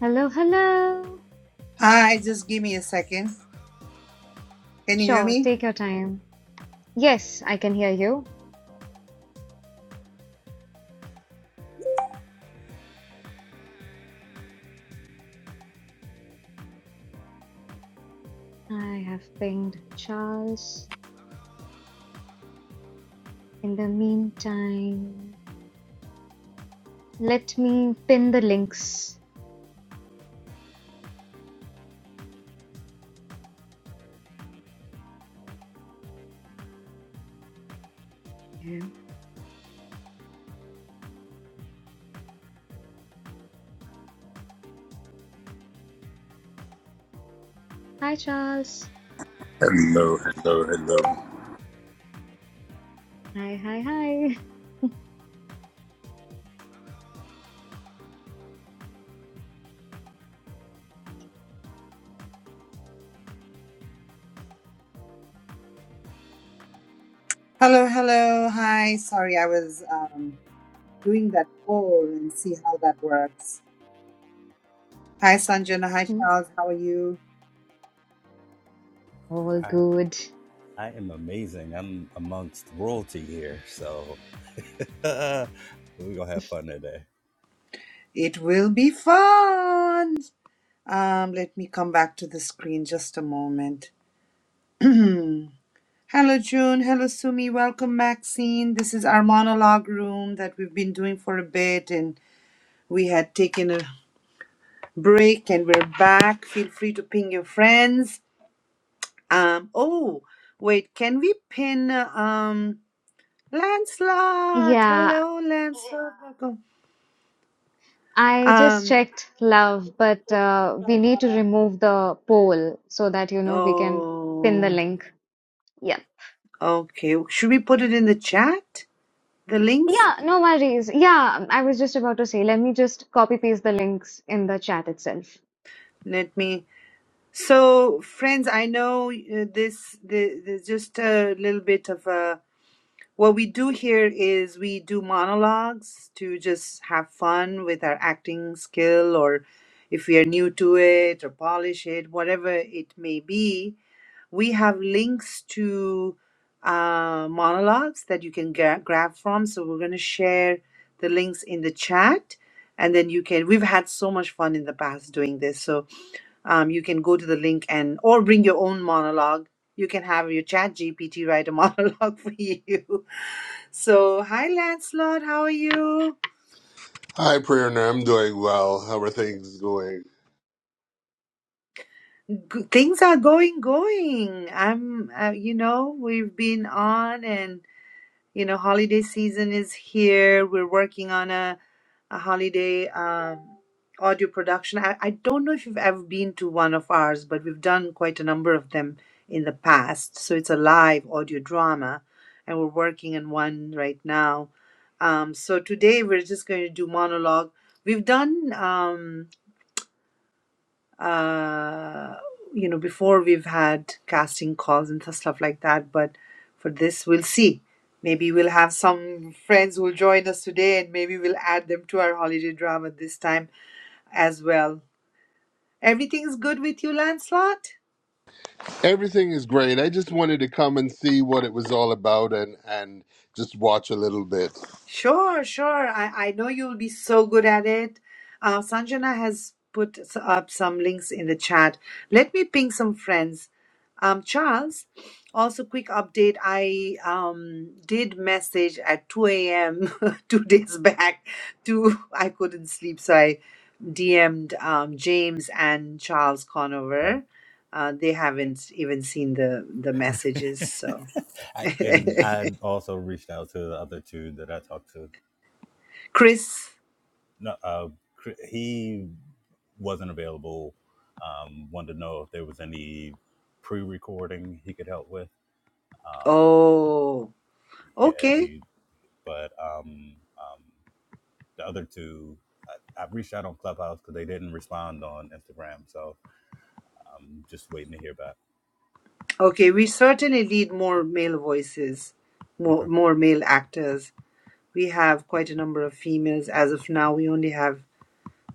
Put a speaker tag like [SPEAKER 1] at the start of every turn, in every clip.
[SPEAKER 1] Hello, hello.
[SPEAKER 2] Hi, just give me a second. Can you hear
[SPEAKER 1] Sure,
[SPEAKER 2] me?
[SPEAKER 1] take your time. Yes, I can hear you. I have pinged Charles. In the meantime, let me pin the links. Yeah. Hi, Charles.
[SPEAKER 3] Hello, hello, hello.
[SPEAKER 1] Hi, hi, hi.
[SPEAKER 2] Hello, hello. Hi. Sorry, I was um, doing that poll and see how that works. Hi, Sanjana. Hi,
[SPEAKER 1] Hmm,
[SPEAKER 2] Charles. How are you?
[SPEAKER 1] All
[SPEAKER 3] I,
[SPEAKER 1] good.
[SPEAKER 3] I am amazing. I'm amongst royalty here, so we're gonna have fun today.
[SPEAKER 2] It will be fun. Um, let me come back to the screen just a moment. hello, June. Hello, Sumi. Welcome, Maxine. This is our monologue room that we've been doing for a bit, and we had taken a break, and we're back. Feel free to ping your friends Um, oh, wait, can we pin uh, um Lancelot?
[SPEAKER 1] Yeah,
[SPEAKER 2] Hello, Lancelot. Welcome.
[SPEAKER 1] I just
[SPEAKER 2] Um,
[SPEAKER 1] checked love, but uh, we need to remove the poll so that, you know, we can pin the
[SPEAKER 2] oh,
[SPEAKER 1] link. Yeah.
[SPEAKER 2] okay. Should we put it in the chat? The links?
[SPEAKER 1] Yeah, no worries. Yeah, I was just about to say, let me just copy paste the links in the chat itself.
[SPEAKER 2] Let me. So, friends, I know uh, this, the, there's just a little bit of a. What we do here is we do monologues to just have fun with our acting skill or if we are new to it or polish it, whatever it may be We have links to uh, monologues that you can gra- grab from. So we're going to share the links in the chat. And then you can, we've had so much fun in the past doing this. So um, you can go to the link and, or bring your own monologue. You can have your chat GPT write a monologue for you. So, hi Lancelot, how are you?
[SPEAKER 4] Hi, Prerna. I'm doing well. How are things going?
[SPEAKER 2] G- things are going, going. I'm, uh, you know, we've been on and you know, holiday season is here. We're working on a, a holiday um, audio production. I, I don't know if you've ever been to one of ours, but we've done quite a number of them in the past. So it's a live audio drama, and we're working on one right now. Um, so today we're just going to do monologue. We've done. Um, uh, you know, before we've had casting calls and stuff like that. But for this, we'll see. Maybe we'll have some friends who'll join us today, and maybe we'll add them to our holiday drama this time as well. Everything's good with you, Lancelot?
[SPEAKER 4] Everything is great. I just wanted to come and see what it was all about and, and just watch a little bit.
[SPEAKER 2] Sure, sure. I, I know you'll be so good at it. Uh, Sanjana has put s- up some links in the chat. Let me ping some friends. Um, Charles, also quick update. I um, did message at 2 a.m. two days back to I couldn't sleep, so I DM'd um, James and Charles Conover.
[SPEAKER 3] Okay.
[SPEAKER 2] Uh, they haven't even seen the the messages, so
[SPEAKER 3] I, and I also reached out to the other two that I talked to.
[SPEAKER 2] Chris.
[SPEAKER 3] No, uh, Cr- he wasn't available. Um, wanted to know if there was any pre-recording he could help with. Um,
[SPEAKER 2] Oh.
[SPEAKER 3] yeah,
[SPEAKER 2] Okay.
[SPEAKER 3] he. But um, um, the other two, I, I've reached out on Clubhouse because they didn't respond on Instagram. So I'm just waiting to hear back.
[SPEAKER 2] Okay. We certainly need more male voices, more,
[SPEAKER 3] Okay.
[SPEAKER 2] more male actors. We have quite a number of females. As of now, we only have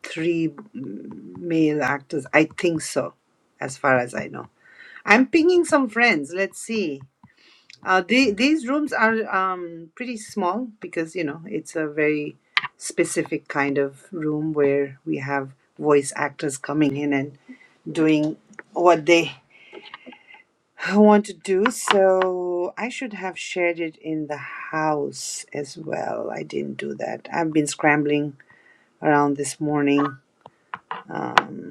[SPEAKER 2] three mm, male actors. I think so, as far as I know. I'm pinging some friends. Let's see. Uh, the,
[SPEAKER 3] Soon.
[SPEAKER 2] these rooms are um, pretty small because, you know, it's a very specific kind of room where we have voice actors coming in and doing what they I want to do so. I should have shared it in the house as well. I didn't do that. I've been scrambling around this morning. Um,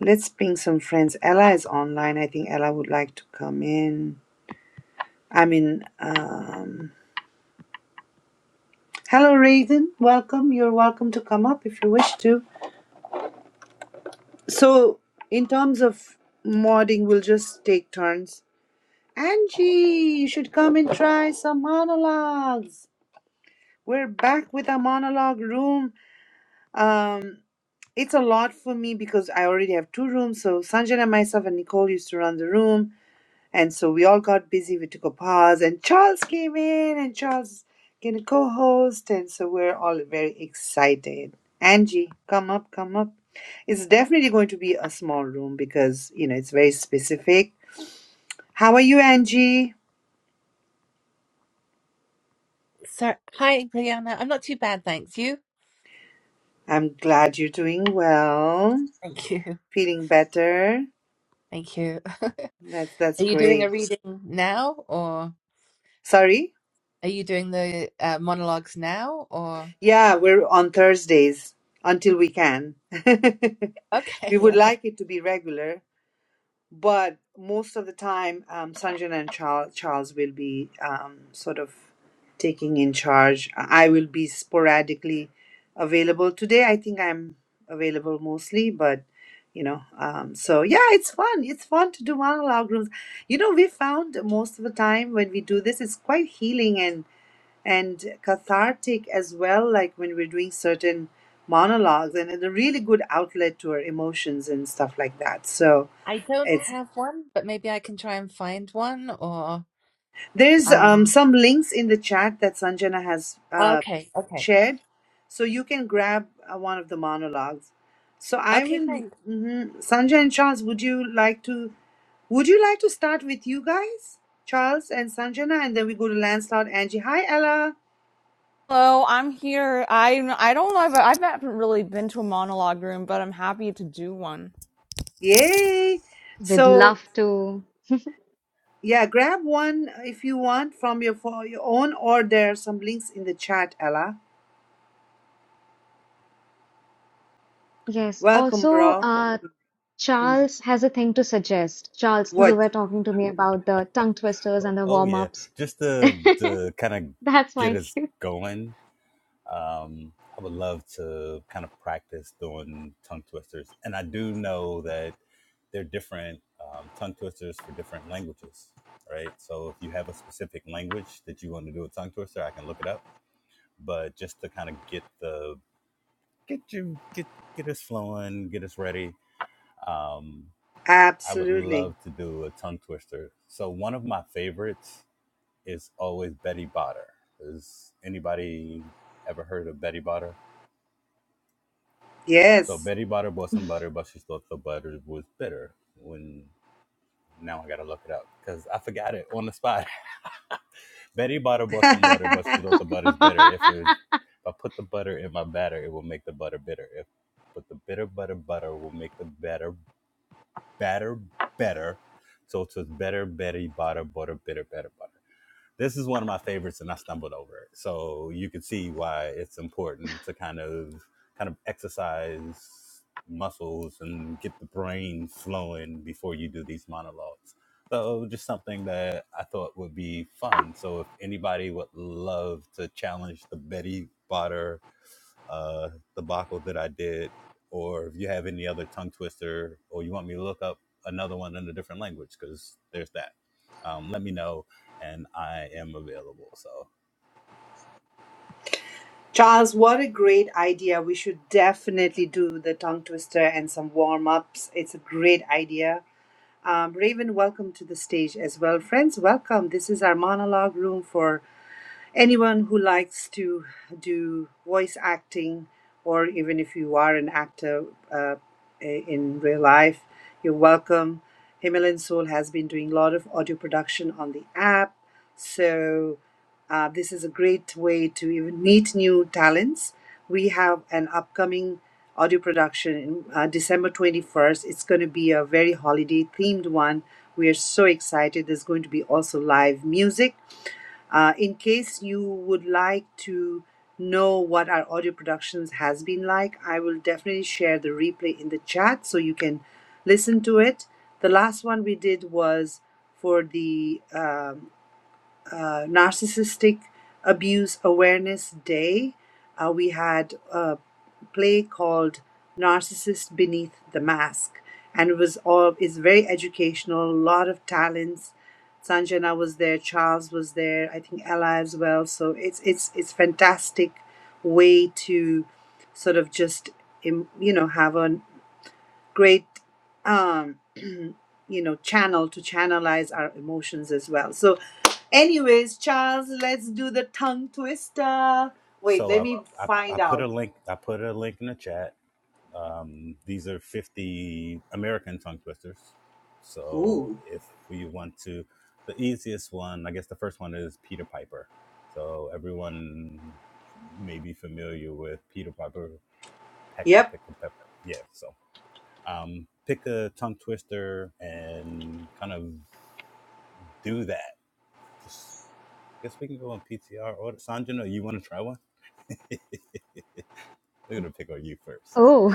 [SPEAKER 2] let's ping some friends. Ella is online. I think Ella would like to come in. I mean, um, hello, Raiden. Welcome. You're welcome to come up if you wish to. So, in terms of modding, we'll just take turns. Angie, you should come and try some monologues. We're back with a monologue room Um, it's a lot for me because I already have two rooms. So Sanjana, myself, and Nicole used to run the room, and so we all got busy. We took a pause, and Charles came in, and Charles is gonna co-host, and so we're all very excited. Angie, come up, come up. It's definitely going to be a small room because you know it's very specific. How are you, Angie?
[SPEAKER 5] So, hi, Brianna. I'm not too bad, thanks. You?
[SPEAKER 2] I'm glad you're doing well,
[SPEAKER 5] Thank you.
[SPEAKER 2] feeling better.
[SPEAKER 5] Thank you. Are
[SPEAKER 2] That's that's
[SPEAKER 5] you doing a
[SPEAKER 2] great.
[SPEAKER 5] reading now, or
[SPEAKER 2] Sorry.
[SPEAKER 5] are you doing the uh, monologues now, or?
[SPEAKER 2] Yeah, we're on Thursdays until we can.
[SPEAKER 5] Okay,
[SPEAKER 2] We would
[SPEAKER 5] okay.
[SPEAKER 2] like it to be regular, but most of the time, um, Sanjana and Charles, Charles will be um, sort of taking in charge. I will be sporadically available. Today, I think I'm available mostly, but you know, um, so yeah, it's fun. It's fun to do monologue rooms. You know, we found most of the time when we do this, it's quite healing and and cathartic as well, like when we're doing certain monologues and it's a really good outlet to our emotions and stuff like that. So
[SPEAKER 5] I don't
[SPEAKER 2] it's
[SPEAKER 5] have one, but maybe I can try and find one, or
[SPEAKER 2] there's um,
[SPEAKER 5] um.
[SPEAKER 2] some links in the chat that Sanjana has uh,
[SPEAKER 5] Okay, okay,
[SPEAKER 2] shared, so you can grab uh, one of the monologues. So I
[SPEAKER 5] okay.
[SPEAKER 2] will,
[SPEAKER 5] Thanks.
[SPEAKER 2] mhm. Sanjay and Charles, would you like to? Would you like to start with you guys, Charles and Sanjana, and then we go to Lancelot, Angie. Hi, Ella.
[SPEAKER 6] Hello, I'm here. I I don't know. I've, I've not really been to a monologue room, but I'm happy to do one.
[SPEAKER 2] Yay!
[SPEAKER 1] We'd
[SPEAKER 2] So
[SPEAKER 1] love to.
[SPEAKER 2] Yeah, grab one if you want from your for your own, or there are some links in the chat, Ella.
[SPEAKER 1] Yes.
[SPEAKER 2] Welcome,
[SPEAKER 1] Also,
[SPEAKER 2] bro.
[SPEAKER 1] uh,
[SPEAKER 2] Mm,
[SPEAKER 1] Charles has a thing to suggest. Charles, you
[SPEAKER 2] What?
[SPEAKER 1] were talking to me about the tongue twisters
[SPEAKER 3] Oh,
[SPEAKER 1] and the
[SPEAKER 3] oh, yeah.
[SPEAKER 1] warm-ups.
[SPEAKER 3] Just to, to kind of
[SPEAKER 1] That's
[SPEAKER 3] get
[SPEAKER 1] my
[SPEAKER 3] us
[SPEAKER 1] cue.
[SPEAKER 3] going, um, I would love to kind of practice doing tongue twisters. And I do know that they're different um, tongue twisters for different languages, right? So if you have a specific language that you want to do a tongue twister, I can look it up. But just to kind of get the get you get get us flowing, get us ready. Um, I would
[SPEAKER 2] Absolutely.
[SPEAKER 3] love to do a tongue twister. So one of my favorites is always Betty Botter. Has anybody ever heard of Betty Botter? So
[SPEAKER 2] Yes.
[SPEAKER 3] Betty Botter bought some butter, but she thought the butter was bitter. When now I gotta look it up because I forgot it on the spot. Betty Botter bought some butter, but she thought the butter's bitter. If it's if I put the butter in my batter, it will make the butter bitter. If put the bitter butter butter will make the batter batter better. So so it's was better, better, butter, butter, bitter, better, butter this is one of my favorites and I stumbled over it. So you can see why it's important to kind of kind of exercise muscles and get the brain flowing before you do these monologues. So just something that I thought would be fun. So if anybody would love to challenge the Betty Botter uh, debacle that I did, or if you have any other tongue twister, or you want me to look up another one in a different language, because there's that. Um, let me know and I am available. So,
[SPEAKER 2] Charles, what a great idea. We should definitely do the tongue twister and some warm ups. It's a great idea. Um, Raven, welcome to the stage as well. Friends, welcome. This is our monologue room for anyone who likes to do voice acting, or even if you are an actor uh, in real life, you're welcome. Himalayan Soul has been doing a lot of audio production on the app. So, uh, this is a great way to even meet new talents. We have an upcoming audio production in uh, December 21st. It's going to be a very holiday themed one. We are so excited. There's going to be also live music uh, in case you would like to know what our audio productions has been like, I will definitely share the replay in the chat so you can listen to it. The last one we did was for the um, uh, Narcissistic Abuse Awareness Day, uh, we had a play called Narcissist Beneath the Mask, and it was all is very educational. A lot of talents. Sanjana was there, Charles was there, I think Ella as well. So it's it's it's fantastic way to sort of just im- you know have a great um you know channel to channelize our emotions as well so anyways charles let's do the tongue twister wait
[SPEAKER 3] so
[SPEAKER 2] let
[SPEAKER 3] I,
[SPEAKER 2] me
[SPEAKER 3] I, I
[SPEAKER 2] find
[SPEAKER 3] put a
[SPEAKER 2] out
[SPEAKER 3] link. I put a link in the chat. Um, these are 50 American tongue twisters. So
[SPEAKER 2] ooh
[SPEAKER 3] if we want to, the easiest one, I guess the first one is Peter Piper. So everyone may be familiar with Peter Piper, Peck the
[SPEAKER 2] yep
[SPEAKER 3] Pick of Pep. Yeah. So, um, pick a tongue twister and kind of do that. Just, I guess we can go on PTR or Sanjana, you want to try one? They're gonna pick on you first.
[SPEAKER 1] Oh,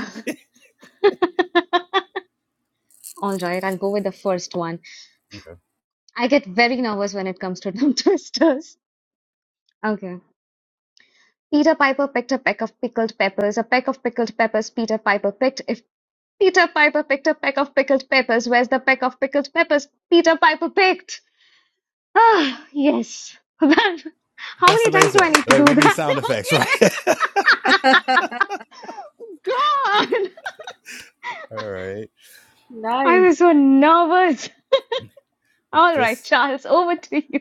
[SPEAKER 1] all right. I'll go with the first one.
[SPEAKER 3] Okay.
[SPEAKER 1] I get very nervous when it comes to tongue twisters. Okay. Peter Piper picked a peck of pickled peppers. A peck of pickled peppers Peter Piper picked. if. Peter Piper picked a peck of pickled peppers. Where's the peck of pickled peppers Peter Piper picked? Ah, yes. how
[SPEAKER 3] That's
[SPEAKER 1] many times do I
[SPEAKER 3] amazing.
[SPEAKER 1] need to
[SPEAKER 3] Like
[SPEAKER 1] do
[SPEAKER 3] we need
[SPEAKER 1] that?
[SPEAKER 3] sound effects, right?
[SPEAKER 1] God,
[SPEAKER 3] All right.
[SPEAKER 1] I
[SPEAKER 7] Nice.
[SPEAKER 1] was so nervous. All right,
[SPEAKER 3] Just
[SPEAKER 1] Charles, over to you.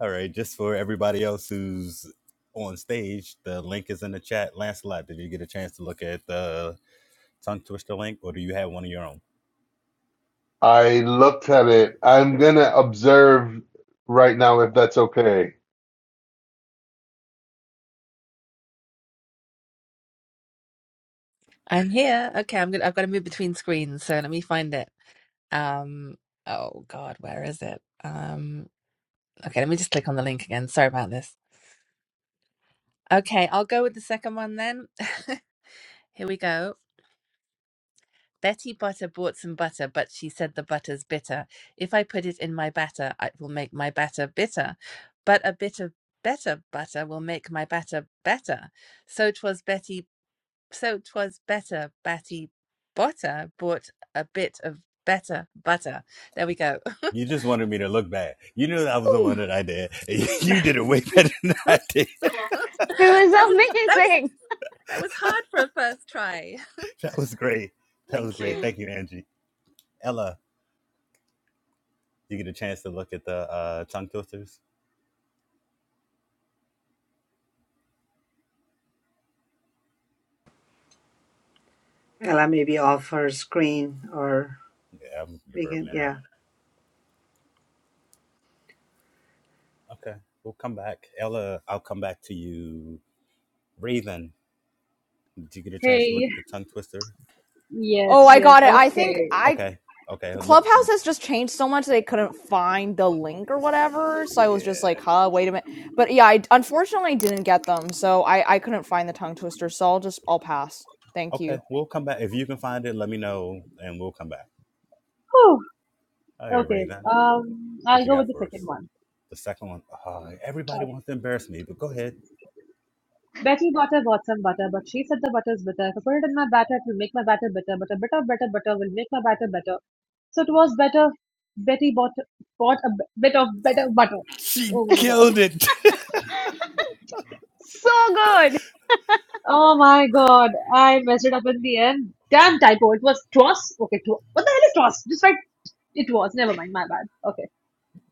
[SPEAKER 3] all right. Just for everybody else who's on stage, the link is in the chat. Lancelot, did you get a chance to look at the tongue twister link, or do you have one of your own?
[SPEAKER 4] I looked at it. I'm going to observe right now if that's okay.
[SPEAKER 5] I'm here. Okay, I'm gonna. I've got to move between screens, so let me find it. Um. Oh God, where is it? Um. Okay, let me just click on the link again. Sorry about this. Okay, I'll go with the second one then. Here we go. Betty Butter bought some butter, but she said the butter's bitter. If I put it in my batter, it will make my batter bitter. But a bit of better butter will make my batter better. So 'twas Betty, so 'twas better Betty Butter bought a bit of better butter. There we go. that
[SPEAKER 3] You just wanted me to look bad. You knew that was the one
[SPEAKER 1] Whew,
[SPEAKER 3] that I did. You did it way better than I did.
[SPEAKER 5] was
[SPEAKER 1] It
[SPEAKER 5] that
[SPEAKER 1] was
[SPEAKER 5] was
[SPEAKER 1] amazing.
[SPEAKER 5] that was hard for a first try.
[SPEAKER 3] That was great. That was
[SPEAKER 5] Thank
[SPEAKER 3] great.
[SPEAKER 5] you.
[SPEAKER 3] Thank you, Angie. Ella, you get a chance to look at the uh, tongue twisters?
[SPEAKER 2] Ella, i may be off her screen or
[SPEAKER 3] Yeah, I'm gonna give
[SPEAKER 2] we
[SPEAKER 3] her a
[SPEAKER 2] can
[SPEAKER 3] minute.
[SPEAKER 2] yeah
[SPEAKER 3] Okay, we'll come back. Ella, I'll come back to you. Raven, did you get a chance to look
[SPEAKER 7] Hey.
[SPEAKER 3] at the tongue twister?
[SPEAKER 6] Oh,
[SPEAKER 7] Yes,
[SPEAKER 6] I
[SPEAKER 7] yes.
[SPEAKER 6] got it. I think
[SPEAKER 7] Okay.
[SPEAKER 6] I
[SPEAKER 3] Okay, okay. Let,
[SPEAKER 6] Clubhouse has just changed so much they couldn't find the link or whatever. So I was just
[SPEAKER 3] yeah.
[SPEAKER 6] like, "Huh, wait a minute." But yeah, I unfortunately didn't get them, so I I couldn't find the tongue twister. So I'll just I'll pass. Thank you.
[SPEAKER 3] Okay, we'll come back. If you can find it, let me know and we'll come back.
[SPEAKER 7] Whew.
[SPEAKER 3] All right,
[SPEAKER 7] Okay.
[SPEAKER 3] Raven,
[SPEAKER 7] Um,
[SPEAKER 3] what
[SPEAKER 7] I'll
[SPEAKER 3] you
[SPEAKER 7] go with
[SPEAKER 3] got
[SPEAKER 7] the
[SPEAKER 3] for
[SPEAKER 7] second
[SPEAKER 3] us?
[SPEAKER 7] one.
[SPEAKER 3] The second one, uh, everybody
[SPEAKER 7] Uh,
[SPEAKER 3] wants to embarrass me, but go ahead.
[SPEAKER 7] Betty Butter bought some butter, but she said the butter's bitter. If I put it in my batter, it will make my batter bitter, but a bit of better butter will make my batter better. So it was better. Betty bought bought a b- bit of better butter.
[SPEAKER 3] She
[SPEAKER 7] Oh my god.
[SPEAKER 3] killed it.
[SPEAKER 1] So good.
[SPEAKER 7] Oh my god. I messed it up in the end. Damn typo. It was toss. Okay, twas. What the hell is toss? Just write it was. Never mind. My bad. Okay.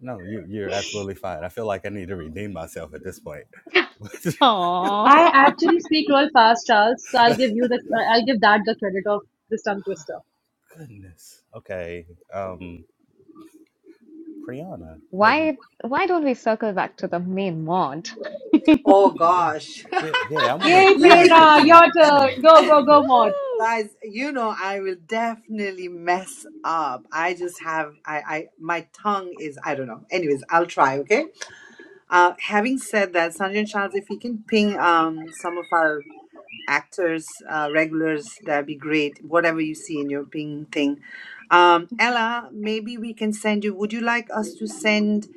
[SPEAKER 3] No, you, you're absolutely fine. I feel like I need to redeem myself at this point.
[SPEAKER 1] Aww.
[SPEAKER 7] I actually speak real fast, Charles. So I'll give you the I'll give that the credit of this tongue twister.
[SPEAKER 3] Goodness. Okay. Um, Priyana, have you?
[SPEAKER 1] Why, why don't we circle back to the main mod?
[SPEAKER 2] oh
[SPEAKER 3] yeah,
[SPEAKER 2] gosh
[SPEAKER 3] yeah, yeah. I want to,
[SPEAKER 7] Yay,
[SPEAKER 3] I want to
[SPEAKER 2] you
[SPEAKER 3] pick
[SPEAKER 7] Prerna, your
[SPEAKER 3] on, yeah,
[SPEAKER 7] turn. Go, go,
[SPEAKER 3] yeah.
[SPEAKER 7] go, Maud.
[SPEAKER 1] Woohoo!
[SPEAKER 2] guys you know i will definitely mess up i just have i i my tongue is i don't know anyways i'll try okay Uh, having said that, Sanjay Charles, if you can ping um, some of our actors, uh, regulars, that'd be great. Whatever you see in your ping thing. Um, Ella, maybe we can send you. Would you like us to send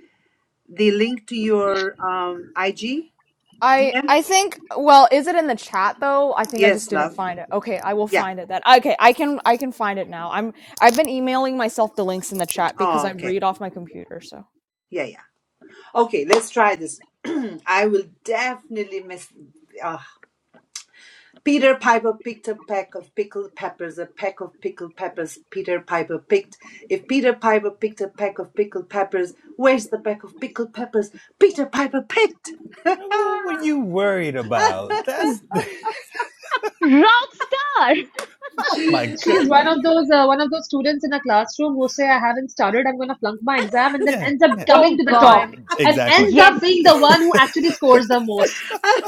[SPEAKER 2] the link to your um, IG
[SPEAKER 6] I I think well, is it in the chat though? I think I just
[SPEAKER 2] Yes,
[SPEAKER 6] didn't
[SPEAKER 2] love.
[SPEAKER 6] find it. Okay, I will
[SPEAKER 2] Yeah.
[SPEAKER 6] find it then. Okay, I can I can find it now. I'm I've been emailing myself the links in the chat because
[SPEAKER 2] Oh,
[SPEAKER 6] I
[SPEAKER 2] okay.
[SPEAKER 6] read off my computer, so.
[SPEAKER 2] Yeah, yeah. Okay, let's try this. I will definitely miss. ah, Peter Piper picked a peck of pickled peppers, a peck of pickled peppers Peter Piper picked. If Peter Piper picked a peck of pickled peppers, where's the peck of pickled peppers Peter Piper picked?
[SPEAKER 3] What were
[SPEAKER 2] Ah,
[SPEAKER 3] you worried about? That's, oh
[SPEAKER 1] Rock star!
[SPEAKER 7] She
[SPEAKER 3] my
[SPEAKER 7] she
[SPEAKER 3] god,
[SPEAKER 7] is one of those uh, one of those students in a classroom who say I haven't started. I'm gonna flunk my exam, and then
[SPEAKER 3] yeah,
[SPEAKER 7] ends up
[SPEAKER 3] yeah,
[SPEAKER 7] coming
[SPEAKER 1] Oh
[SPEAKER 7] to the
[SPEAKER 3] yeah,
[SPEAKER 7] top
[SPEAKER 1] God,
[SPEAKER 7] and
[SPEAKER 3] exactly,
[SPEAKER 7] ends up being
[SPEAKER 1] Yes,
[SPEAKER 7] the one who actually scores the most.
[SPEAKER 2] ah,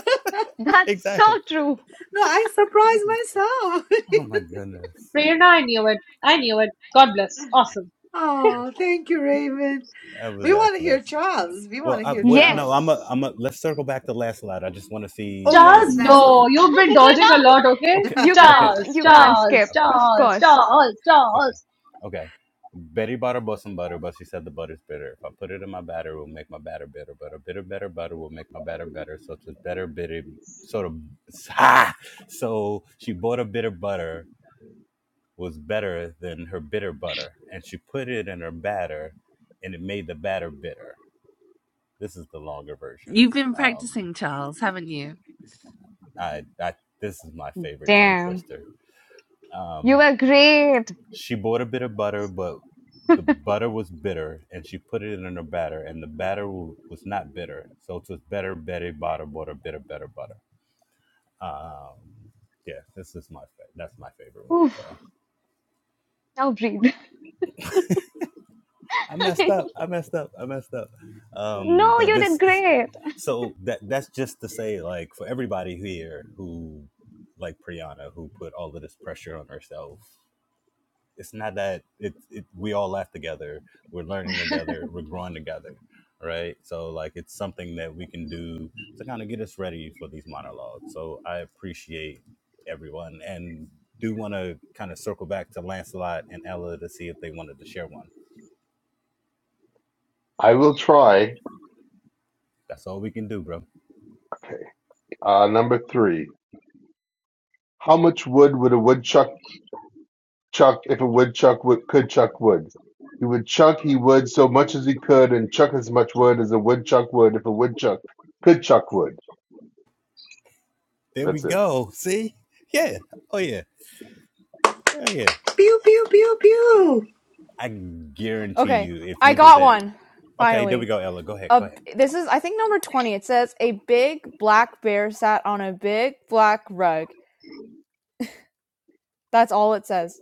[SPEAKER 1] that's so
[SPEAKER 3] exactly.
[SPEAKER 1] true.
[SPEAKER 2] no, I
[SPEAKER 3] Oh
[SPEAKER 2] surprised
[SPEAKER 3] my goodness,
[SPEAKER 2] myself.
[SPEAKER 3] oh my goodness,
[SPEAKER 7] Prerna, I knew it. I knew it. God bless. Awesome.
[SPEAKER 2] oh, thank you, Raven.
[SPEAKER 3] that
[SPEAKER 2] We
[SPEAKER 3] was
[SPEAKER 2] want to hear
[SPEAKER 3] excellent.
[SPEAKER 2] Charles. We want
[SPEAKER 3] Well,
[SPEAKER 2] to
[SPEAKER 3] I,
[SPEAKER 2] hear
[SPEAKER 3] well,
[SPEAKER 2] Charles.
[SPEAKER 3] no, I'm
[SPEAKER 1] Yes.
[SPEAKER 3] a, I'm a. Let's circle back to last slide. I just want to
[SPEAKER 2] Oh,
[SPEAKER 3] see if,
[SPEAKER 2] yes,
[SPEAKER 7] Charles,
[SPEAKER 2] landslide.
[SPEAKER 7] no, you've been dodging
[SPEAKER 1] No,
[SPEAKER 7] a lot, okay?
[SPEAKER 3] okay,
[SPEAKER 1] you can't
[SPEAKER 3] okay,
[SPEAKER 7] Charles,
[SPEAKER 1] you can't
[SPEAKER 3] okay,
[SPEAKER 1] skip.
[SPEAKER 7] Charles,
[SPEAKER 3] okay.
[SPEAKER 1] Of
[SPEAKER 7] Charles,
[SPEAKER 1] course.
[SPEAKER 7] Charles,
[SPEAKER 3] Okay.
[SPEAKER 7] Charles.
[SPEAKER 3] Okay. Betty bought her boss some butter, but she said the butter's bitter. If I put it in my batter, it will make my batter bitter. But a bitter, better butter will make my batter better. So it's a better, bitter, sort of. Ah! So she bought a bitter butter, was better than her bitter butter. And she put it in her batter, and it made the batter bitter. This is the longer version.
[SPEAKER 5] You've been
[SPEAKER 3] Um,
[SPEAKER 5] practicing, Charles, haven't you?
[SPEAKER 3] I, I, this is my favorite tongue
[SPEAKER 1] Damn.
[SPEAKER 3] twister.
[SPEAKER 1] You
[SPEAKER 3] Um.
[SPEAKER 1] were great.
[SPEAKER 3] She bought a bit of butter, but the butter was bitter, and she put it in her batter, and the batter w- was not bitter. So it was better, better butter, butter, bitter, better butter. Um, yeah, this is my fa- that's my favorite one.
[SPEAKER 1] Oof.
[SPEAKER 3] So
[SPEAKER 1] Now breathe.
[SPEAKER 3] I messed up. I messed up. I messed up. Um,
[SPEAKER 1] No,
[SPEAKER 3] but
[SPEAKER 1] you did
[SPEAKER 3] this is
[SPEAKER 1] great.
[SPEAKER 3] so that that's just to say, like for everybody here who like Priyana, who put all of this pressure on herself it's not that it's it, we all laugh together we're learning together we're growing together right so like it's something that we can do to kind of get us ready for these monologues so i appreciate everyone and do want to kind of circle back to lancelot and ella to see if they wanted to share one
[SPEAKER 4] I will try.
[SPEAKER 3] that's all we can do bro
[SPEAKER 4] Uh, number three. How much wood would a woodchuck chuck if a woodchuck would, could chuck wood? He would chuck, he would, so much as he could and chuck as much wood as a woodchuck would if a woodchuck could chuck wood.
[SPEAKER 3] There we
[SPEAKER 4] That's it.
[SPEAKER 3] go. See? Yeah. Oh yeah. Hell yeah.
[SPEAKER 2] Pew, pew, pew, pew.
[SPEAKER 3] I guarantee
[SPEAKER 6] Okay,
[SPEAKER 3] you if
[SPEAKER 6] I
[SPEAKER 3] you did
[SPEAKER 6] got
[SPEAKER 3] that.
[SPEAKER 6] one.
[SPEAKER 3] Okay, there we
[SPEAKER 6] Finally.
[SPEAKER 3] go, Ella. Go ahead.
[SPEAKER 6] a
[SPEAKER 3] Go ahead.
[SPEAKER 6] this is I think number 20. It says a big black bear sat on a big black rug. That's all it says.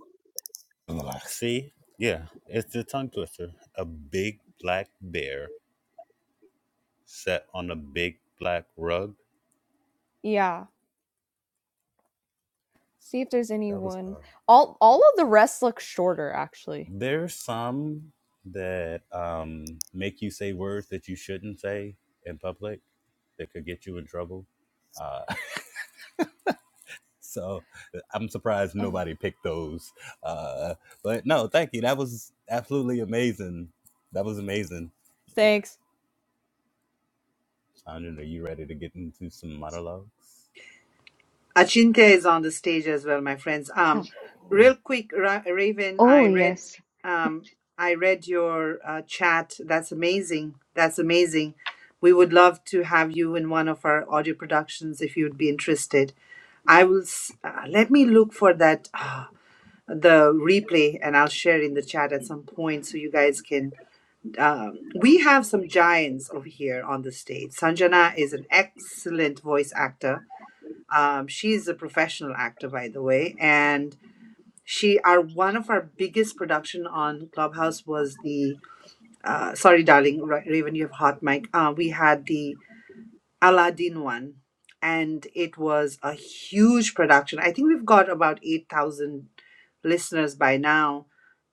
[SPEAKER 3] Ugh, See? Yeah. It's the tongue twister. A big black bear sat on a big black rug.
[SPEAKER 6] Yeah. See if there's
[SPEAKER 3] That was
[SPEAKER 6] anyone.
[SPEAKER 3] hard.
[SPEAKER 6] All all of the rest look shorter actually.
[SPEAKER 3] There's some that um make you say words that you shouldn't say in public that could get you in trouble. Uh. So I'm surprised nobody picked those. Uh, but no, thank you. That was absolutely amazing. That was amazing.
[SPEAKER 6] Thanks.
[SPEAKER 3] Chandra, are you ready to get into some monologues?
[SPEAKER 2] Achinte is on the stage as well, my friends. Um,
[SPEAKER 3] Oh,
[SPEAKER 2] real quick, Ra- Raven,
[SPEAKER 1] Oh,
[SPEAKER 2] I read,
[SPEAKER 1] yes.
[SPEAKER 2] um, I read your uh, chat. That's amazing. That's amazing. We would love to have you in one of our audio productions if you'd be interested. I will. s- Uh, let me look for that. Uh, the replay and I'll share in the chat at some point so you guys can um, we have some giants over here on the stage. Sanjana is an excellent voice actor um, she's a professional actor, by the way, and she our one of our biggest production on Clubhouse was the uh, sorry, darling Ra- Raven, you have hot mic. Uh, we had the Aladdin one, and it was a huge production. I think we've got about eight thousand listeners by now,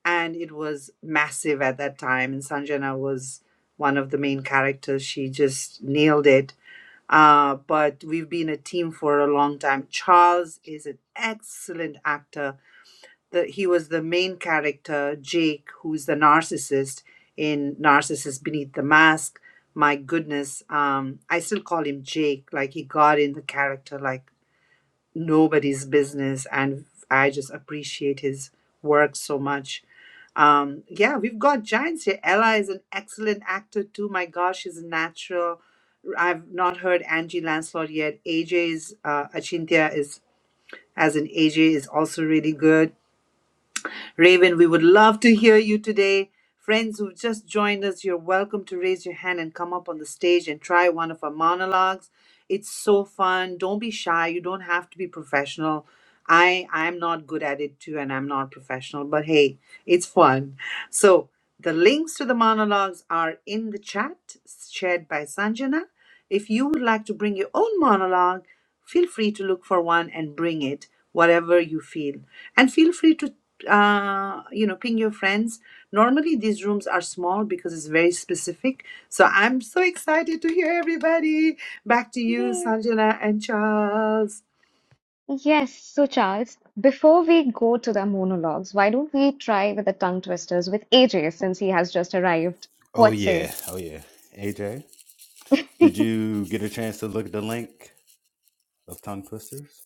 [SPEAKER 2] and it was massive at that time. And Sanjana was one of the main characters. She just nailed it uh, but we've been a team for a long time. Charles is an excellent actor. The, he was the main character, Jake, who's the narcissist in Narcissist Beneath the Mask. My goodness, um, I still call him Jake. Like he got in the character like nobody's business, and I just appreciate his work so much um, yeah, we've got giants here. Ella is an excellent actor too. My gosh, she's a natural. I've not heard Angie Lancelot yet. AJ's uh, Achintya is as an AJ is also really good. Raven, we would love to hear you today. Friends who've just joined us, you're welcome to raise your hand and come up on the stage and try one of our monologues. It's so fun. Don't be shy. You don't have to be professional. I I'm not good at it too, and I'm not professional. But hey, it's fun. So the links to the monologues are in the chat shared by Sanjana. If you would like to bring your own monologue, feel free to look for one and bring it, whatever you feel. And feel free to, uh, you know, ping your friends. Normally these rooms are small because it's very specific. So I'm so excited to hear everybody. Back to you,
[SPEAKER 1] Mm,
[SPEAKER 2] Sanjana and Charles.
[SPEAKER 1] Yes. So, Charles, before we go to the monologues, why don't we try with the tongue twisters with AJ since he has just arrived?
[SPEAKER 3] oh
[SPEAKER 1] What say?
[SPEAKER 3] yeah, oh yeah. AJ, did you get a chance to look at the link of tongue twisters?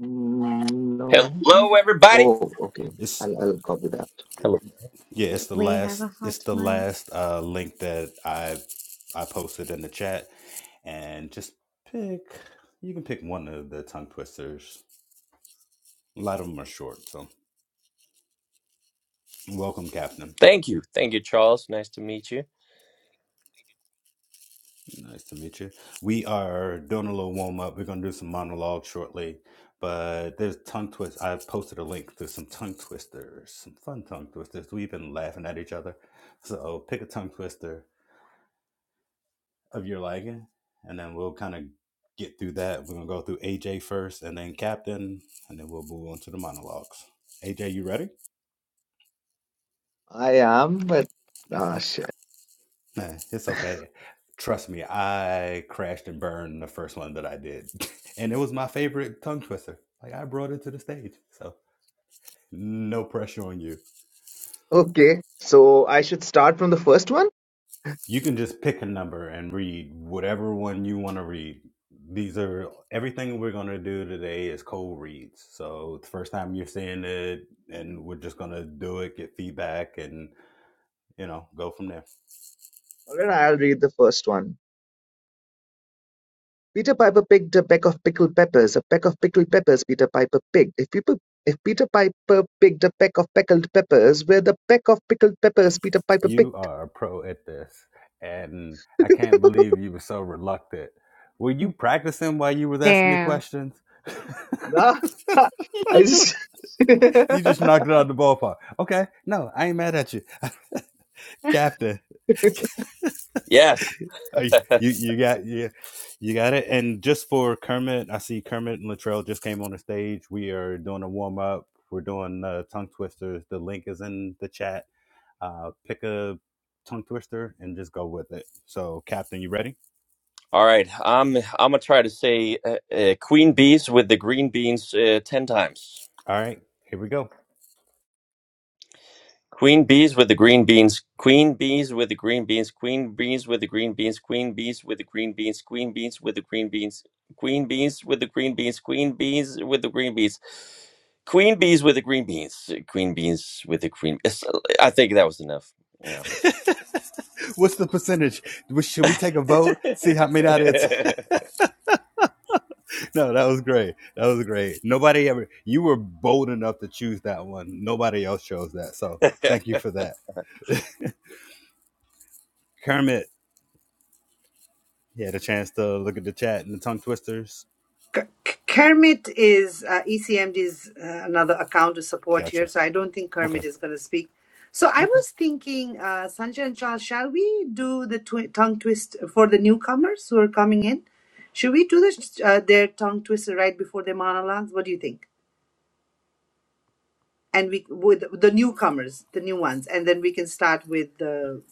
[SPEAKER 8] Mm, No.
[SPEAKER 9] Hello, everybody.
[SPEAKER 8] Oh, okay.
[SPEAKER 3] It's
[SPEAKER 8] I'll I'll copy that.
[SPEAKER 9] Hello.
[SPEAKER 3] yeah, it's the
[SPEAKER 1] We have a
[SPEAKER 3] last. It's
[SPEAKER 1] hot
[SPEAKER 3] the
[SPEAKER 1] mic.
[SPEAKER 3] last uh, link that I I posted in the chat, and just pick. You can pick one of the tongue twisters A lot of them are short. So, welcome, Captain.
[SPEAKER 9] Thank you. Thank you, Charles. Nice to meet you.
[SPEAKER 3] Nice to meet you. We are doing a little warm up. We're going to do some monologue shortly, but there's tongue twist. I've posted a link to some tongue twisters, some fun tongue twisters. We've been laughing at each other. So, pick a tongue twister of your liking, and then we'll kind of get through that. We're going to go through AJ first, and then Captain, and then we'll move on to the monologues. AJ, you ready?
[SPEAKER 8] I am, but ah
[SPEAKER 3] Okay.
[SPEAKER 8] shit.
[SPEAKER 3] Eh, It's okay. Trust me, I crashed and burned the first one that I did. And it was my favorite tongue twister. Like I brought it to the stage. So no pressure on you.
[SPEAKER 8] Okay, so I should start from the first one.
[SPEAKER 3] You can just pick a number and read whatever one you want to read. These are everything we're going to do today is cold reads. So the first time you're seeing it and we're just going to do it, get feedback and you know, go from there.
[SPEAKER 8] All right, I'll read the first one. Peter Piper picked a peck of pickled peppers. A peck of pickled peppers. Peter Piper picked. If people, if Peter Piper picked a peck of pickled peppers, where the peck of pickled peppers Peter Piper picked.
[SPEAKER 3] You are a pro at this, and I can't believe you were so reluctant. Were you practicing while you was asking me
[SPEAKER 1] Damn.
[SPEAKER 3] questions?
[SPEAKER 8] Nah, I just.
[SPEAKER 3] you just knocked it out of the ballpark. Okay, no, I ain't mad at you, Captain.
[SPEAKER 9] Yes.
[SPEAKER 3] uh, You you got you, you got it. And just for Kermit, I see Kermit and Latrell just came on the stage. We are doing a warm up. We're doing uh, tongue twisters. The link is in the chat. Uh, pick a tongue twister and just go with it. So, Captain, you ready?
[SPEAKER 9] All right. I'm I'm gonna try to say uh, uh, queen bees with the green beans uh, ten times.
[SPEAKER 3] All right, here we go.
[SPEAKER 9] Queen bees with the green beans. Queen bees with the green beans. Queen bees with the green beans. Queen bees with the green beans. Queen bees with the green beans. Queen bees with the green beans. Queen bees with the green beans. Queen bees with the green beans. Queen beans with the green. it's- I think that was enough. Yeah.
[SPEAKER 3] What's the percentage? Should we take a vote? See how many out of it's. no, that was great. That was great. Nobody ever. You were bold enough to choose that one. Nobody else chose that. So thank you for that, Kermit. He had a chance to look at the chat and the tongue twisters.
[SPEAKER 2] Kermit is uh, ECMD's uh, another account to support here,
[SPEAKER 3] Gotcha.
[SPEAKER 2] so I don't think Kermit
[SPEAKER 3] Okay.
[SPEAKER 2] is going to speak. So I
[SPEAKER 3] Okay.
[SPEAKER 2] was thinking, uh, Sanjay and Charles, shall we do the twi- tongue twist for the newcomers who are coming in? Should we do this, uh, their tongue twister right before their monologues? What do you think? And we with the newcomers, the new ones, and then we can start with the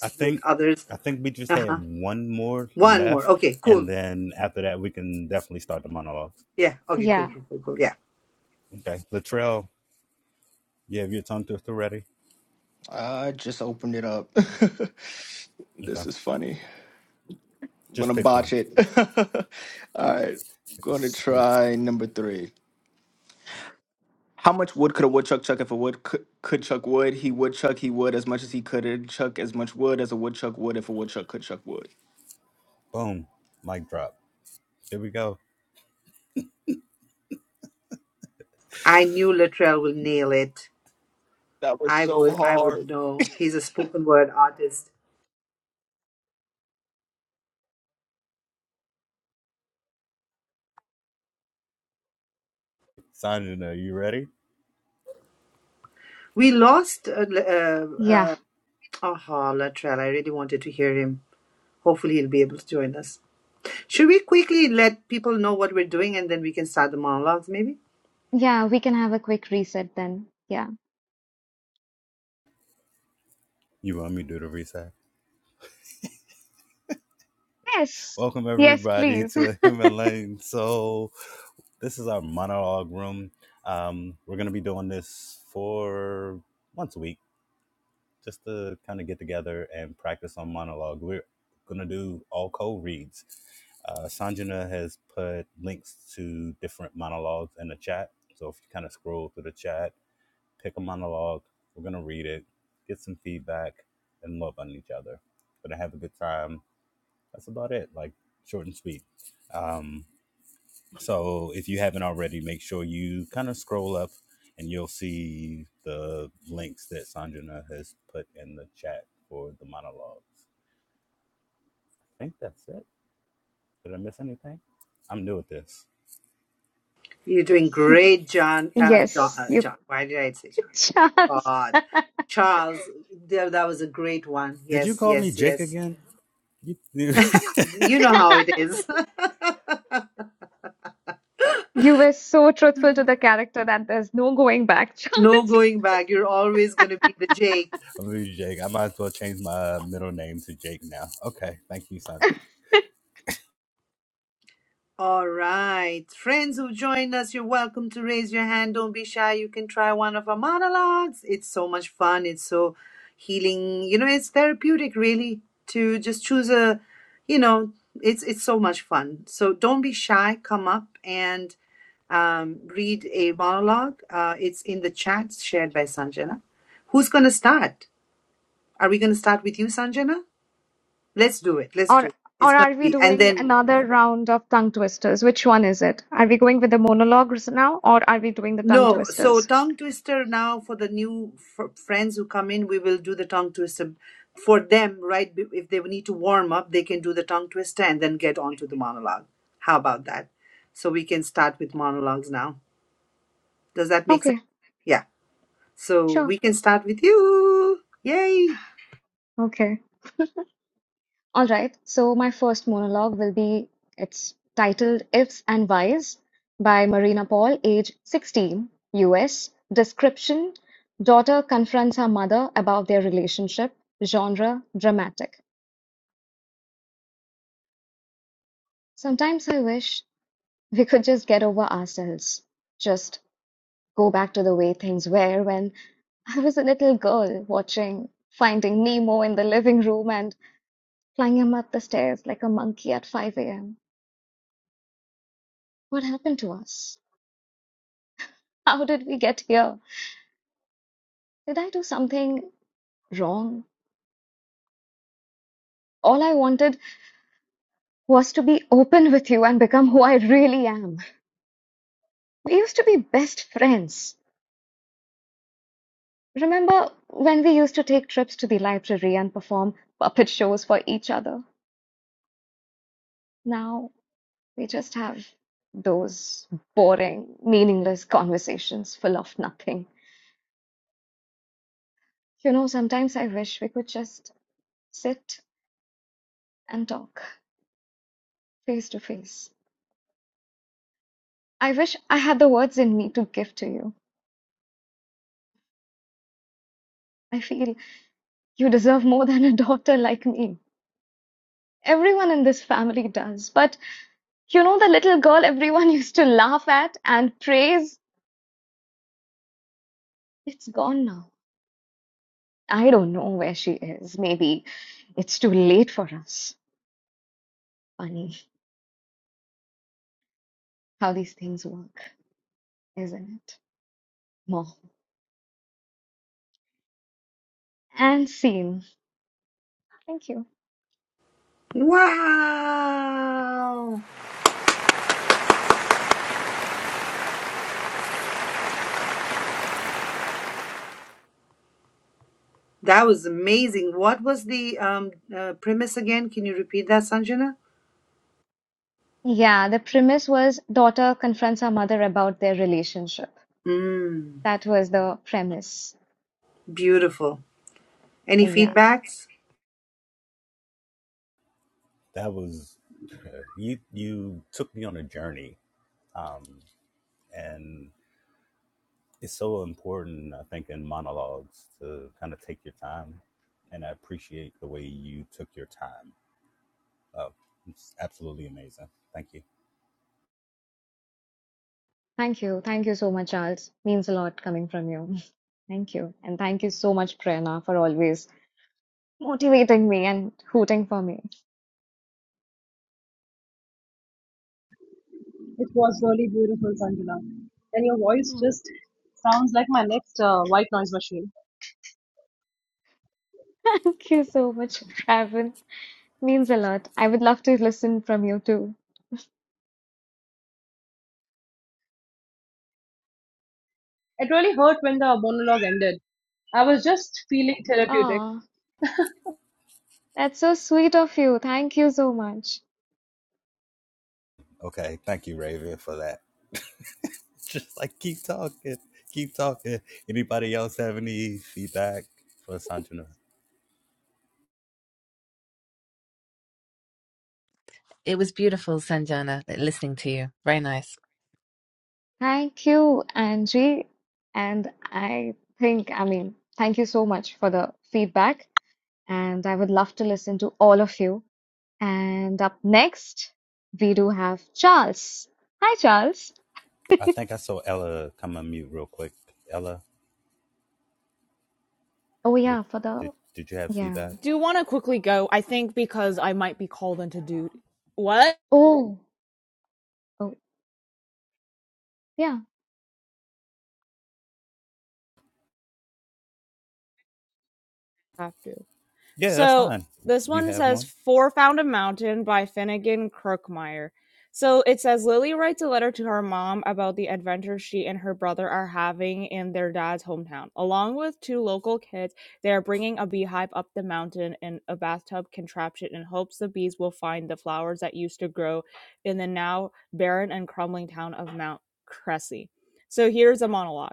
[SPEAKER 3] I
[SPEAKER 2] with
[SPEAKER 3] think
[SPEAKER 2] others.
[SPEAKER 3] I think we just
[SPEAKER 2] Uh
[SPEAKER 3] had
[SPEAKER 2] huh.
[SPEAKER 3] one more
[SPEAKER 2] One more.
[SPEAKER 3] left,
[SPEAKER 2] Okay.
[SPEAKER 3] and
[SPEAKER 2] Cool.
[SPEAKER 3] then after that we can definitely start the monologues.
[SPEAKER 2] Yeah. Okay. Cool.
[SPEAKER 1] Yeah.
[SPEAKER 2] Cool. Cool. Cool. Yeah.
[SPEAKER 3] Okay. Latrell, you have your tongue twister ready.
[SPEAKER 10] I just opened it up.
[SPEAKER 3] Okay.
[SPEAKER 10] this is funny. I'm gonna
[SPEAKER 3] Just pick one.
[SPEAKER 10] botch it. All right, gonna try number three. How much wood could a woodchuck chuck if a wood could, could chuck wood? He would chuck. He would as much as he could and chuck as much wood as a woodchuck would if a woodchuck could chuck wood.
[SPEAKER 3] Boom. Mic drop. Here we go.
[SPEAKER 2] I knew Latrell will nail it.
[SPEAKER 10] That was
[SPEAKER 2] I
[SPEAKER 10] so
[SPEAKER 2] would I would
[SPEAKER 10] hard.
[SPEAKER 2] know. He's a spoken word artist.
[SPEAKER 3] Sanjana. are you ready?
[SPEAKER 2] We lost uh, l- uh,
[SPEAKER 1] Yeah.
[SPEAKER 2] uh, aha Latrell. I really wanted to hear him. Hopefully he'll be able to join us. Should we quickly let people know what we're doing and then we can start the monologues? Maybe
[SPEAKER 1] Yeah, we can have a quick reset then. Yeah.
[SPEAKER 3] You want me to do the reset?
[SPEAKER 1] Yes,
[SPEAKER 3] Welcome
[SPEAKER 1] yes,
[SPEAKER 3] everybody
[SPEAKER 1] please.
[SPEAKER 3] to Him and Lane So this is our monologue room. Um, we're gonna be doing this for once a week, just to kind of get together and practice on monologue. We're gonna do all co-reads. Uh, Sanjana has put links to different monologues in the chat. So if you kind of scroll through the chat, pick a monologue. We're going to read it, get some feedback, and love on each other. Going to have a good time. That's about it. Like, short and sweet. Um, so, if you haven't already, make sure you kind of scroll up and you'll see the links that Sanjana has put in the chat for the monologues. I think that's it. Did I miss anything? I'm new at this.
[SPEAKER 2] you're doing great, John. Uh, John,
[SPEAKER 1] Yes,
[SPEAKER 2] uh,
[SPEAKER 1] you
[SPEAKER 2] John. Why did I say John?
[SPEAKER 1] Charles.
[SPEAKER 2] God, Charles. There, that was a great one.
[SPEAKER 3] Did you
[SPEAKER 2] Yes,
[SPEAKER 3] call me
[SPEAKER 2] yes,
[SPEAKER 3] Jake
[SPEAKER 2] yes.
[SPEAKER 3] again? You, you,
[SPEAKER 2] You know how it is.
[SPEAKER 1] You were so truthful to the character that there's no going back,
[SPEAKER 2] no
[SPEAKER 1] Charles.
[SPEAKER 2] going back. You're always going to be the Jake.
[SPEAKER 3] I'm gonna be Jake. I might as well change my middle name to Jake now. Okay, thank you, Sanjana.
[SPEAKER 2] All right. Friends who joined us, you're welcome to raise your hand. Don't be shy. You can try one of our monologues. It's so much fun. It's so healing. You know, it's therapeutic really to just choose a, you know, it's it's so much fun. So don't be shy. Come up and um, read a monologue. Uh, it's in the chat shared by Sanjana. Who's going to start? Are we going to start with you, Sanjana? Let's do it. Let's
[SPEAKER 1] Or
[SPEAKER 2] do it. It's
[SPEAKER 1] or
[SPEAKER 2] going
[SPEAKER 1] are
[SPEAKER 2] to
[SPEAKER 1] we
[SPEAKER 2] be, and
[SPEAKER 1] doing
[SPEAKER 2] then
[SPEAKER 1] another round of tongue twisters? Which one is it? Are we going with the monologues now or are we doing the tongue
[SPEAKER 2] No, so
[SPEAKER 1] twisters?
[SPEAKER 2] tongue twister now for the new f- friends who come in, we will do the tongue twister for them, right? B- If they need to warm up, they can do the tongue twister and then get on to the monologue. How about that? So we can start with monologues now. Does that make
[SPEAKER 1] Okay,
[SPEAKER 2] sense? Yeah. So
[SPEAKER 1] sure.
[SPEAKER 2] we can start with you. Yay!
[SPEAKER 1] Okay. All right, so my first monologue will be it's titled Ifs and Whys by Marina Paul, age 16, US. Description Daughter confronts her mother about their relationship. Genre dramatic. Sometimes I wish we could just get over ourselves, just go back to the way things were when I was a little girl watching Finding Nemo in the living room and climbing up the stairs like a monkey at 5 a.m. What happened to us? How did we get here? Did I do something wrong? All I wanted was to be open with you and become who I really am. We used to be best friends. Remember when we used to take trips to the library and perform puppet shows for each other? Now we just have those boring, meaningless conversations full of nothing. You know, sometimes I wish we could just sit and talk face to face. I wish I had the words in me to give to you. I feel You deserve more than a daughter like me. Everyone in this family does. But you know the little girl everyone used to laugh at and praise? It's gone now. I don't know where she is. Maybe it's too late for us. Funny how these things work, isn't it? More. And scene. Thank you.
[SPEAKER 2] Wow! That was amazing. What was the um, uh, premise again? Can you repeat that, Sanjana?
[SPEAKER 1] Yeah, the premise was daughter confronts her mother about their relationship.
[SPEAKER 2] Mm,
[SPEAKER 1] That was the premise.
[SPEAKER 2] beautiful. Any
[SPEAKER 1] Yeah.
[SPEAKER 2] feedbacks?
[SPEAKER 3] that was you you took me on a journey um and it's so important i think in monologues to kind of take your time and i appreciate the way you took your time oh it's absolutely amazing thank you
[SPEAKER 1] Thank you. Thank you so much, Charles. Means a lot coming from you. Thank you. And thank you so much, Prerna, for always motivating me and hooting for me.
[SPEAKER 7] It was really beautiful, Sanjana. And your voice
[SPEAKER 1] Mm.
[SPEAKER 7] just sounds like my next uh, white noise machine.
[SPEAKER 1] Thank you so much, Raven. Means a lot. I would love to listen from you too.
[SPEAKER 7] It really hurt when the monologue ended. I was just feeling therapeutic.
[SPEAKER 1] Ah, that's so sweet of you. Thank you so much.
[SPEAKER 3] okay thank you raven for that It's just like keep talking keep talking anybody else have any feedback for sanjana
[SPEAKER 5] It was beautiful, Sanjana, listening to you. Very nice.
[SPEAKER 1] Thank you, Angie. And I think, I mean, thank you so much for the feedback. And I would love to listen to all of you. And up next, we do have Charles. Hi, Charles.
[SPEAKER 3] i think i saw ella come on mute real quick ella
[SPEAKER 1] Oh,
[SPEAKER 3] did
[SPEAKER 1] yeah, for
[SPEAKER 3] did,
[SPEAKER 1] the.
[SPEAKER 3] did you have
[SPEAKER 1] Yeah.
[SPEAKER 3] feedback
[SPEAKER 6] do want to quickly go. I think because I might be called into dude. What?
[SPEAKER 1] Oh, oh, yeah.
[SPEAKER 6] I Have to.
[SPEAKER 3] Yeah, that's
[SPEAKER 6] So
[SPEAKER 3] fine.
[SPEAKER 6] this
[SPEAKER 3] You
[SPEAKER 6] one
[SPEAKER 3] have
[SPEAKER 6] says
[SPEAKER 3] one.
[SPEAKER 6] Four Found a Mountain by Finnegan Crookmeyer. So it says Lily writes a letter to her mom about the adventure she and her brother are having in their dad's hometown. Along with two local kids, they are bringing a beehive up the mountain in a bathtub contraption in hopes the bees will find the flowers that used to grow in the now barren and crumbling town of Mount Cressy. So here's a monologue.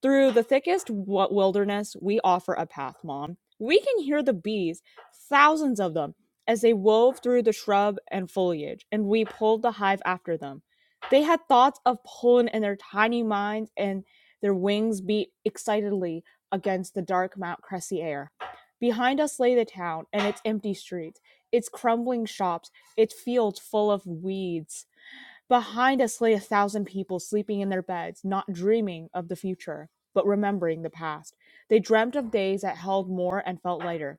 [SPEAKER 6] Through the thickest wilderness, we offer a path, Mom. We can hear the bees, thousands of them, as they wove through the shrub and foliage, and we pulled the hive after them. They had thoughts of pollen in their tiny minds, and their wings beat excitedly against the dark Mount Cressy air. Behind us lay the town and its empty streets, its crumbling shops, its fields full of weeds Behind us lay a thousand people sleeping in their beds, not dreaming of the future, but remembering the past. They dreamt of days that held more and felt lighter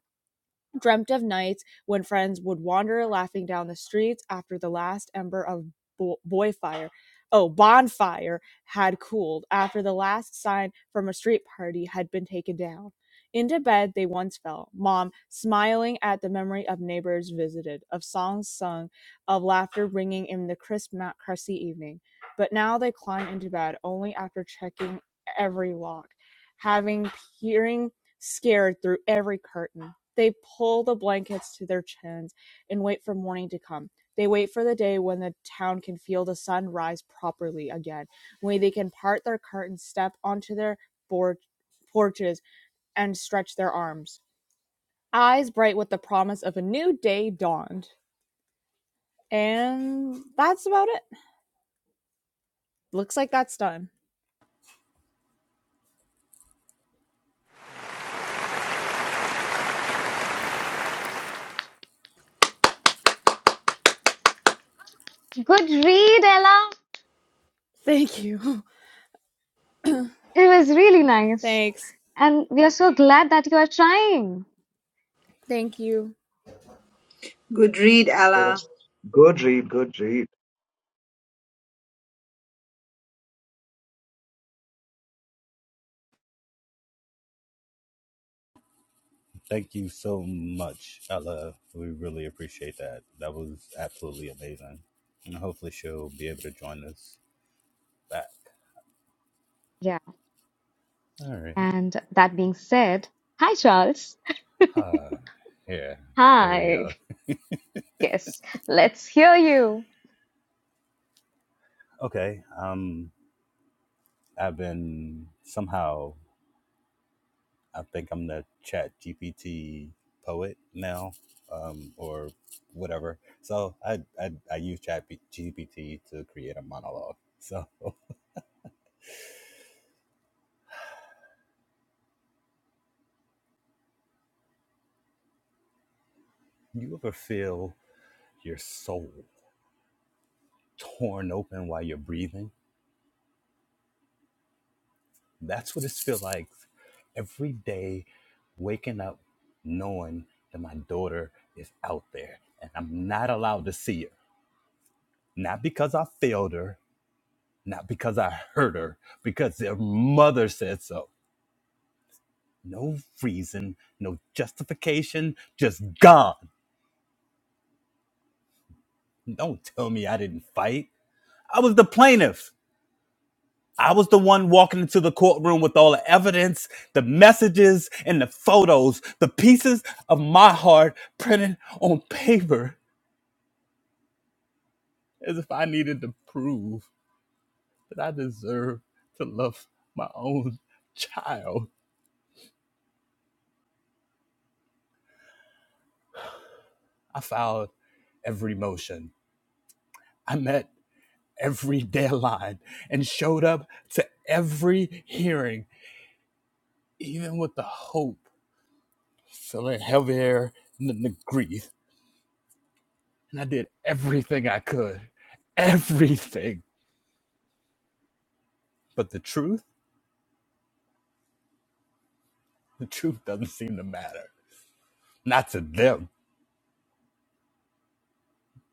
[SPEAKER 6] dreamt of nights when friends would wander laughing down the streets after the last ember of bo- boy fire oh bonfire had cooled after the last sign from a street party had been taken down into bed they once fell mom smiling at the memory of neighbors visited of songs sung of laughter ringing in the crisp mount crusty evening but now they climb into bed only after checking every lock having peering scared through every curtain. They pull the blankets to their chins and wait for morning to come. They wait for the day when the town can feel the sun rise properly again, when they can part their curtains, step onto their board, porches, and stretch their arms. Eyes bright with the promise of a new day dawned. And that's about it. Looks like that's done.
[SPEAKER 1] Good read, Ella.
[SPEAKER 6] Thank you.
[SPEAKER 1] It was really nice.
[SPEAKER 6] Thanks.
[SPEAKER 1] And we are so glad that you are trying.
[SPEAKER 6] Thank you.
[SPEAKER 2] Good read, Ella.
[SPEAKER 8] good read, good read.
[SPEAKER 3] Thank you so much, Ella. We really appreciate that. That was absolutely amazing. And hopefully she'll be able to join us back.
[SPEAKER 1] Yeah.
[SPEAKER 3] All right.
[SPEAKER 1] And that being said, hi, Charles.
[SPEAKER 3] Ah, yeah, there you
[SPEAKER 1] Hi.
[SPEAKER 3] go.
[SPEAKER 1] Yes, let's hear you.
[SPEAKER 3] Okay. Um, I've been somehow, I think I'm the chat GPT poet now, um, or whatever. So I, I, I use chat GPT to create a monologue. So you ever feel your soul torn open while you're breathing. That's what it feels like every day waking up knowing that my daughter is out there and I'm not allowed to see her. Not because I failed her, not because I hurt her, because their mother said so. No reason, no justification, just gone. Don't tell me I didn't fight. I was the plaintiff. I was the one walking into the courtroom with all the evidence, the messages, and the photos, the pieces of my heart printed on paper as if I needed to prove that I deserve to love my own child. I filed every motion. I met every deadline and showed up to every hearing, even with the hope feeling heavier than the grief and I did everything I could, everything. But the truth, the truth doesn't seem to matter. Not to them.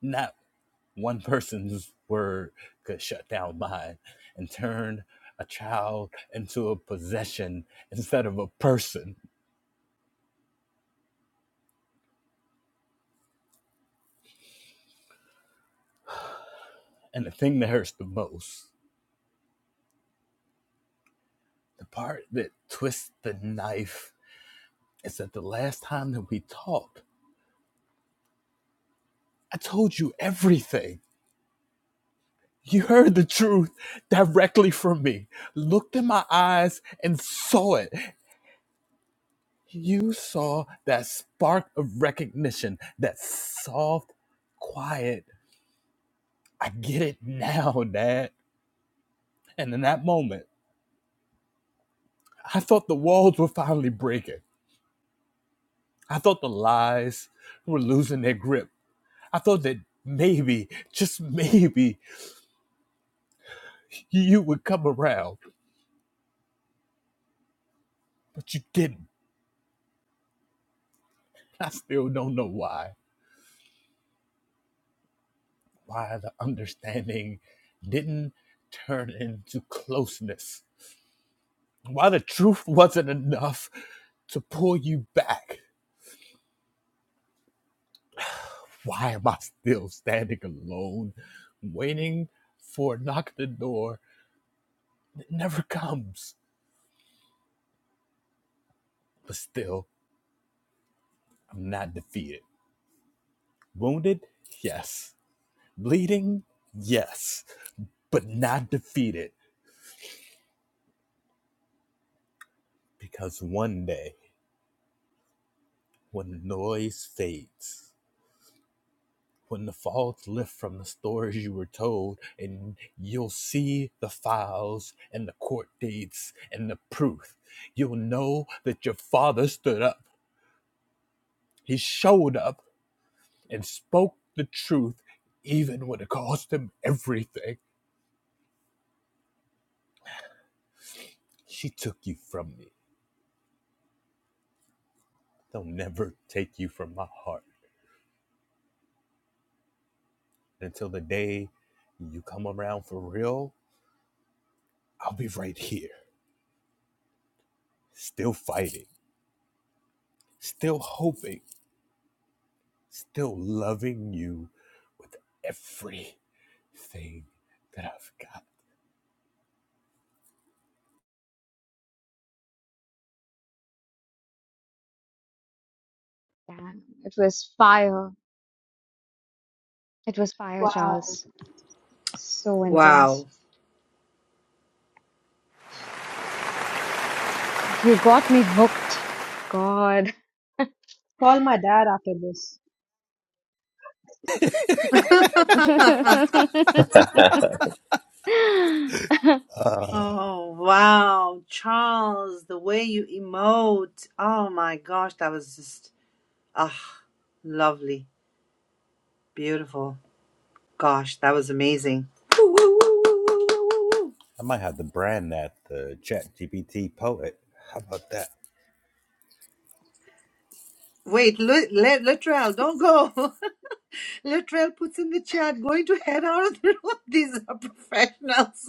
[SPEAKER 3] Not one person's word could shut down mine and turn a child into a possession instead of a person. And the thing that hurts the most, the part that twists the knife, is that the last time that we talked, I told you everything You heard the truth directly from me, looked in my eyes and saw it. You saw that spark of recognition, that soft, quiet, I get it now, Dad. And in that moment, I thought the walls were finally breaking. I thought the lies were losing their grip. I thought that maybe, just maybe, you would come around, but you didn't. I still don't know why. why the understanding didn't turn into closeness, why the truth wasn't enough to pull you back. Why am I still standing alone, waiting for a knock at the door that never comes? But still, I'm not defeated. Wounded? Yes. Bleeding? Yes. But not defeated. Because one day, when the noise fades, when the fogs lift from the stories you were told, and you'll see the files and the court dates and the proof. You'll know that your father stood up, he showed up, and spoke the truth, even when it cost him everything. She took you from me. They'll never take you from my heart. Until the day you come around for real, I'll be right here, still fighting, still hoping still loving you with everything that I've got.
[SPEAKER 1] Yeah, it was fire. It was fire,
[SPEAKER 7] Wow.
[SPEAKER 1] Charles. So intense.
[SPEAKER 2] Wow.
[SPEAKER 1] You got me hooked. God.
[SPEAKER 7] Call my dad after this.
[SPEAKER 9] I,
[SPEAKER 3] Uh,
[SPEAKER 2] Oh, wow. Charles, the way you emote. Oh my gosh, that was just, ah, lovely. Beautiful. Gosh, that was amazing. Woo, woo, woo, woo, woo, woo, woo,
[SPEAKER 3] I might have to brand that the Chat GPT poet. How about that?
[SPEAKER 2] Wait, let, let, Latrell, don't go. Latrell puts in the chat, going to head out of the room. These are professionals.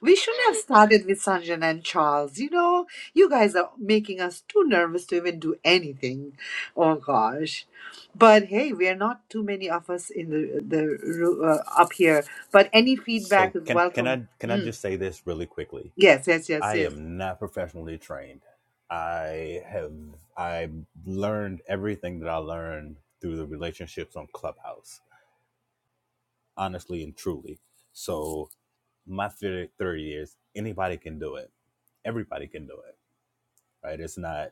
[SPEAKER 2] We shouldn't have started with Sanjan and Charles. You know, you guys are making us too nervous to even do anything. Oh gosh. But hey, we are not too many of us in the the ru- uh, up here. But any feedback
[SPEAKER 3] So
[SPEAKER 2] is
[SPEAKER 3] can can
[SPEAKER 2] welcome.
[SPEAKER 3] I can I
[SPEAKER 2] Hmm.
[SPEAKER 3] just say this really quickly?
[SPEAKER 2] Yes, yes, yes,
[SPEAKER 3] I
[SPEAKER 2] yes.
[SPEAKER 3] am not professionally trained. I have I learned everything that I learned through the relationships on Clubhouse, honestly and truly. So my theory, theory is anybody can do it. Everybody can do it. Right? It's not.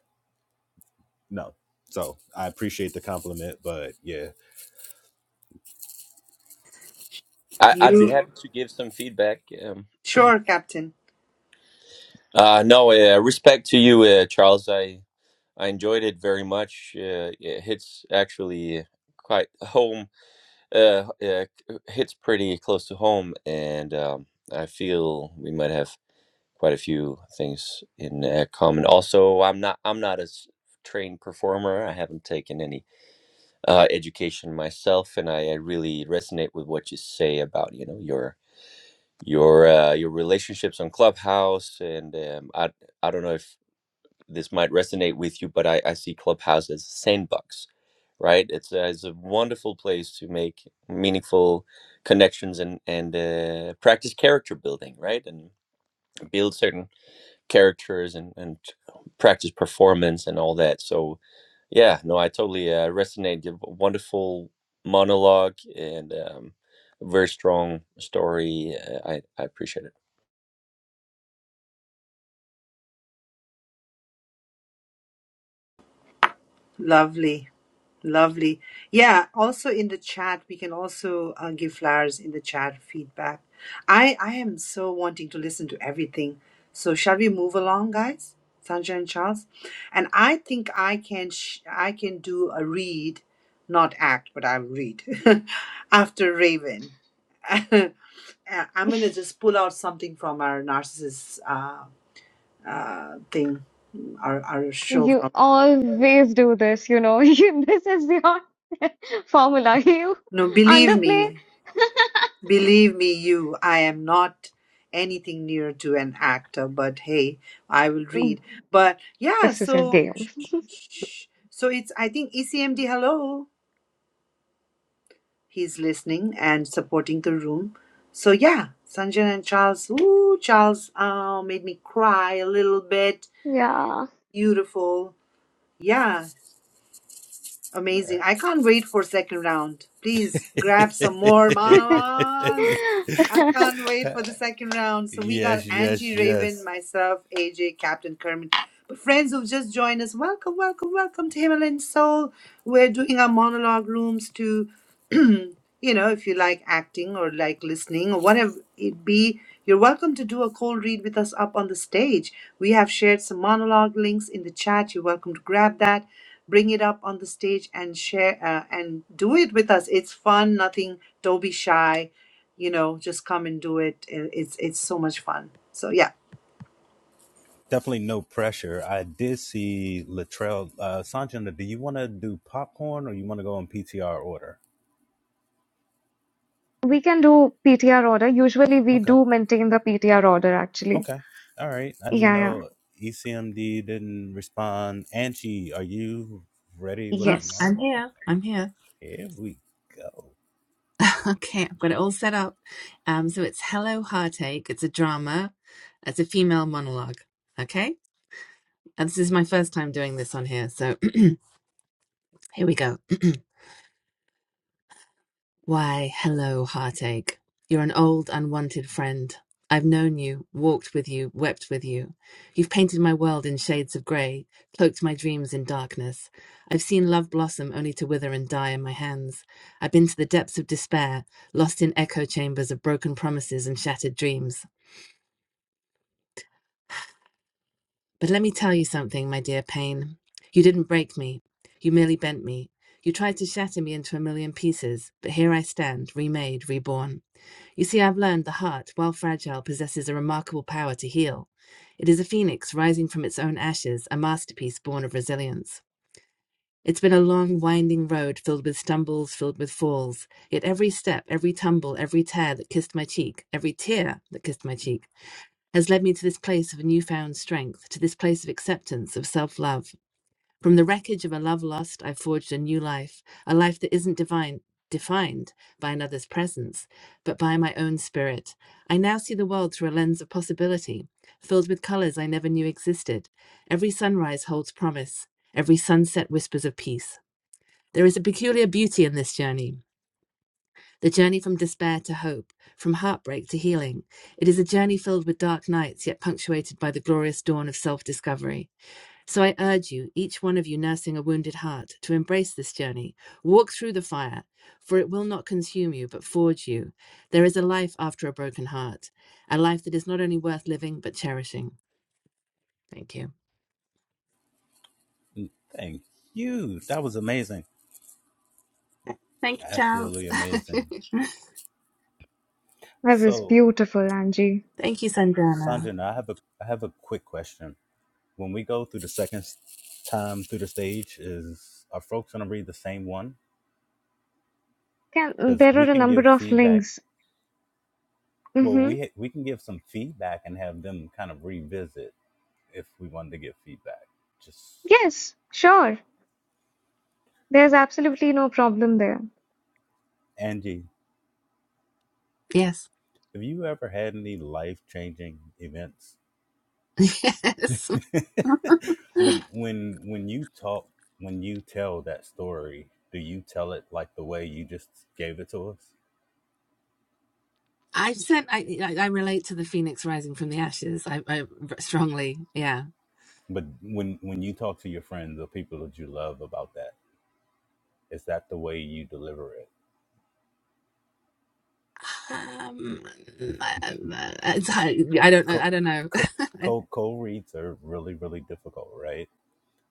[SPEAKER 3] no. So I appreciate the compliment, but yeah.
[SPEAKER 9] I'd be
[SPEAKER 2] You
[SPEAKER 9] happy to give some feedback. Um,
[SPEAKER 2] sure, Captain?
[SPEAKER 9] uh, no, uh, respect to you, uh, Charles. I I enjoyed it very much. Uh, it hits actually quite home. Uh, uh, hits pretty close to home, and um, I feel we might have quite a few things in uh, common. Also, I'm not I'm not as trained performer. I haven't taken any uh, education myself, and I, I really resonate with what you say about you know your your uh, your relationships on Clubhouse, and um, I I don't know if this might resonate with you, but I, I see Clubhouse as a sandbox, right? It's a, it's a wonderful place to make meaningful connections and and uh, practice character building, right? And build certain characters and and practice performance and all that. So yeah, no, I totally uh, resonate. You have a Wonderful monologue and um, very strong story. Uh, I I appreciate it.
[SPEAKER 2] Lovely. Lovely. Yeah, also in the chat, we can also uh, give flowers in the chat feedback. I, I am so wanting to listen to everything. So shall we move along, guys? Sanjay and Charles, and I think I can sh- I can do a read, not act, but I'll read after Raven. Uh, I'm gonna just pull out something from our narcissist uh, uh, thing, our our show
[SPEAKER 1] You
[SPEAKER 2] from.
[SPEAKER 1] always do this, you know. You, this is your formula. You
[SPEAKER 2] No, believe
[SPEAKER 1] underplay.
[SPEAKER 2] me, Believe me, you, I am not anything near to an actor, but hey, I will read. But yeah,
[SPEAKER 1] This is your
[SPEAKER 2] so
[SPEAKER 1] game.
[SPEAKER 2] so it's I think ECMD. Hello, he's listening and supporting the room. So yeah, Sanjay and Charles. Ooh, Charles, uh, made me cry a little bit.
[SPEAKER 1] Yeah.
[SPEAKER 2] Beautiful. Yeah, Amazing. I can't wait for second round. Please grab some more monologues. I can't wait for the second round. So we got
[SPEAKER 3] yes, yes,
[SPEAKER 2] Angie Raven,
[SPEAKER 3] yes.
[SPEAKER 2] myself, AJ, Captain Kermit. But friends who've just joined us, welcome, welcome, welcome to Himalayan Soul. We're doing our monologue rooms to, you know, if you like acting or like listening or whatever it be, you're welcome to do a cold read with us up on the stage. We have shared some monologue links in the chat. You're welcome to grab that bring it up on the stage and share uh, and do it with us it's fun nothing don't be shy you know just come and do it I- it's it's so much fun so yeah
[SPEAKER 3] Definitely no pressure. I did see Latrell. Uh, Sanjana, do you want to do popcorn or you want to go in PTR order?
[SPEAKER 1] We can do PTR order. Usually we
[SPEAKER 3] Okay.
[SPEAKER 1] do maintain the PTR order actually.
[SPEAKER 3] Okay. All right. I
[SPEAKER 1] Yeah, yeah.
[SPEAKER 3] know ECMD didn't respond. Angie, are you ready with the
[SPEAKER 5] Well,
[SPEAKER 1] Yes.
[SPEAKER 5] I'm
[SPEAKER 3] monologue?
[SPEAKER 5] here. I'm here.
[SPEAKER 3] Here we go.
[SPEAKER 5] Okay, I've got it all set up. Um, so it's Hello Heartache. It's a drama. It's a female monologue. Okay, and this is my first time doing this on here. So here we go. Why, hello, heartache. You're an old, unwanted friend. I've known you, walked with you, wept with you. You've painted my world in shades of grey, cloaked my dreams in darkness. I've seen love blossom only to wither and die in my hands. I've been to the depths of despair, lost in echo chambers of broken promises and shattered dreams. But let me tell you something, my dear pain. You didn't break me. You merely bent me. You tried to shatter me into a million pieces, but here I stand, remade, reborn. You see, I've learned the heart, while fragile, possesses a remarkable power to heal. It is a phoenix rising from its own ashes, a masterpiece born of resilience. It's been a long, winding road filled with stumbles, filled with falls. Yet every step, every tumble, every tear that kissed my cheek, every tear that kissed my cheek, has led me to this place of newfound strength, to this place of acceptance, of self love. From the wreckage of a love lost, I forged a new life, a life that isn't divine, defined by another's presence, but by my own spirit. I now see the world through a lens of possibility, filled with colors I never knew existed. Every sunrise holds promise, every sunset whispers of peace. There is a peculiar beauty in this journey. The journey from despair to hope, from heartbreak to healing. It is a journey filled with dark nights, yet punctuated by the glorious dawn of self discovery. So I urge you, each one of you nursing a wounded heart, to embrace this journey. Walk through the fire, for it will not consume you, but forge you. There is a life after a broken heart, a life that is not only worth living, but cherishing. Thank you.
[SPEAKER 3] Thank you. That was amazing.
[SPEAKER 5] Thank you, Charles.
[SPEAKER 3] Absolutely amazing.
[SPEAKER 1] That was
[SPEAKER 3] So
[SPEAKER 1] beautiful, Angie.
[SPEAKER 5] Thank you, Sandrana.
[SPEAKER 3] Sanjana, I have a I have a quick question. When we go through the second s- time through the stage, is are folks going to read the same one?
[SPEAKER 1] Can,
[SPEAKER 3] Because
[SPEAKER 1] there
[SPEAKER 3] we
[SPEAKER 1] are a
[SPEAKER 3] can
[SPEAKER 1] number
[SPEAKER 3] give
[SPEAKER 1] of
[SPEAKER 3] feedback.
[SPEAKER 1] links.
[SPEAKER 3] Well,
[SPEAKER 1] Mm-hmm.
[SPEAKER 3] we ha- we can give some feedback and have them kind of revisit if we wanted to give feedback. Just
[SPEAKER 1] Yes, sure. There's absolutely no problem there.
[SPEAKER 3] Angie,
[SPEAKER 5] Yes.
[SPEAKER 3] have you ever had any life changing events?
[SPEAKER 5] Yes.
[SPEAKER 3] when when when you talk, when you tell that story, do you tell it like the way you just gave it to us?
[SPEAKER 5] I sent, I, I relate to the phoenix rising from the ashes. I, I strongly, yeah.
[SPEAKER 3] But when when you talk to your friends or people that you love about that, is that the way you deliver it?
[SPEAKER 5] Um, I, I I don't know.
[SPEAKER 3] Co
[SPEAKER 5] I don't know.
[SPEAKER 3] co
[SPEAKER 5] mm-hmm.
[SPEAKER 3] co co reads are really really difficult, right?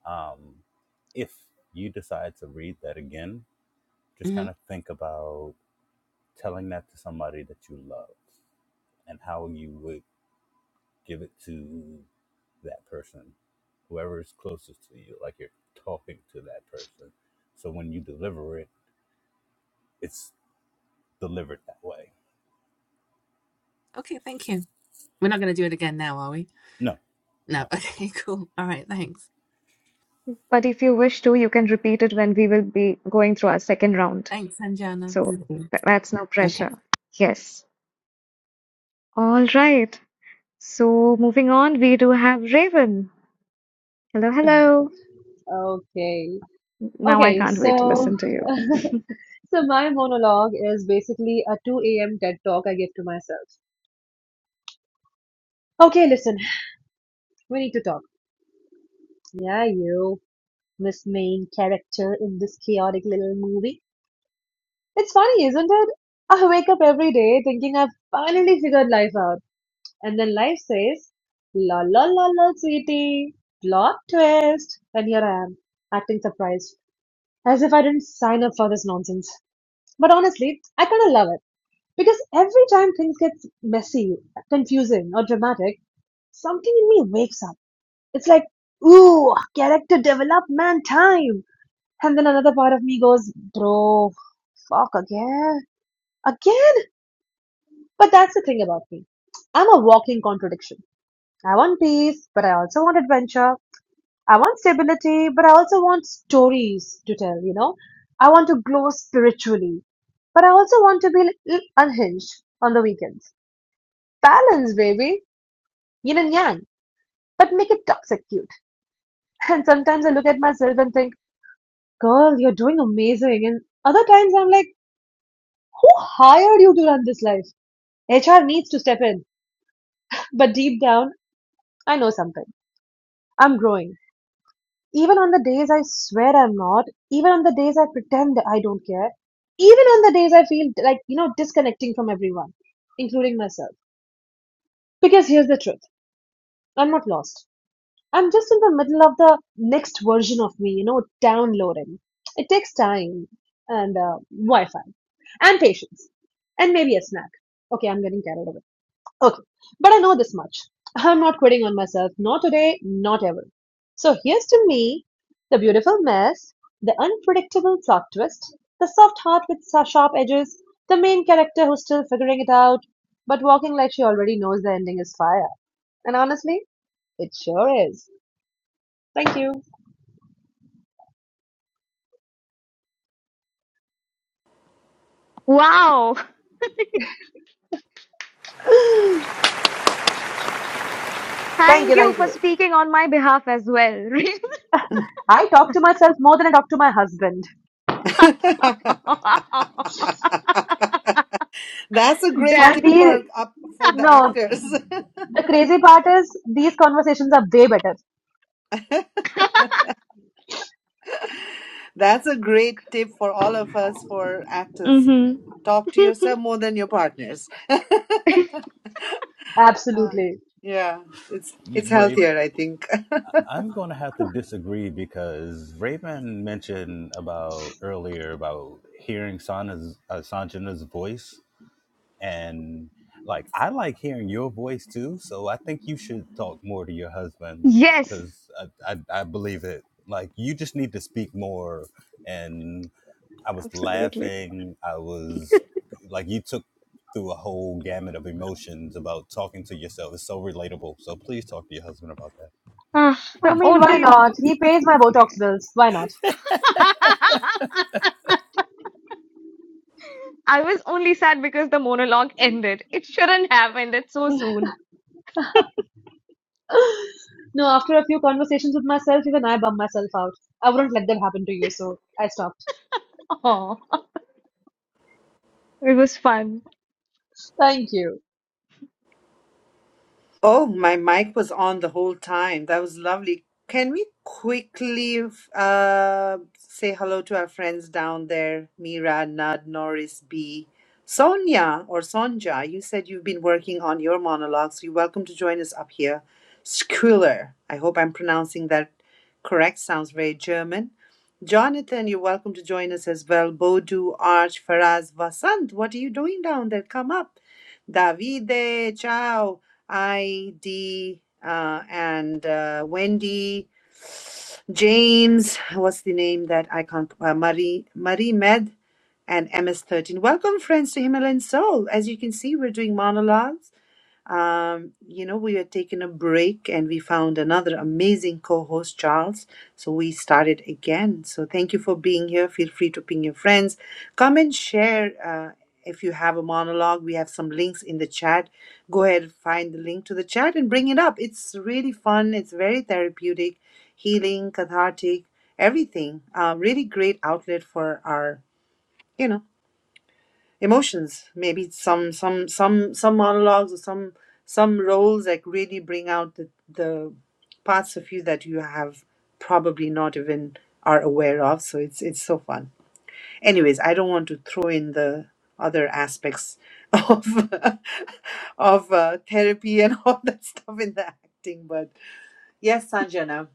[SPEAKER 3] Um, if you decide to read that again, just kind of think about telling that to somebody that you love and how you would give it to that person, whoever is closest to you. Like you're talking to that person, so when you deliver it, it's delivered that way.
[SPEAKER 5] Okay, thank you. We're not going to do it again now, are we?
[SPEAKER 3] No,
[SPEAKER 5] No.
[SPEAKER 3] no.
[SPEAKER 5] Okay, cool. All right, thanks.
[SPEAKER 1] But if you wish to, you can repeat it when we will be going through our second round.
[SPEAKER 5] Thanks, Sanjana.
[SPEAKER 1] So
[SPEAKER 5] Thank you.
[SPEAKER 1] th- that's no
[SPEAKER 5] Okay.
[SPEAKER 1] pressure. Yes. All right. So moving on, we do have Raven. Hello, hello.
[SPEAKER 7] Okay.
[SPEAKER 1] Now I
[SPEAKER 7] Okay,
[SPEAKER 1] can't wait to
[SPEAKER 7] so
[SPEAKER 1] listen to you.
[SPEAKER 7] so my monologue is basically a 2 a.m. TED talk I give to myself. Okay, listen. We need to talk. Yeah, you, Miss Main character in this chaotic little movie. It's funny, isn't it? I wake up every day thinking I've finally figured life out, and then life says, la la la la, sweetie, plot twist, and here I am, acting surprised, as if I didn't sign up for this nonsense. But honestly, I kind of love it because every time things get messy, confusing, or dramatic, something in me wakes up. It's like, ooh, character development time, and then another part of me goes, bro, fuck again, again. But that's the thing about me. I'm a walking contradiction. I want peace, but I also want adventure. I want stability, but I also want stories to tell, you know? I want to glow spiritually, but I also want to be little unhinged on the weekends. Balance, baby. Yin and yang. But make it toxic cute. And sometimes I look at myself and think, girl, you're doing amazing. And other times I'm like, who hired you to run this life? HR needs to step in. But deep down, I know something. I'm growing. Even on the days I swear I'm not, even on the days I pretend that I don't care, even on the days I feel like, you know, disconnecting from everyone, including myself. Because here's the truth I'm not lost. I'm just in the middle of the next version of me, you know, downloading. It takes time and uh, Wi Fi and patience and maybe a snack. Okay, I'm getting carried away. Okay, but I know this much. I'm not quitting on myself, not today, not ever. So here's to me, the beautiful mess, the unpredictable plot twist, the soft heart with sa- sharp edges, the main character who's still figuring it out, but walking like she already knows the ending is fire. And honestly, it sure is. Thank you.
[SPEAKER 1] Wow.
[SPEAKER 7] thank
[SPEAKER 1] Thank
[SPEAKER 7] you,
[SPEAKER 1] you
[SPEAKER 7] thank
[SPEAKER 1] for
[SPEAKER 7] you.
[SPEAKER 1] speaking on my behalf as well, Raven.
[SPEAKER 7] I talk to myself more than I talk to my husband.
[SPEAKER 2] that's a great
[SPEAKER 1] Damn.
[SPEAKER 7] And
[SPEAKER 2] tip
[SPEAKER 7] the,
[SPEAKER 2] for up for the
[SPEAKER 7] no,
[SPEAKER 2] actors
[SPEAKER 7] the crazy part is these conversations are way better.
[SPEAKER 2] that's a great tip for all of us for actors
[SPEAKER 1] hmm
[SPEAKER 2] talk to yourself more than your partners uh,
[SPEAKER 7] Absolutely.
[SPEAKER 2] yeah it's it's
[SPEAKER 3] Raven,
[SPEAKER 2] healthier i think
[SPEAKER 3] I'm going to have to disagree because Raven mentioned about earlier about hearing Sana's uh, Sanjana's voice, and like I like hearing your voice too. So I think you should talk more to your husband
[SPEAKER 1] yes,
[SPEAKER 3] because I, I I believe it. Like you just need to speak more. And I was
[SPEAKER 1] absolutely.
[SPEAKER 3] laughing. I was like you took through a whole gamut of emotions about talking to yourself. It's so relatable. So please talk to your husband about that.
[SPEAKER 1] Ah,
[SPEAKER 7] I
[SPEAKER 1] the
[SPEAKER 7] mean, why
[SPEAKER 1] only.
[SPEAKER 7] not? He pays my Botox bills. Why not?
[SPEAKER 1] I was only sad because the monologue ended. It shouldn't have ended so soon.
[SPEAKER 7] No, after a few conversations with myself, even I bum myself out. I wouldn't let that happen to you, so I stopped.
[SPEAKER 1] Oh, it was fun.
[SPEAKER 7] Thank you.
[SPEAKER 2] Oh, my mic was on the whole time. That was lovely. Can we quickly uh, say hello to our friends down there? Mira, Nud, Norris, B, Sonia, or Sonja. You said you've been working on your monologues. You're welcome to join us up here. Schuler. I hope I'm pronouncing that correct. Sounds very German. Jonathan, you're welcome to join us as well. Bodu, Arch, Faraz, Vasant, what are you doing down there? Come up. Davide, ciao. I, D, uh, and uh, Wendy, James, what's the name that I can't, uh, Marie, Marie Med, and MS13. Welcome, friends, to Himalayan Soul. As you can see, we're doing monologues. Um, you know, we were taking a break and we found another amazing co host, Charles. So we started again. So thank you for being here. Feel free to ping your friends. Come and share uh, if you have a monologue. We have some links in the chat. Go ahead, find the link to the chat and bring it up. It's really fun, it's very therapeutic, healing, cathartic, everything. Uh, really great outlet for our. You know emotions maybe some some some some monologues or some some roles like really bring out the, the parts of you that you have probably not even are aware of so it's it's so fun anyways i don't want to throw in the other aspects of of uh, therapy and all that stuff in the acting but yes sanjana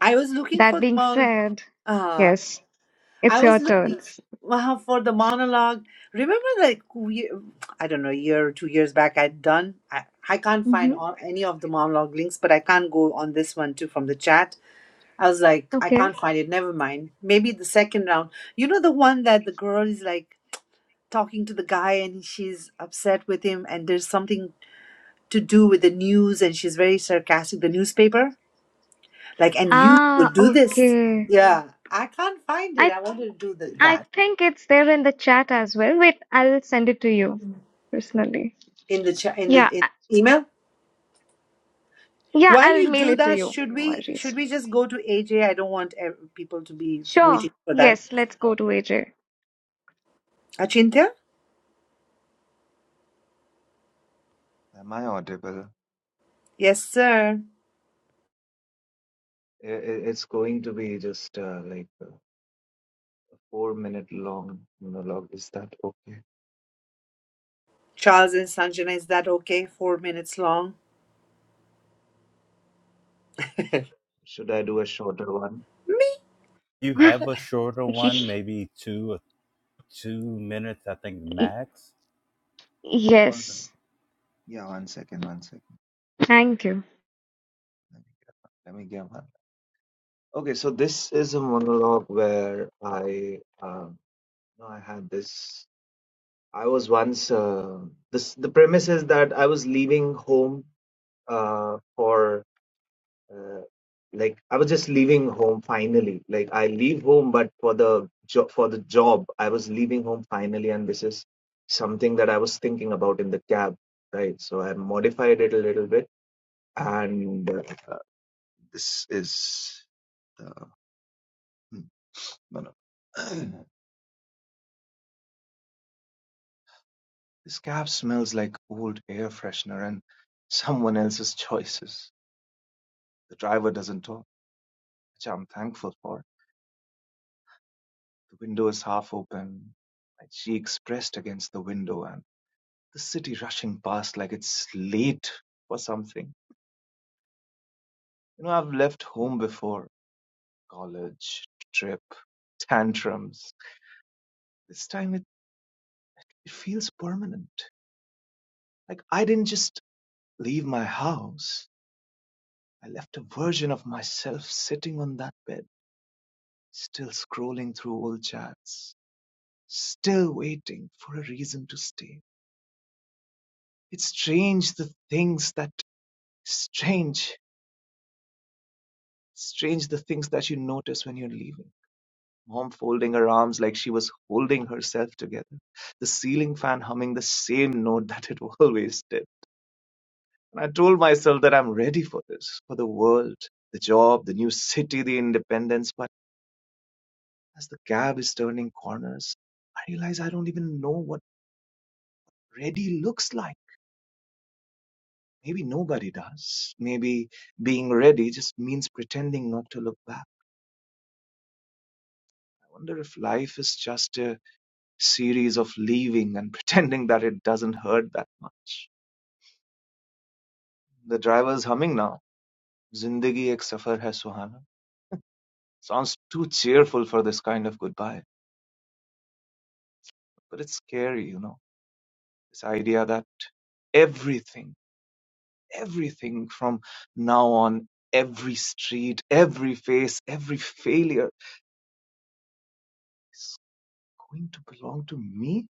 [SPEAKER 2] i was looking for
[SPEAKER 1] That
[SPEAKER 2] the
[SPEAKER 1] being
[SPEAKER 2] mon-
[SPEAKER 1] said,
[SPEAKER 2] uh-huh.
[SPEAKER 1] yes, it's
[SPEAKER 2] I was
[SPEAKER 1] your
[SPEAKER 2] looking
[SPEAKER 1] turns.
[SPEAKER 2] uh, for the monologue. Remember, like we, I don't know, a year or two years back, I'd done. I, I can't
[SPEAKER 1] hmm
[SPEAKER 2] find all, any of the monologue links, but I can't go on this one too from the chat. I was like, I
[SPEAKER 1] Okay.
[SPEAKER 2] can't find it. Never mind. Maybe the second round. You know, the one that the girl is like talking to the guy and she's upset with him, and there's something to do with the news, and she's very sarcastic. The newspaper, like, and you
[SPEAKER 1] Ah,
[SPEAKER 2] would do this.
[SPEAKER 1] okay.
[SPEAKER 2] Yeah, I can't find it.
[SPEAKER 1] I
[SPEAKER 2] I wanted to do the, that.
[SPEAKER 1] I think it's there in the chat as well. Wait, I'll send it to you personally.
[SPEAKER 2] in the chat in the
[SPEAKER 1] Yeah,
[SPEAKER 2] in
[SPEAKER 1] I-
[SPEAKER 2] email
[SPEAKER 1] yeah,
[SPEAKER 2] while
[SPEAKER 1] I'll
[SPEAKER 2] you
[SPEAKER 1] mail
[SPEAKER 2] do
[SPEAKER 1] it to
[SPEAKER 2] that
[SPEAKER 1] you.
[SPEAKER 2] should
[SPEAKER 1] No
[SPEAKER 2] we
[SPEAKER 1] worries.
[SPEAKER 2] should we just go to aj i don't want ev- people to be
[SPEAKER 1] Sure.
[SPEAKER 2] waiting for that
[SPEAKER 1] Yes, let's go to AJ.
[SPEAKER 2] achintya
[SPEAKER 8] Am I audible?
[SPEAKER 2] yes sir
[SPEAKER 8] I- i- It's going to be just uh, like a four minute long monologue. Is that okay?
[SPEAKER 2] charles and sanjana is that okay four minutes long
[SPEAKER 8] Should I do a shorter one?
[SPEAKER 3] you have a shorter one, maybe two or two minutes, I think max.
[SPEAKER 8] All right.
[SPEAKER 1] yes.
[SPEAKER 8] Yeah, one second, one second.
[SPEAKER 1] Thank you.
[SPEAKER 8] Let me get one. Let me get one. Okay, so this is a monologue where I, um, no, I had this. I was once. Uh, this the premise is that I was leaving home uh, for uh, like I was just leaving home finally. Like I leave home, but for the job for the job, I was leaving home finally, and this is something that I was thinking about in the cab, right? So I modified it a little bit, and uh, this is the hmm, no no. this cab smells like old air freshener and someone else's choices. The driver doesn't talk, which I'm thankful for. The window is half open. My cheeks pressed against the window and. the city rushing past like it's late for something. You know, I've left home before college, trip, tantrums. This time it, it feels permanent. Like I didn't just leave my house, I left a version of myself sitting on that bed, still scrolling through old chats, still waiting for a reason to stay. It's strange the things that strange, strange the things that you notice when you're leaving mom folding her arms like she was holding herself together, the ceiling fan humming the same note that it always did. And I told myself that I'm ready for this, for the world, the job, the new city, the independence. But as the cab is turning corners, I realize I don't even know what ready looks like. Maybe nobody does. Maybe being ready just means pretending not to look back. I wonder if life is just a series of leaving and pretending that it doesn't hurt that much. The driver's humming now, "Zindagi Ek Safar Hai Suhana." Sounds too cheerful for this kind of goodbye, but it's scary, you know. This idea that everything, everything from now on, every street, every face, every failure is going to belong to me.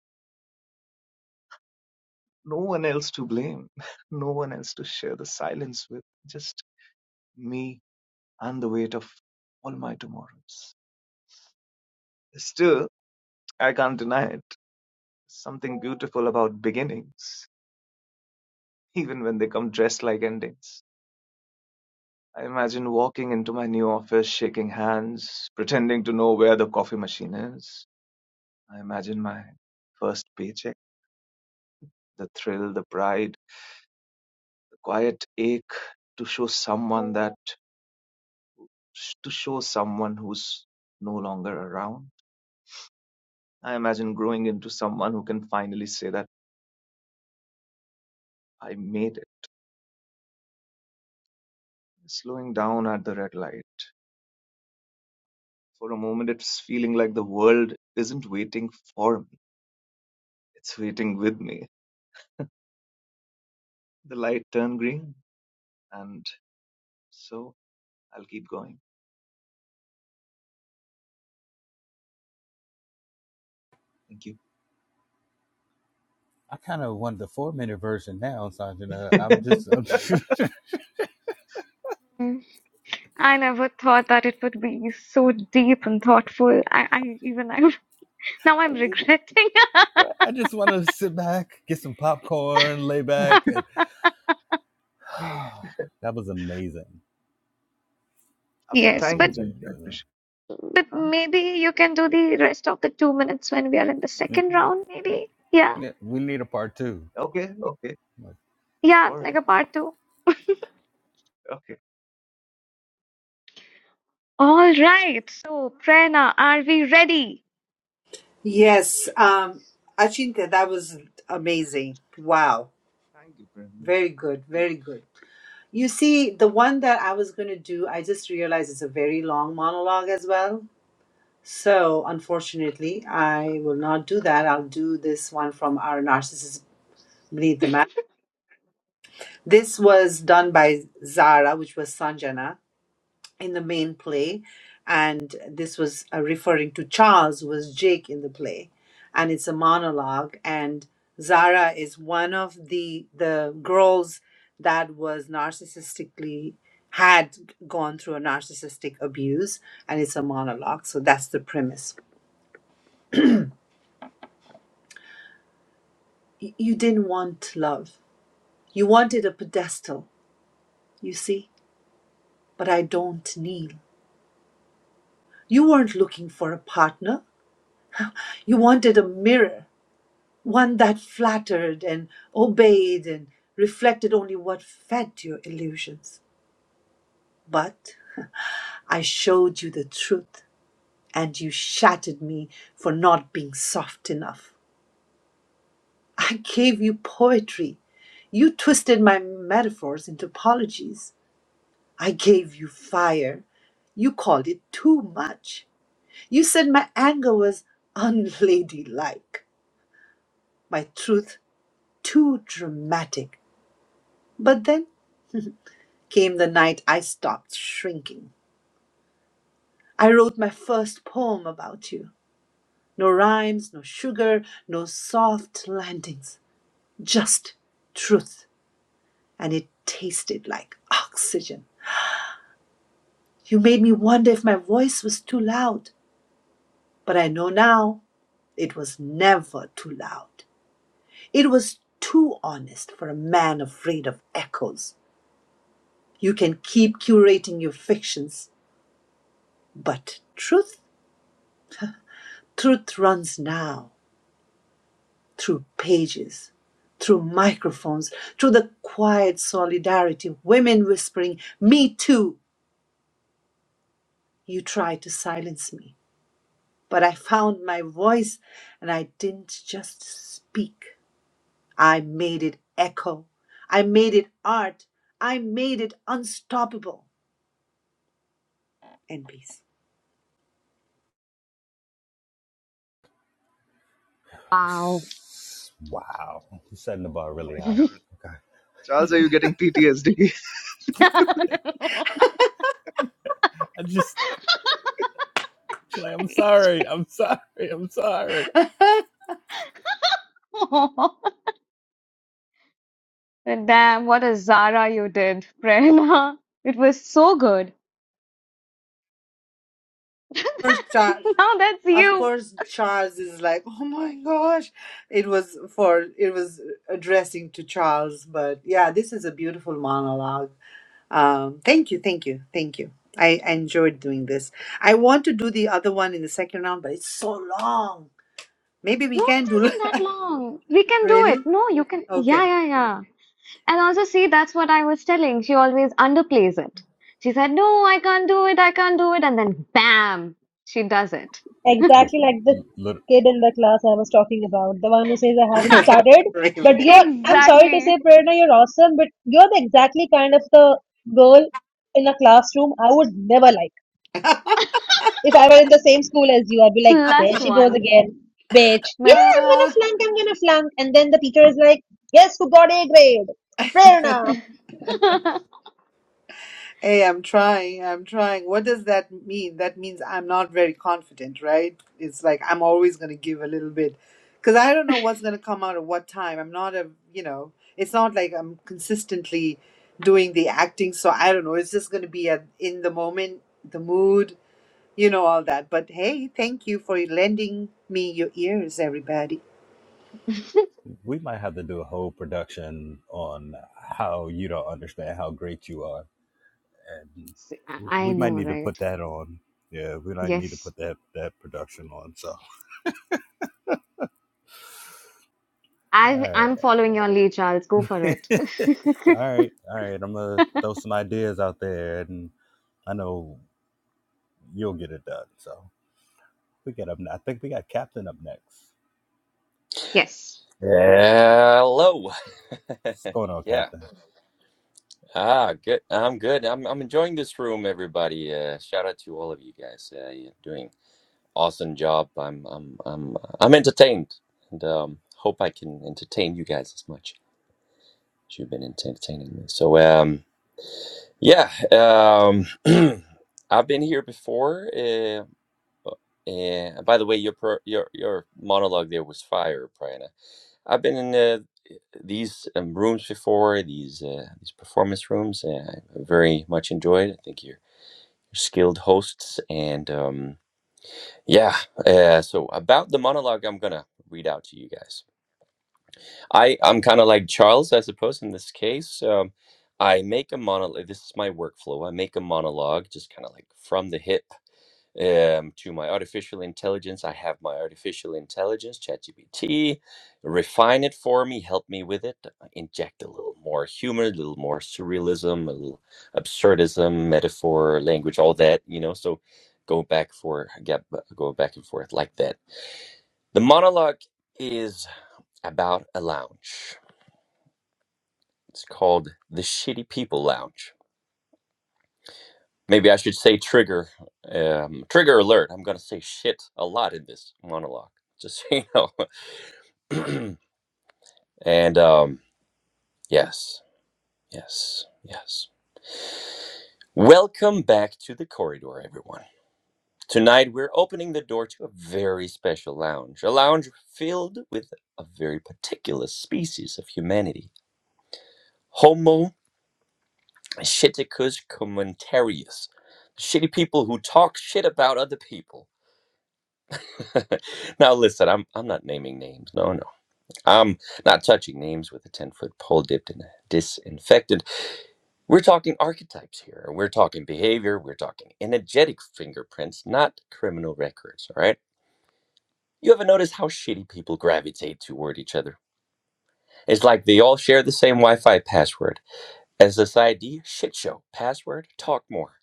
[SPEAKER 8] No one else to blame, no one else to share the silence with, just me and the weight of all my tomorrows. Still, I can't deny it. Something beautiful about beginnings, even when they come dressed like endings. I imagine walking into my new office, shaking hands, pretending to know where the coffee machine is. I imagine my first paycheck, the thrill, the pride, the quiet ache to show someone that, to show someone who's no longer around. I imagine growing into someone who can finally say that I made it, slowing down at the red light, For a moment, it's feeling like the world isn't waiting for me, it's waiting with me. The light turned green, and so I'll keep going. Thank you.
[SPEAKER 3] I kind of want the four minute version now, Sanjana. I'm just, uh, I'm just,
[SPEAKER 1] Mm. I never thought that it would be so deep and thoughtful. I, I even I'm now I'm
[SPEAKER 3] I'm just
[SPEAKER 1] regretting.
[SPEAKER 3] I just want to sit back, get some popcorn, lay back, and that was amazing,
[SPEAKER 8] Uh,
[SPEAKER 1] Yes,
[SPEAKER 8] Thank
[SPEAKER 1] but
[SPEAKER 8] you,
[SPEAKER 3] absolutely
[SPEAKER 8] thank you. I
[SPEAKER 3] amazing.
[SPEAKER 8] appreciate
[SPEAKER 1] but
[SPEAKER 8] it. Huh?
[SPEAKER 1] maybe you can do the rest of the two minutes when we are in the
[SPEAKER 3] Mm,
[SPEAKER 1] second round, maybe. Yeah,
[SPEAKER 3] Yeah, we need a part 2
[SPEAKER 8] Okay, okay.
[SPEAKER 3] like,
[SPEAKER 1] yeah,
[SPEAKER 8] All
[SPEAKER 1] like
[SPEAKER 8] right.
[SPEAKER 1] a part two.
[SPEAKER 8] Okay.
[SPEAKER 1] All right. So, Prerna, are we ready?
[SPEAKER 2] yes um achintya that was amazing wow
[SPEAKER 8] Thank you, Prem. Thank
[SPEAKER 2] very good
[SPEAKER 8] you.
[SPEAKER 2] very good you see the one that i was going to do i just realized it's a very long monologue as well so unfortunately i will not do that i'll do this one from our narcissist beneath the mat. This was done by Zara, which was Sanjana, in the main play, and this was uh, referring to Charles, who was Jake in the play, and it's a monologue. And Zara is one of the the girls that was narcissistically had gone through a narcissistic abuse, and it's a monologue. So that's the premise. Y- You didn't want love. You wanted a pedestal, you see, but I don't kneel. You weren't looking for a partner. You wanted a mirror, one that flattered and obeyed and reflected only what fed your illusions. But I showed you the truth, and you shattered me for not being soft enough. I gave you poetry. You twisted my metaphors into apologies. I gave you fire. You called it too much. You said my anger was unladylike. My truth Too dramatic. But then came the night I stopped shrinking. I wrote my first poem about you. No rhymes, no sugar, no soft landings. Just truth. And it tasted like oxygen. You made me wonder if my voice was too loud. But I know now it was never too loud. It was too honest for a man afraid of echoes. You can keep curating your fictions, but truth? Truth runs now through pages, through microphones, through the quiet solidarity, women whispering, Me too. You tried to silence me, but I found my voice and I didn't just speak. I made it echo. I made it art. I made it unstoppable. And peace.
[SPEAKER 1] Wow.
[SPEAKER 3] wow, I'm setting the bar
[SPEAKER 8] Oh my
[SPEAKER 3] really high.
[SPEAKER 8] God.
[SPEAKER 3] Okay,
[SPEAKER 8] Charles, are you getting PTSD?
[SPEAKER 3] I just like I'm sorry, I'm sorry, I'm sorry.
[SPEAKER 1] Damn, what a Zara you did, Prerna. It was so good.
[SPEAKER 2] First, uh,
[SPEAKER 1] Now that's
[SPEAKER 2] Of
[SPEAKER 1] you.
[SPEAKER 2] course, Charles is like, oh my gosh. It was for, it was addressing to Charles, but yeah, this is a beautiful monologue. Um, thank you, thank you, thank you. I, I enjoyed doing this. I want to do the other one in the second round, but it's so long. Maybe we
[SPEAKER 1] No,
[SPEAKER 2] can
[SPEAKER 1] it
[SPEAKER 2] do,
[SPEAKER 1] isn't that long. We can do
[SPEAKER 2] really?
[SPEAKER 1] it. No, you can. Yeah,
[SPEAKER 2] Okay.
[SPEAKER 1] yeah, yeah. And also, see, that's what I was telling. She always underplays it. She said, No, I can't do it. I can't do it. And then, bam, she does it.
[SPEAKER 3] Just
[SPEAKER 7] Exactly like the
[SPEAKER 3] li-
[SPEAKER 7] kid in the class I was talking about, the one who says I haven't started.
[SPEAKER 2] Brave.
[SPEAKER 7] But you're, I'm sorry to say,
[SPEAKER 1] Exactly.
[SPEAKER 7] Prerna, you're awesome, but you're the exactly kind of the girl in a classroom I would never like. If I were in the same school as you, I'd be like, there
[SPEAKER 1] Plus
[SPEAKER 7] she goes
[SPEAKER 1] one.
[SPEAKER 7] again, bitch.
[SPEAKER 1] My...
[SPEAKER 7] Yeah, I'm gonna flunk, I'm gonna flunk. And then the teacher is like, yes, who got A grade? Fair enough.
[SPEAKER 2] Hey, I'm trying. I'm trying. What does that mean? That means I'm not very confident, right? It's like I'm always going to give a little bit because I don't know what's going to come out at what time. I'm not a, you know, it's not like I'm consistently doing the acting. So I don't know. It's just going to be a, in the moment, the mood, you know, all that. But hey, thank you for lending me your ears, everybody.
[SPEAKER 3] We might have to do a whole production on how you don't understand how great you are, and
[SPEAKER 1] See, I I
[SPEAKER 3] we
[SPEAKER 1] know,
[SPEAKER 3] might need to
[SPEAKER 1] right?
[SPEAKER 3] put that on. Yeah, we might need to
[SPEAKER 1] Yes.
[SPEAKER 3] put that that production on. So,
[SPEAKER 1] I,
[SPEAKER 3] all
[SPEAKER 1] I'm following your lead, Charles. Go for
[SPEAKER 3] right,
[SPEAKER 1] it.
[SPEAKER 3] all right, all right. I'm gonna throw some ideas out there, and I know you'll get it done. So, we get up. I think we got Captain up next.
[SPEAKER 1] Yes.
[SPEAKER 9] Hello.
[SPEAKER 3] What's going on,
[SPEAKER 9] yeah.
[SPEAKER 3] Captain?
[SPEAKER 9] Ah, good. I'm good. I'm I'm enjoying this room, everybody. Uh, shout out to all of you guys. Uh, you're doing awesome job. I'm I'm I'm uh, I'm entertained, and um, hope I can entertain you guys as much as you've been entertaining me. So um, yeah. Um, I've been here before. Uh, uh, by the way, your pro, your your monologue there was fire, Priyana. I've been in uh, these um, rooms before, these uh, these performance rooms. And I very much enjoyed. I think you're skilled hosts, and um, yeah. Uh, so about the monologue, I'm gonna read out to you guys. I I'm kind of like Charles, I suppose, in this case. Um, I make a monologue. This is my workflow. I make a monologue, just kind of like from the hip um, to my artificial intelligence. I have my artificial intelligence, ChatGPT, refine it for me, help me with it, uh, inject a little more humor, a little more surrealism, a little absurdism, metaphor, language, all that, you know. So go back for get go back and forth like that. The monologue is about a lounge. It's called the Shitty People Lounge. Maybe I should say trigger um, trigger alert. I'm gonna say shit a lot in this monologue. Just so you know. and um, yes, yes, yes. Welcome back to the corridor, everyone. Tonight we're opening the door to a very special lounge, a lounge filled with a very particular species of humanity Homo shiticus commentarius. Shitty people who talk shit about other people. now listen, I'm I'm not naming names. No, no. I'm not touching names with a 10 foot pole dipped in a disinfectant. We're talking archetypes here. We're talking behavior. We're talking energetic fingerprints, not criminal records, all right? You ever notice how shitty people gravitate toward each other? It's like they all share the same Wi Fi password. As this ID, shit show. Password, talk more.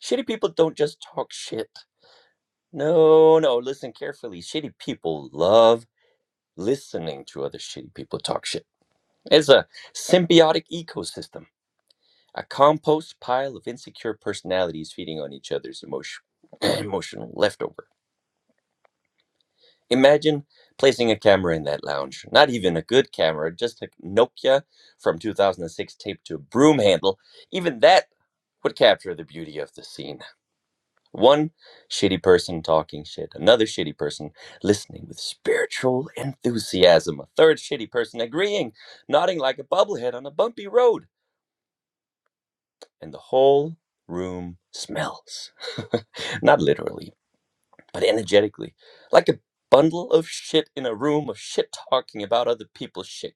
[SPEAKER 9] Shitty people don't just talk shit. No, no, listen carefully. Shitty people love listening to other shitty people talk shit. It's a symbiotic ecosystem. A compost pile of insecure personalities feeding on each other's emotion, emotional leftover. Imagine placing a camera in that lounge. Not even a good camera, just a Nokia from 2006 taped to a broom handle. Even that would capture the beauty of the scene. One shitty person talking shit, another shitty person listening with spiritual enthusiasm, a third shitty person agreeing, nodding like a bubblehead on a bumpy road. and the whole room smells. Not literally, but energetically. Like a bundle of shit in a room of shit talking about other people's shit.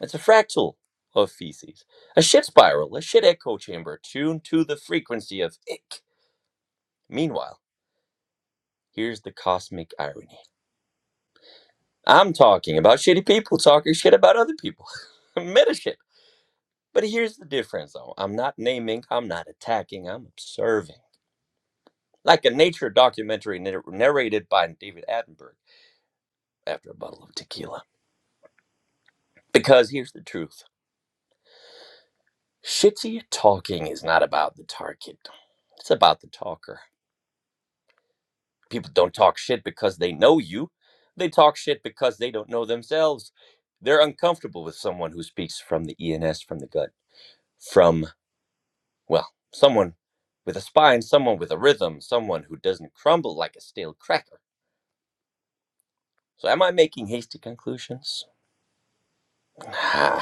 [SPEAKER 9] It's a fractal of feces. A shit spiral, a shit echo chamber tuned to the frequency of ick. Meanwhile, here's the cosmic irony. I'm talking about shitty people talking shit about other people. Meta shit. But here's the difference though. I'm not naming, I'm not attacking, I'm observing. like a nature documentary nar- narrated by David Attenborough after a bottle of tequila. Because here's the truth shitty talking is not about the target, it's about the talker. People don't talk shit because they know you, they talk shit because they don't know themselves. They're uncomfortable with someone who speaks from the ENS, from the gut, from, well, someone with a spine, someone with a rhythm, someone who doesn't crumble like a stale cracker. So, am I making hasty conclusions?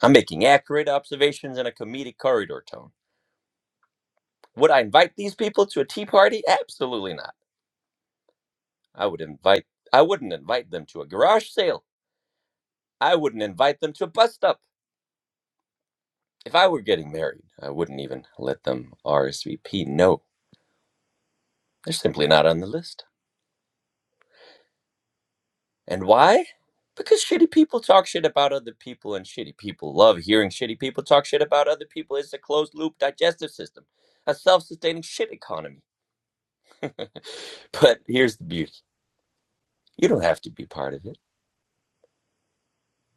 [SPEAKER 9] I'm making accurate observations in a comedic corridor tone. Would I invite these people to a tea party? Absolutely not. I would invite I wouldn't invite them to a garage sale. I wouldn't invite them to a bus stop. If I were getting married, I wouldn't even let them RSVP. No. They're simply not on the list. And why? Because shitty people talk shit about other people and shitty people love hearing shitty people talk shit about other people. It's a closed loop digestive system, a self-sustaining shit economy. But here's the beauty. You don't have to be part of it.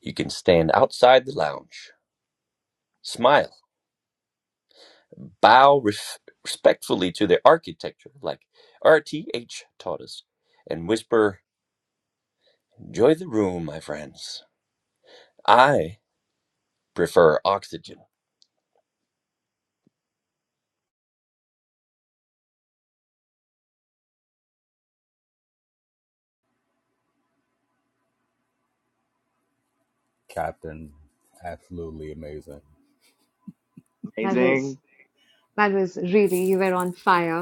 [SPEAKER 9] You can stand outside the lounge, smile, bow ref- respectfully to their architecture, like RTH taught us, and whisper, Enjoy the room, my friends. I prefer oxygen.
[SPEAKER 3] Captain, absolutely amazing.
[SPEAKER 1] That was,
[SPEAKER 8] Amazing.
[SPEAKER 1] that was really, you were on fire.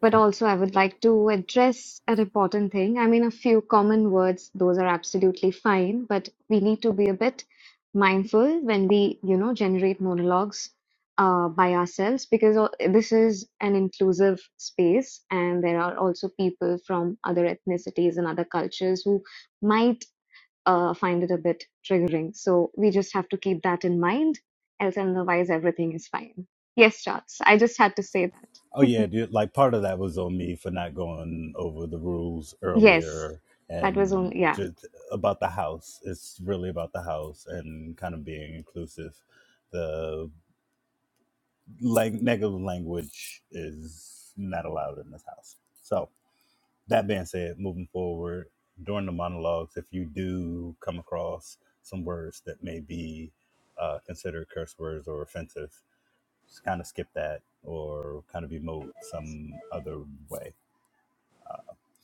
[SPEAKER 1] But also, I would like to address an important thing. I mean, a few common words, those are absolutely fine, but we need to be a bit mindful when we, you know, generate monologues uh, by ourselves because o- this is an inclusive space and there are also people from other ethnicities and other cultures who might uh, find it a bit triggering. So we just have to keep that in mind, else, otherwise, everything is fine. Yes, Charles, I just had to say that.
[SPEAKER 3] Oh yeah, dude. Like part of that was on me for not going over the rules
[SPEAKER 1] Yes,
[SPEAKER 3] earlier,
[SPEAKER 1] that was
[SPEAKER 3] and
[SPEAKER 1] only, yeah,
[SPEAKER 3] just about the house. It's really about the house and kind of being inclusive. The like negative language is not allowed in this house. So that being said, moving forward during the monologues, if you do come across some words that may be uh, considered curse words or offensive, just kind of skip that or kind of emote some other way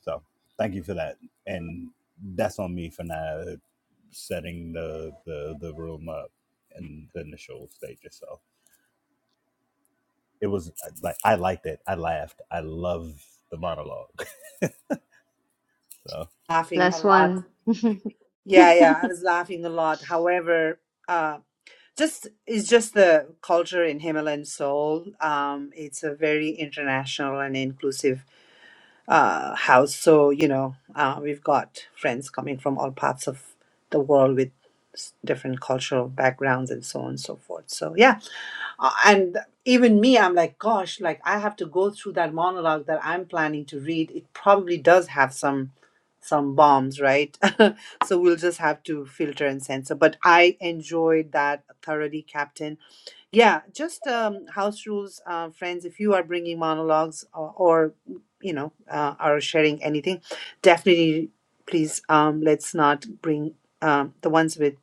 [SPEAKER 3] So thank you for that. And that's on me for not setting the the, the room up in the initial stages. So it was uh, like I liked it. I laughed. I love the monologue. So
[SPEAKER 2] Laughing a
[SPEAKER 1] plus
[SPEAKER 2] lot.
[SPEAKER 1] one.
[SPEAKER 2] Yeah, yeah. I was laughing a lot. However, uh, just it's just the culture in Himalayan Seoul. Um, it's a very international and inclusive uh, house. So you know, uh, we've got friends coming from all parts of the world with s- different cultural backgrounds and so on and so forth. So yeah, uh, and even me, I'm like, gosh, like I have to go through that monologue that I'm planning to read. It probably does have some some bombs, right? so we'll just have to filter and censor. But I enjoyed that thoroughly, Captain yeah, just um, house rules, uh, friends. If you are bringing monologues or, or you know, uh, are sharing anything, definitely please um, let's not bring um, the ones with,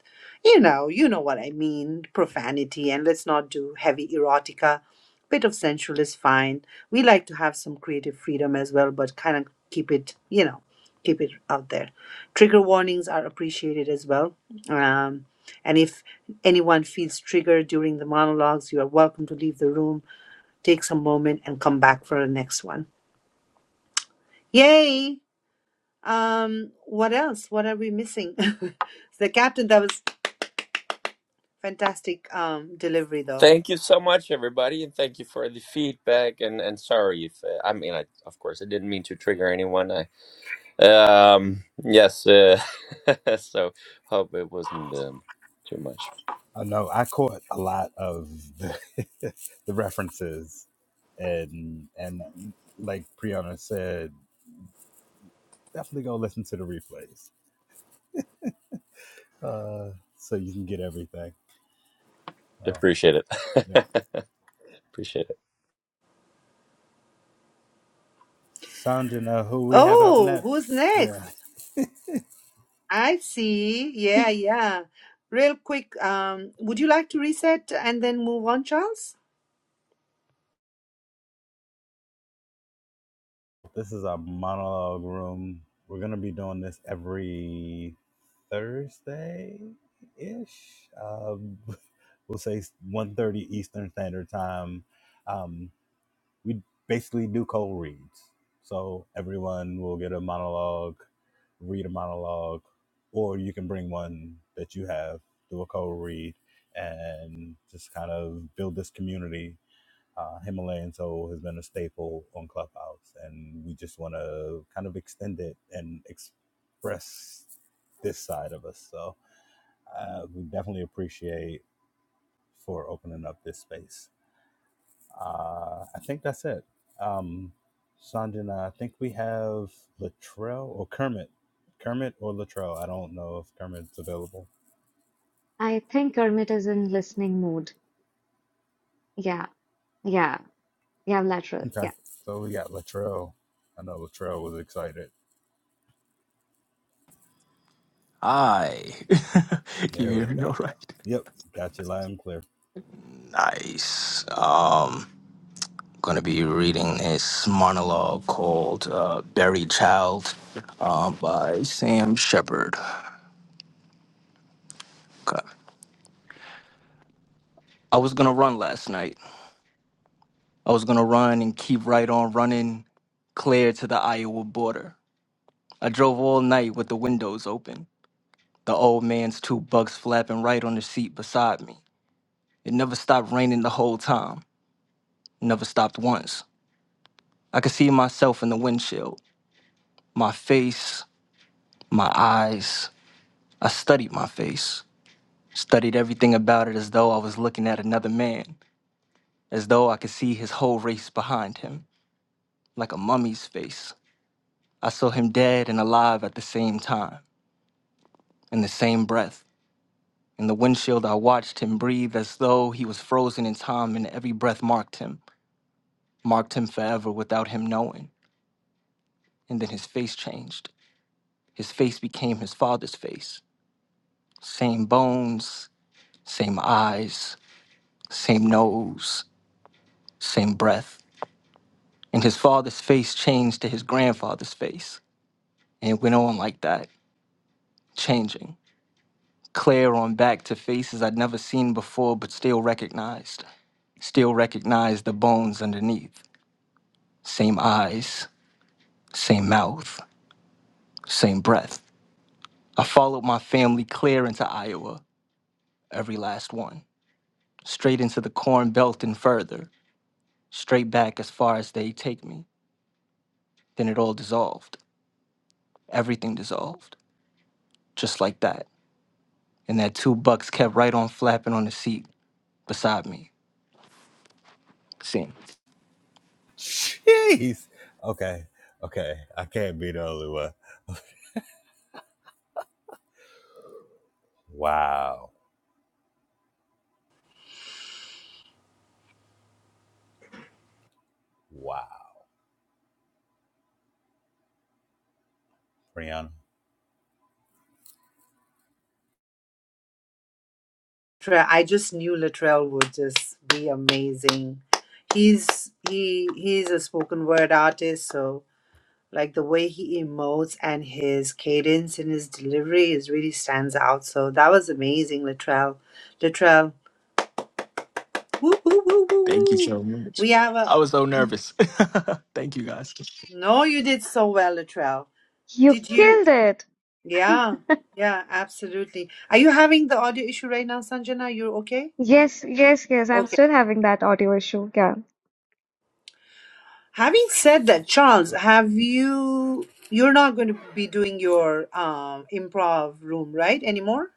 [SPEAKER 2] you know, you know what I mean, profanity, and let's not do heavy erotica. Bit of sensual is fine. We like to have some creative freedom as well, but kind of keep it, you know, keep it out there. Trigger warnings are appreciated as well. Um, and if anyone feels triggered during the monologues, you are welcome to leave the room, take some moment, and come back for the next one. Yay! Um, what else? What are we missing? the captain, that was fantastic um, delivery, though.
[SPEAKER 9] Thank you so much, everybody, and thank you for the feedback. And, and sorry if uh, I mean, I, of course, I didn't mean to trigger anyone. I um yes, uh, so hope it wasn't um, too much.
[SPEAKER 3] I know I caught a lot of the, the references and and like Priyana said, definitely go listen to the replays. uh, so you can get everything. Oh,
[SPEAKER 9] Appreciate it.
[SPEAKER 3] yep.
[SPEAKER 9] Appreciate it.
[SPEAKER 3] Sanjana, who we have up
[SPEAKER 2] Oh, who's
[SPEAKER 3] next?
[SPEAKER 2] next?
[SPEAKER 3] Yeah,
[SPEAKER 2] I see. Yeah, yeah. Real quick, um, would you like to reset and then move on, Charles?
[SPEAKER 3] this is our monologue room. We're gonna be doing this every Thursday ish. Um, we'll say one thirty Eastern Standard Time. Um, we basically do cold reads. So everyone will get a monologue, read a monologue, or you can bring one that you have, do a cold read, and just kind of build this community. Uh, Himalayan Soul has been a staple on Clubhouse, and we just want to kind of extend it and express this side of us. So uh, we definitely appreciate for opening up this space. Uh, I think that's it. Um, Sanjana, I think we have Latrell or Kermit. Kermit or Latrell. I don't know if Kermit's available.
[SPEAKER 1] I think Kermit is in listening mood. Yeah, yeah, yeah, lateral.
[SPEAKER 3] Okay.
[SPEAKER 1] Yeah.
[SPEAKER 3] So we got Latrell. I know Latrell was excited.
[SPEAKER 10] Hi. Can you
[SPEAKER 3] There
[SPEAKER 10] hear
[SPEAKER 3] we
[SPEAKER 10] me
[SPEAKER 3] go.
[SPEAKER 10] all right?
[SPEAKER 3] Yep. Got you loud and clear.
[SPEAKER 10] Nice. Um, gonna be reading this monologue called uh, "Buried Child" uh, by Sam Shepard. Okay. I was gonna run last night. I was gonna run and keep right on running clear to the Iowa border. I drove all night with the windows open, the old man's two bucks flapping right on the seat beside me. It never stopped raining the whole time, never stopped once. I could see myself in the windshield, my face, my eyes. I studied my face, studied everything about it as though I was looking at another man, as though I could see his whole race behind him, like a mummy's face. I saw him dead and alive at the same time, in the same breath. In the windshield, I watched him breathe as though he was frozen in time, and every breath marked him, marked him forever without him knowing. And then his face changed. His face became his father's face. Same bones, same eyes, same nose, same breath. And his father's face changed to his grandfather's face. And it went on like that, changing. Clear on back to faces I'd never seen before but still recognized Still recognize the bones underneath. Same eyes, same mouth, same breath. I followed my family clear into Iowa, every last one. Straight into the corn belt and further. Straight back as far as they take me. Then it all dissolved. Everything dissolved. Just like that. And that two bucks kept right on flapping on the seat beside me. Same.
[SPEAKER 3] Jeez. Okay. Okay. I can't be the only one. Wow. Wow. Brianna.
[SPEAKER 2] Tre- I just knew Latrell would just be amazing. He's he he's a spoken word artist, so like the way he emotes and his cadence and his delivery is really stands out. So that was amazing, Latrell. Latrell, woo woo woo woo
[SPEAKER 10] Thank you
[SPEAKER 2] woo.
[SPEAKER 10] so much.
[SPEAKER 2] We have a
[SPEAKER 10] I was so nervous. Thank you guys.
[SPEAKER 2] no. You did so well, Latrell.
[SPEAKER 1] You
[SPEAKER 2] Did you?
[SPEAKER 1] killed it.
[SPEAKER 2] Yeah, yeah, absolutely. Are you having the audio issue right now, Sanjana? You're okay?
[SPEAKER 1] Yes, yes, yes. I'm
[SPEAKER 2] Okay.
[SPEAKER 1] still having that audio issue. Yeah.
[SPEAKER 2] Having said that, Charles, have you? You're not going to be doing your um, improv room, right, anymore?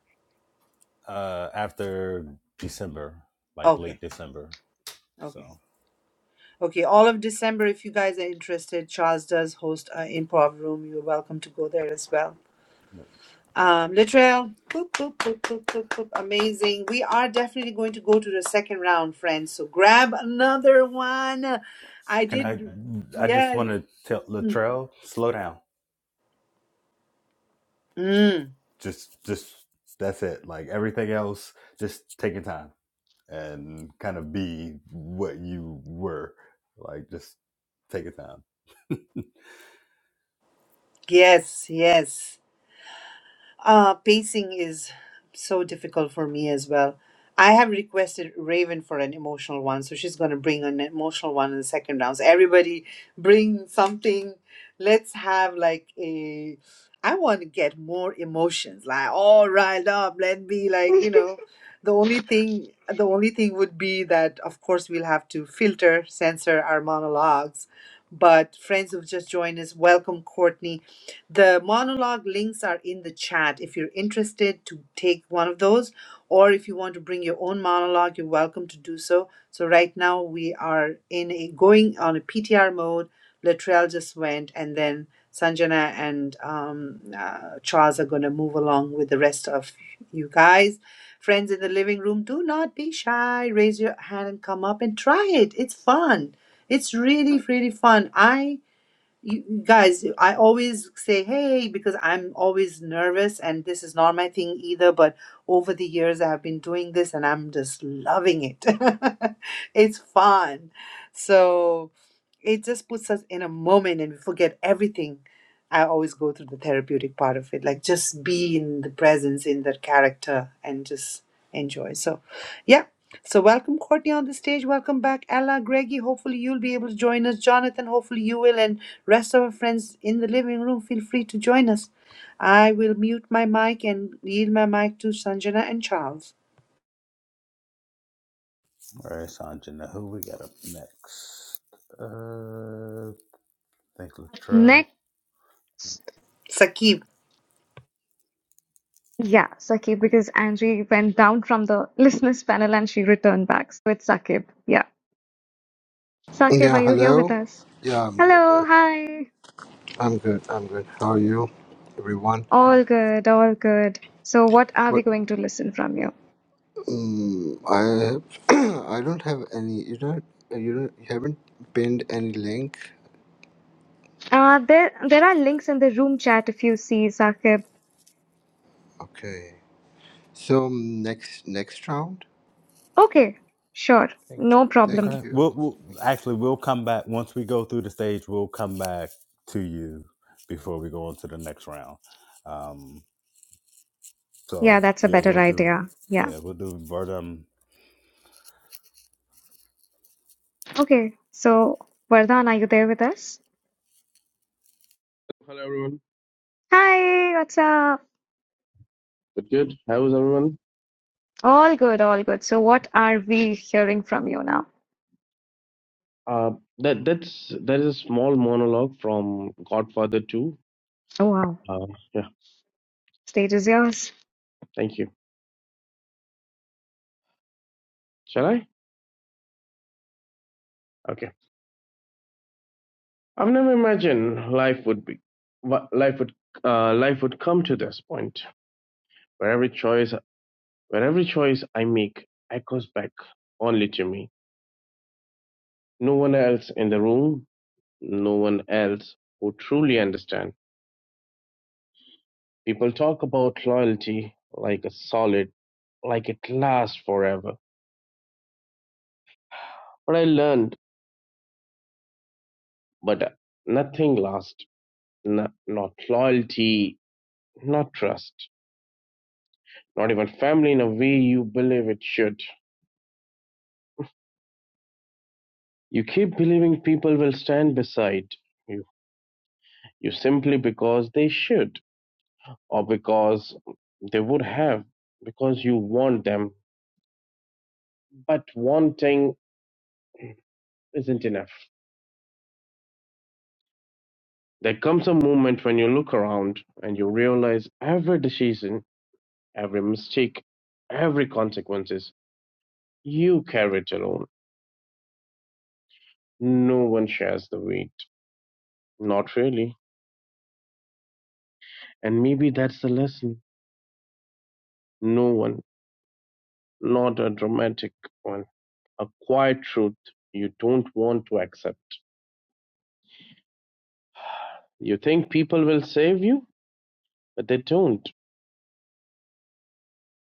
[SPEAKER 3] Uh, after December, like
[SPEAKER 2] Okay,
[SPEAKER 3] late December.
[SPEAKER 2] okay,
[SPEAKER 3] So.
[SPEAKER 2] okay. All of December, if you guys are interested, Charles does host an improv room. You're welcome to go there as well. Um, Littrell, boop, boop, boop, boop, boop, boop. amazing. We are definitely going to go to the second round, friends. So grab another one. I
[SPEAKER 3] Can I?
[SPEAKER 2] did,
[SPEAKER 3] I just
[SPEAKER 2] yes,
[SPEAKER 3] want to tell
[SPEAKER 2] mm,
[SPEAKER 3] Latrell, slow down.
[SPEAKER 2] mm,
[SPEAKER 3] Just, just that's it. Like everything else, just take your time and kind of be what you were. Like, just take your time.
[SPEAKER 2] yes, yes. Uh, pacing is so difficult for me as well. I have requested Raven for an emotional one, so she's going to bring an emotional one in the second round. So everybody bring something. Let's have like a. I want to get more emotions, like all riled up. Let me like you know. The only thing, the only thing would be that of course we'll have to filter, censor our monologues. But friends who've just joined us, welcome Courtney. The monologue links are in the chat. If you're interested to take one of those, or if you want to bring your own monologue, you're welcome to do so. So right now we are in a going on a PTR mode. Latrell just went, and then Sanjana and um, uh, Charles are going to move along with the rest of you guys. Friends in the living room, do not be shy. Raise your hand and come up and try it. It's fun. It's really, really fun. I you guys i always say hey because i'm always nervous and this is not my thing either but over the years i have been doing this and i'm just loving it it's fun so it just puts us in a moment and we forget everything i always go through the therapeutic part of it like just be in the presence in that character and just enjoy so yeah so welcome Courtney on the stage. Welcome back, Ella, Greggy. Hopefully you'll be able to join us. Jonathan, hopefully you will. And Rest of our friends in the living room, feel free to join us. I will mute my mic and yield my mic to Sanjana and Charles.
[SPEAKER 3] All right, Sanjana, who we got up next? Uh, I think Latrell.
[SPEAKER 1] Next.
[SPEAKER 2] Sakib,
[SPEAKER 1] Yeah, Sakib, because Angie went down from the listeners panel and she returned back. with it's Sakib. Yeah. Sakib,
[SPEAKER 11] Yeah,
[SPEAKER 1] are you here with
[SPEAKER 11] hello.
[SPEAKER 1] us?
[SPEAKER 11] Yeah, I'm good. uh,
[SPEAKER 1] Hello, hi.
[SPEAKER 11] I'm good. I'm good. How are you, everyone?
[SPEAKER 1] All good, all good. So what are
[SPEAKER 11] But
[SPEAKER 1] we going to listen from you?
[SPEAKER 11] um, I have, I don't have any. You don't. You don't. You haven't pinned any link.
[SPEAKER 1] Uh, there, there are links in the room chat if you see, Saqib.
[SPEAKER 11] Okay. So um, next next round.
[SPEAKER 1] Okay, sure,
[SPEAKER 11] Thank you.
[SPEAKER 1] no
[SPEAKER 11] Thank
[SPEAKER 3] Okay.
[SPEAKER 1] problem.
[SPEAKER 11] you.
[SPEAKER 3] We'll, we'll
[SPEAKER 11] Thank you.
[SPEAKER 3] actually we'll come back once we go through the stage. We'll come back to you before we go on to the next round. Um.
[SPEAKER 1] Yeah,
[SPEAKER 3] So
[SPEAKER 1] that's a
[SPEAKER 3] yeah,
[SPEAKER 1] better
[SPEAKER 3] we'll do.
[SPEAKER 1] idea. Yeah.
[SPEAKER 3] Yeah, we'll do Verdum.
[SPEAKER 1] Okay, so Vardhan, are you there with us?
[SPEAKER 12] Hello everyone.
[SPEAKER 1] Hi, what's up?
[SPEAKER 12] Good, good. How is everyone?
[SPEAKER 1] All good, all good. So, what are we hearing from you now?
[SPEAKER 12] Uh, that that's that is a small monologue from Godfather 2.
[SPEAKER 1] Oh, wow,
[SPEAKER 12] Uh, yeah,
[SPEAKER 1] stage is yours.
[SPEAKER 12] thank you. Shall I? Okay. I've never imagined life would be, what life would uh, life would come to this point where every choice where every choice I make echoes back only to me. No one else in the room. No one else who truly understand. People talk about loyalty like a solid, like it lasts forever What I learned, but uh, nothing lasts. N- not loyalty, not trust, not even family in a way you believe it should. You keep believing people will stand beside you, you simply because they should, or because they would have, because you want them. But wanting isn't enough. There comes a moment when you look around and you realize every decision, every mistake, every consequences you carry it alone No one shares the weight. Not really. And maybe that's the lesson. No one. Not a dramatic one. A quiet truth you don't want to accept. You think people will save you, but they don't.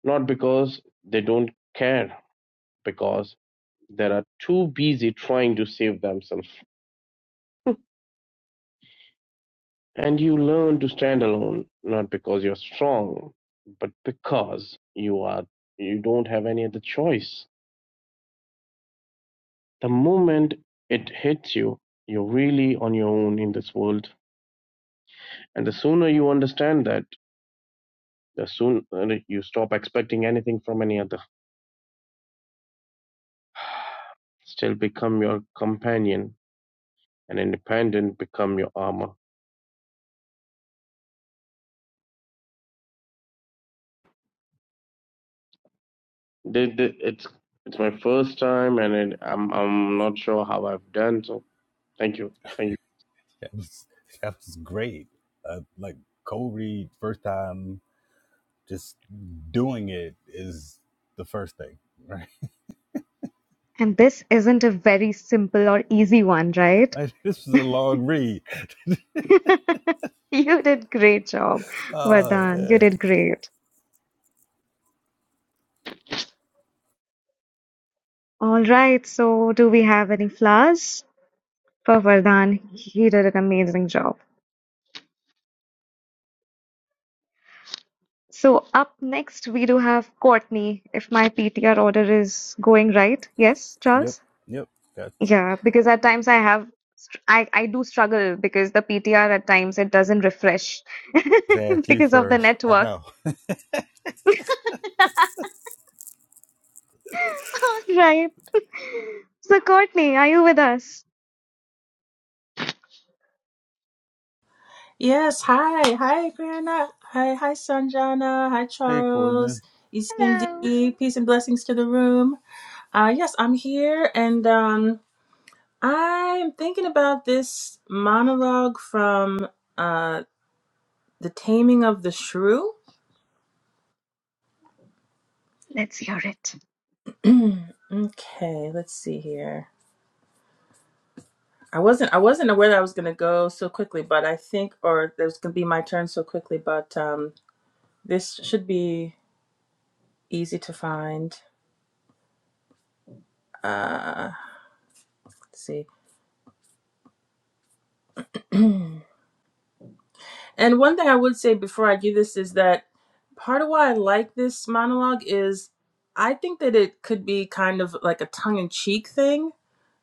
[SPEAKER 12] Not because they don't care, because they are too busy trying to save themselves. And you learn to stand alone, not because you're strong, but because you are you don't have any other choice. The moment it hits you, you're really on your own in this world. And the sooner you understand that, the sooner you stop expecting anything from any other. Still become your companion and independent become your armor. Th- th- It's it's my first time and it, I'm I'm not sure how I've done. So thank you, thank you.
[SPEAKER 3] That was that was great. Uh, like cold read first time. Just doing it is the first thing, right?
[SPEAKER 1] And this isn't a very simple or easy one, right?
[SPEAKER 3] Right. This was a long read.
[SPEAKER 1] You did great job,
[SPEAKER 3] Uh.
[SPEAKER 1] Vardhan. You
[SPEAKER 3] Yeah.
[SPEAKER 1] did great. All right, so do we have any flowers? for Vardhan. He did an amazing job. So up next we do have Courtney, if my PTR order is going right. Yes,
[SPEAKER 3] Yep.
[SPEAKER 1] Charles?
[SPEAKER 3] Yep. That's
[SPEAKER 1] Yeah, because at times I have str- I, I do struggle because the PTR at times it doesn't refresh
[SPEAKER 3] Zach, you
[SPEAKER 1] because of the
[SPEAKER 3] first. I
[SPEAKER 1] network.
[SPEAKER 3] know.
[SPEAKER 1] All right. So Courtney, are you with us?
[SPEAKER 13] Yes, hi, hi, Prerna. Hi, hi, Sanjana. Hi,
[SPEAKER 3] Hey, Courtney.
[SPEAKER 13] Charles.
[SPEAKER 1] Hello.
[SPEAKER 13] ECMD. Peace and blessings to the room. Uh, yes, I'm here, and um, I'm thinking about this monologue from uh, "The Taming of the Shrew."
[SPEAKER 1] Let's hear it.
[SPEAKER 13] Okay, let's see here. I wasn't I wasn't aware that I was gonna go so quickly, but I think, or it was gonna be my turn so quickly, but um, this should be easy to find. Uh, let's see. And one thing I would say before I do this is that part of why I like this monologue is I think that it could be kind of like a tongue in cheek thing.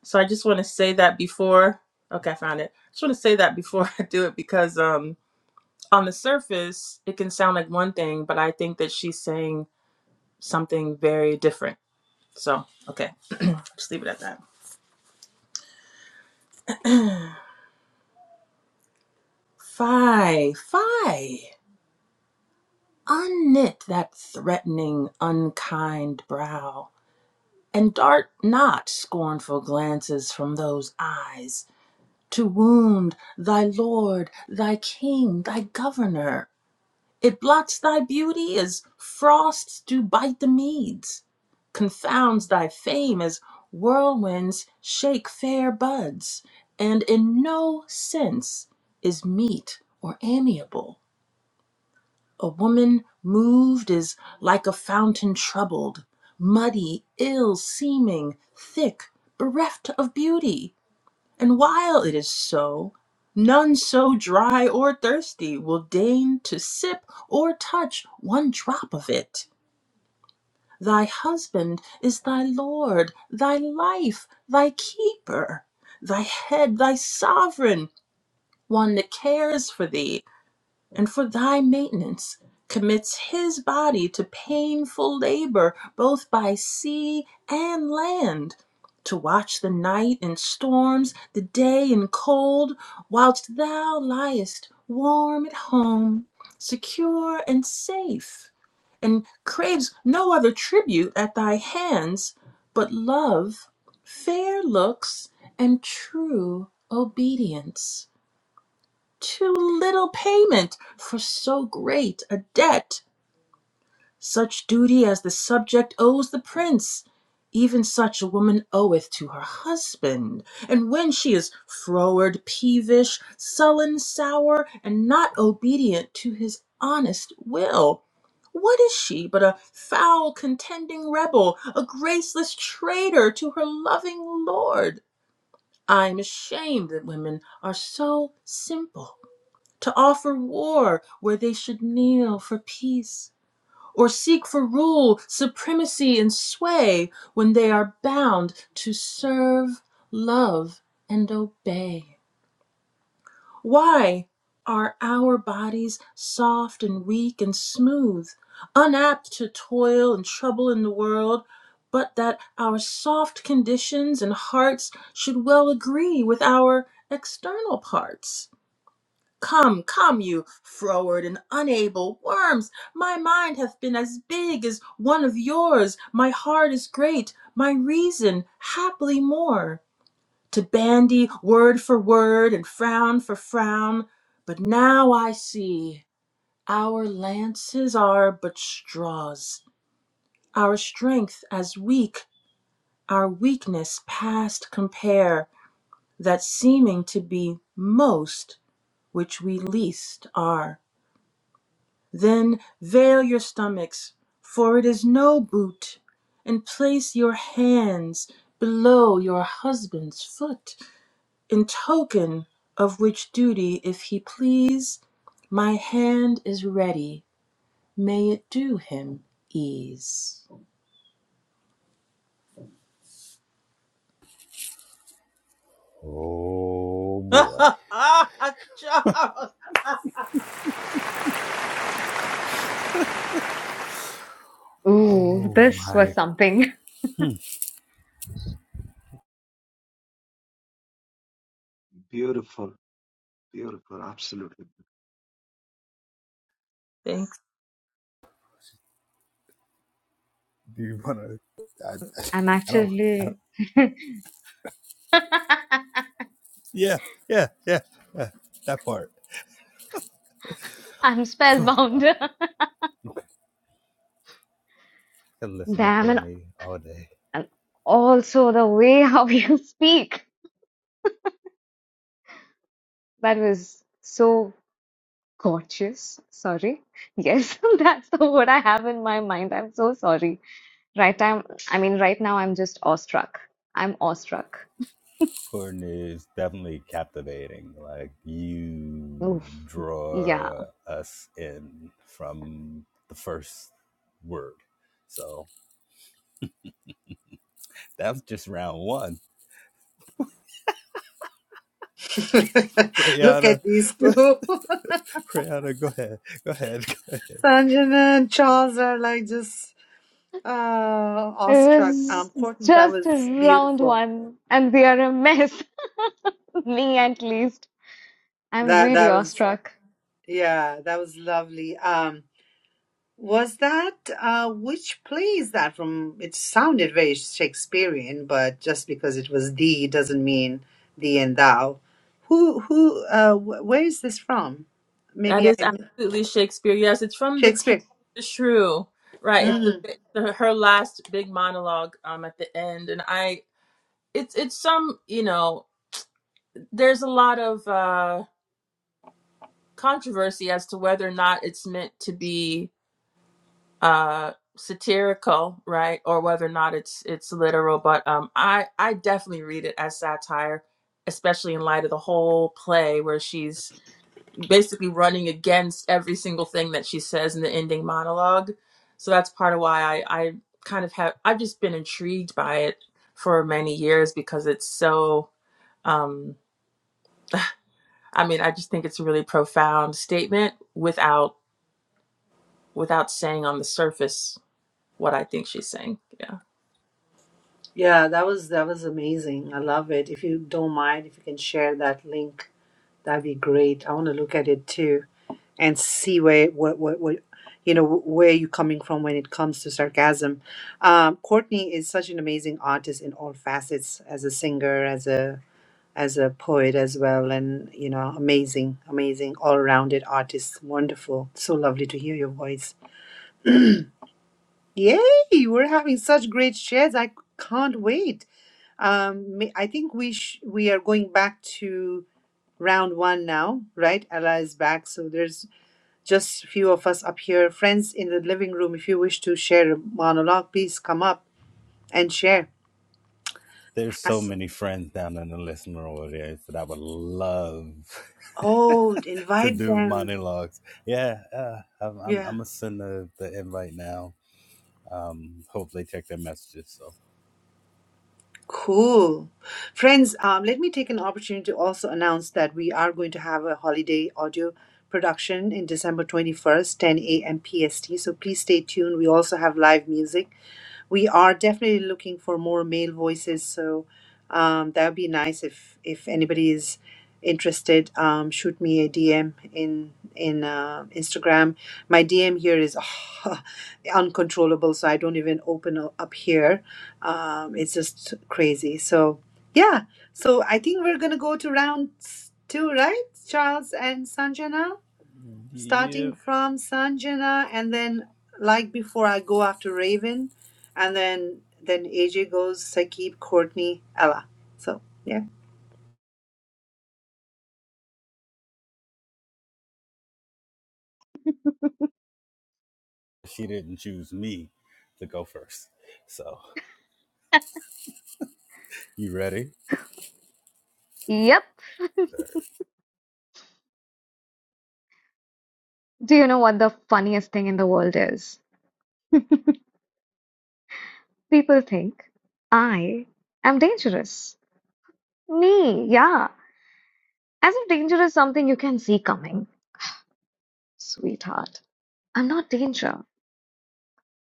[SPEAKER 13] So I just want to say that before. Okay, I found it. I just want to say that before I do it because um, on the surface, it can sound like one thing, but I think that she's saying something very different. So, okay, just leave it at that. Fie, fie, unknit that threatening, unkind brow and dart not scornful glances from those eyes to wound thy lord, thy king, thy governor. It blots thy beauty as frosts do bite the meads, confounds thy fame as whirlwinds shake fair buds, and in no sense is meet or amiable. A woman moved is like a fountain troubled, muddy, ill seeming, thick, bereft of beauty. And while it is so, none so dry or thirsty will deign to sip or touch one drop of it. Thy husband is thy Lord, thy life, thy keeper, thy head, thy sovereign, one that cares for thee and for thy maintenance commits his body to painful labor, both by sea and land, to watch the night in storms, the day in cold, whilst thou liest warm at home, secure and safe, and craves no other tribute at thy hands but love, fair looks, and true obedience too little payment for so great a debt. Such duty as the subject owes the prince, even such a woman oweth to her husband. And when she is froward, peevish, sullen, sour, and not obedient to his honest will, what is she but a foul, contending rebel, a graceless traitor to her loving lord? I am ashamed that women are so simple to offer war where they should kneel for peace, or seek for rule, supremacy, and sway when they are bound to serve, love, and obey. Why are our bodies soft and weak and smooth, unapt to toil and trouble in the world? But that our soft conditions and hearts should well agree with our external parts Come, come, you froward and unable worms! My mind hath been as big as one of yours, my heart is great, my reason haply more. To bandy word for word and frown for frown, but now I see our lances are but straws, our strength as weak, our weakness past compare, that seeming to be most which we least are. Then veil your stomachs, for it is no boot, and place your hands below your husband's foot, in token of which duty, if he please, my hand is ready. May it do him ease.
[SPEAKER 3] Oh boy.
[SPEAKER 1] Ooh,
[SPEAKER 3] Oh
[SPEAKER 1] this was
[SPEAKER 3] my.
[SPEAKER 1] something.
[SPEAKER 3] Hmm.
[SPEAKER 8] Beautiful, beautiful, absolutely.
[SPEAKER 13] Thanks.
[SPEAKER 3] Do you want to? I,
[SPEAKER 1] I'm
[SPEAKER 3] I don't.
[SPEAKER 1] actually
[SPEAKER 3] Yeah, yeah, yeah, yeah. That part.
[SPEAKER 1] I'm spellbound.
[SPEAKER 3] Okay. I could listen to
[SPEAKER 1] Damn, and,
[SPEAKER 3] Courtney all day.
[SPEAKER 1] and also the way how you speak. That was so gorgeous. Sorry. Yes, that's the word I have in my mind. I'm so sorry. Right time, I mean, right now I'm just awestruck. I'm awestruck.
[SPEAKER 3] Courtney is definitely captivating. Like, you
[SPEAKER 1] Oof. Yeah.
[SPEAKER 3] draw us in from the first word. So that's just round one.
[SPEAKER 2] look
[SPEAKER 3] Brianna,
[SPEAKER 2] at these two.
[SPEAKER 3] Brianna, go ahead, go ahead.
[SPEAKER 2] Sanjana and Charles are like just uh,
[SPEAKER 1] It
[SPEAKER 2] awestruck.
[SPEAKER 1] was
[SPEAKER 2] Um, Courtney, that
[SPEAKER 1] just a
[SPEAKER 2] was
[SPEAKER 1] round
[SPEAKER 2] beautiful.
[SPEAKER 1] one, and we are a mess. Me at least. I'm
[SPEAKER 2] That
[SPEAKER 1] really
[SPEAKER 2] that was
[SPEAKER 1] awestruck.
[SPEAKER 2] yeah, that was lovely. Um, Was that uh, which play is that from? It sounded very Shakespearean, but just because it was thee doesn't mean thee and thou. Who who? Uh, wh- where is this from?
[SPEAKER 13] That
[SPEAKER 2] Maybe I
[SPEAKER 13] is absolutely Shakespeare. Yes, it's from the Taming
[SPEAKER 2] Shakespeare.
[SPEAKER 13] of the Shrew. Right. It's the,
[SPEAKER 2] Mm.
[SPEAKER 13] it's the her last big monologue um at the end, and I it's it's some you know there's a lot of uh controversy as to whether or not it's meant to be uh satirical right or whether or not it's it's literal but um i i definitely read it as satire especially in light of the whole play where she's basically running against every single thing that she says in the ending monologue so that's part of why i i kind of have i've just been intrigued by it for many years because it's so um, I mean, I just think it's a really profound statement without without saying on the surface what I think she's saying. Yeah.
[SPEAKER 2] Yeah, that was that was amazing. I love it. If you don't mind, if you can share that link, that'd be great. I want to look at it too. and see where what what, what you know where you're coming from when it comes to sarcasm. Um, Courtney is such an amazing artist in all facets as a singer, as a as a poet as well, and you know, amazing, amazing, all-rounded artist. Wonderful, so lovely to hear your voice. Yay! We're having such great shares. I can't wait. Um, ma- I think we sh- we are going back to round one now, right? Ella is back, so there's just few of us up here. Friends in the living room, if you wish to share a monologue, please come up and share.
[SPEAKER 3] There's
[SPEAKER 2] Uh,
[SPEAKER 3] so many friends down in the listener audience that I would love
[SPEAKER 2] Oh,
[SPEAKER 3] to
[SPEAKER 2] invite
[SPEAKER 3] do
[SPEAKER 2] them.
[SPEAKER 3] monologues. Yeah, uh, I'm, I'm, I'm
[SPEAKER 2] Yeah.
[SPEAKER 3] gonna send the, the invite now. Um, hope they check their messages. So,
[SPEAKER 2] Cool. Friends, um, let me take an opportunity to also announce that we are going to have a holiday audio production in December 21st, 10 a.m. PST. So please stay tuned. We also have live music. we are definitely looking for more male voices. So um, that would be nice if if anybody is interested. Um, shoot me a DM in in uh, Instagram. My DM here is uncontrollable, so I don't even open u- up here. Um, it's just crazy. So yeah, so I think we're gonna go to round s- two, right, Charles and Sanjana? starting
[SPEAKER 3] yep,
[SPEAKER 2] from Sanjana, and then like before, I go after Raven, and then then AJ goes Saqib, Courtney, Ella. So yeah.
[SPEAKER 3] she didn't choose me to go first. So, you ready?
[SPEAKER 1] Yep. Do you know what the funniest thing in the world is? People think I am dangerous. Me, yeah. As if danger is something you can see coming. Sweetheart, I'm not danger.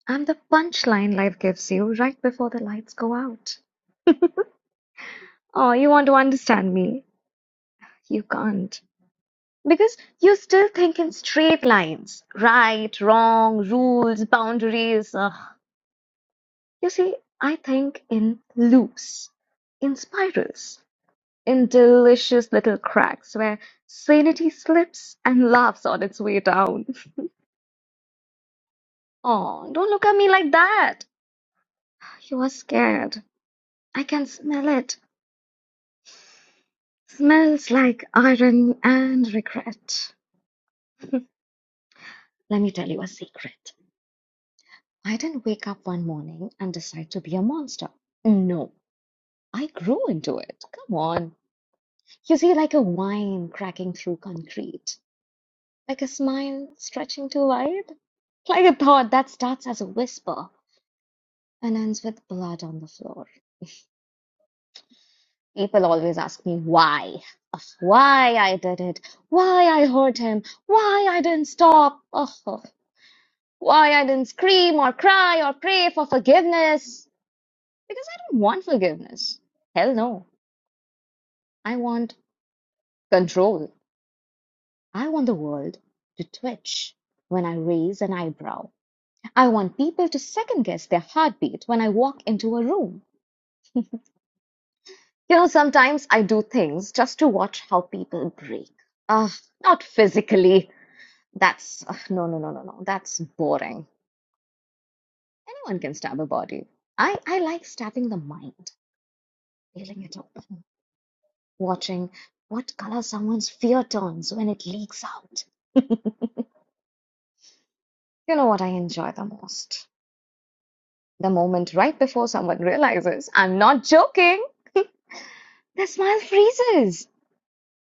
[SPEAKER 1] I'm the punchline life gives you right before the lights go out. Oh, you want to understand me? You can't. Because you still think in straight lines right, wrong, rules, boundaries. Ugh. You see, I think in loops, in spirals. In delicious little cracks where sanity slips and laughs on its way down. Oh, don't look at me like that. You are scared. I can smell it. Smells like iron and regret. Let me tell you a secret. I didn't wake up one morning and decide to be a monster. No, I grew into it. Come on. You see, like a wine cracking through concrete, like a smile stretching too wide, like a thought that starts as a whisper and ends with blood on the floor. People always ask me why. Ugh, Why I did it. Why I hurt him. Why I didn't stop. Ugh, why I didn't scream or cry or pray for forgiveness. Because I don't want forgiveness. Hell no. I want control. I want the world to twitch when I raise an eyebrow. I want people to second guess their heartbeat when I walk into a room. You know, sometimes I do things just to watch how people break. Ah, not physically. That's ugh, no, no, no, no, no. That's boring. Anyone can stab a body. I, I like stabbing the mind, feeling it open, watching what color someone's fear turns when it leaks out. You know what I enjoy the most? The moment right before someone realizes I'm not joking, their smile freezes.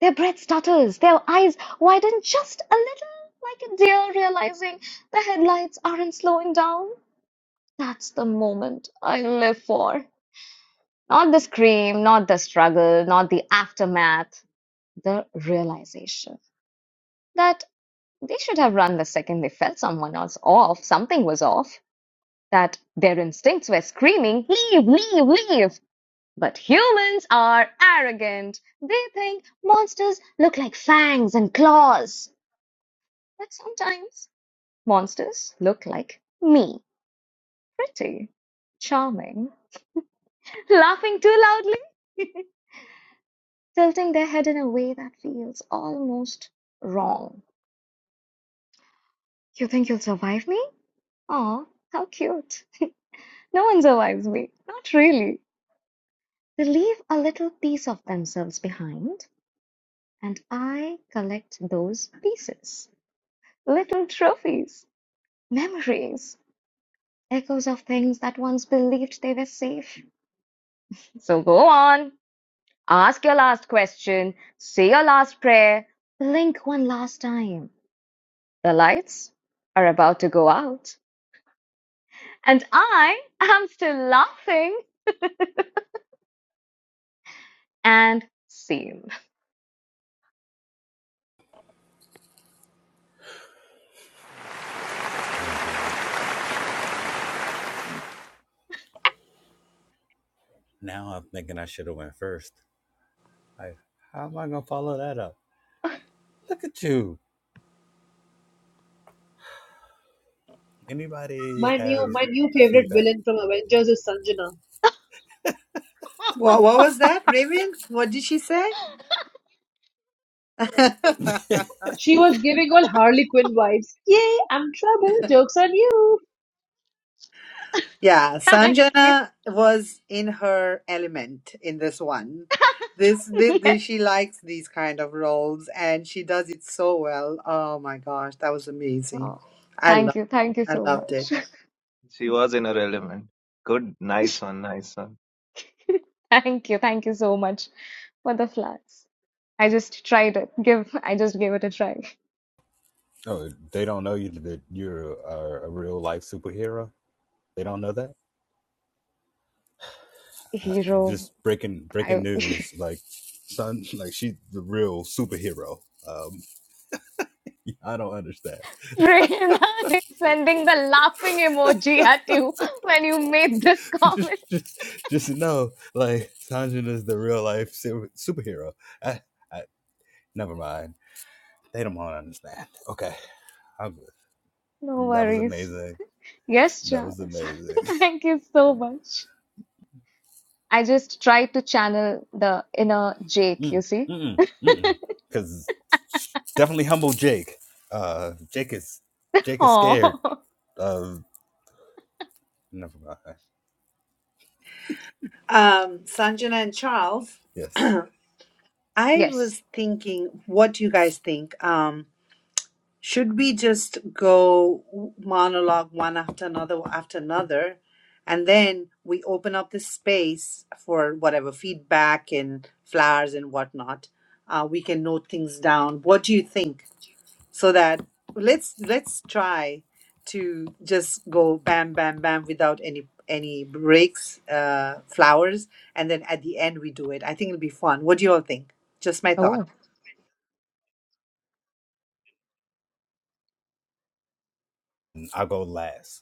[SPEAKER 1] Their breath stutters, their eyes widen just a little, like a deer realizing the headlights aren't slowing down. That's the moment I live for. Not the scream, not the struggle, not the aftermath, the realization that they should have run the second they felt someone else off, something was off, that their instincts were screaming, leave, leave, leave. But humans are arrogant. They think monsters look like fangs and claws. But sometimes monsters look like me, pretty, charming, laughing too loudly, tilting their head in a way that feels almost wrong. You think you'll survive me? Aw, how cute. No one survives me. Not really. They leave a little piece of themselves behind, and I collect those pieces. Little trophies, memories, echoes of things that once believed they were safe. So go on. Ask your last question, say your last prayer, blink one last time. The lights are about to go out, and I am still laughing and sane.
[SPEAKER 3] I'm gonna. Now I'm thinking I should have went first. I how am I gonna follow that up? Look at you. Anybody
[SPEAKER 7] My new
[SPEAKER 3] have
[SPEAKER 7] my new favorite
[SPEAKER 3] feedback?
[SPEAKER 7] villain from Avengers is Sanjana.
[SPEAKER 2] What what was that, Raven? What did she say?
[SPEAKER 7] She was giving all Harley Quinn vibes. Yay, I'm trouble. Jokes on you.
[SPEAKER 2] yeah,
[SPEAKER 1] Thank you.
[SPEAKER 2] Sanjana was in her element in this one. This, this, this
[SPEAKER 1] Yes.
[SPEAKER 2] she likes these kind of roles and she does it so well. Oh my gosh, that was amazing.
[SPEAKER 1] Oh,
[SPEAKER 2] I
[SPEAKER 1] thank
[SPEAKER 2] love
[SPEAKER 1] you. Thank you
[SPEAKER 2] I
[SPEAKER 1] so
[SPEAKER 2] loved it.
[SPEAKER 1] much.
[SPEAKER 8] She was in her element. Good. Nice one. Nice one.
[SPEAKER 1] Thank you. Thank you so much for the flats. I just tried it. Give. I just gave it a try.
[SPEAKER 3] Oh, they don't know you. That you're a, a real life superhero. They don't know that. uh,
[SPEAKER 1] Hero.
[SPEAKER 3] just breaking breaking
[SPEAKER 1] I.
[SPEAKER 3] news like son like she's the real superhero um i don't understand
[SPEAKER 1] Prerna is sending the laughing emoji at you when you made this
[SPEAKER 3] just,
[SPEAKER 1] comment.
[SPEAKER 3] just just know like sanjin is the real life superhero I, I, never mind they don't want to understand okay I'm
[SPEAKER 1] No
[SPEAKER 3] good. that was
[SPEAKER 1] worries.
[SPEAKER 3] amazing
[SPEAKER 1] Yes,
[SPEAKER 3] that was
[SPEAKER 1] Charles.
[SPEAKER 3] amazing
[SPEAKER 1] Thank you so much. I just try to channel the inner Jake, you
[SPEAKER 3] mm,
[SPEAKER 1] see?
[SPEAKER 3] mm, mm, mm. because definitely humble jake uh jake is jake is scared
[SPEAKER 1] Oh,
[SPEAKER 3] Uh, never mind
[SPEAKER 2] Um Sanjana and Charles
[SPEAKER 3] yes
[SPEAKER 2] I
[SPEAKER 1] yes.
[SPEAKER 2] was thinking, what do you guys think? Um, should we just go monologue one after another after another, and then we open up the space for whatever feedback and flowers and whatnot. Uh, we can note things down. What do you think? So that let's let's try to just go bam bam bam without any any breaks, uh, flowers, and then at the end we do it. I think it'll be fun. What do you all think? Just my thought.
[SPEAKER 1] Oh.
[SPEAKER 3] i'll go last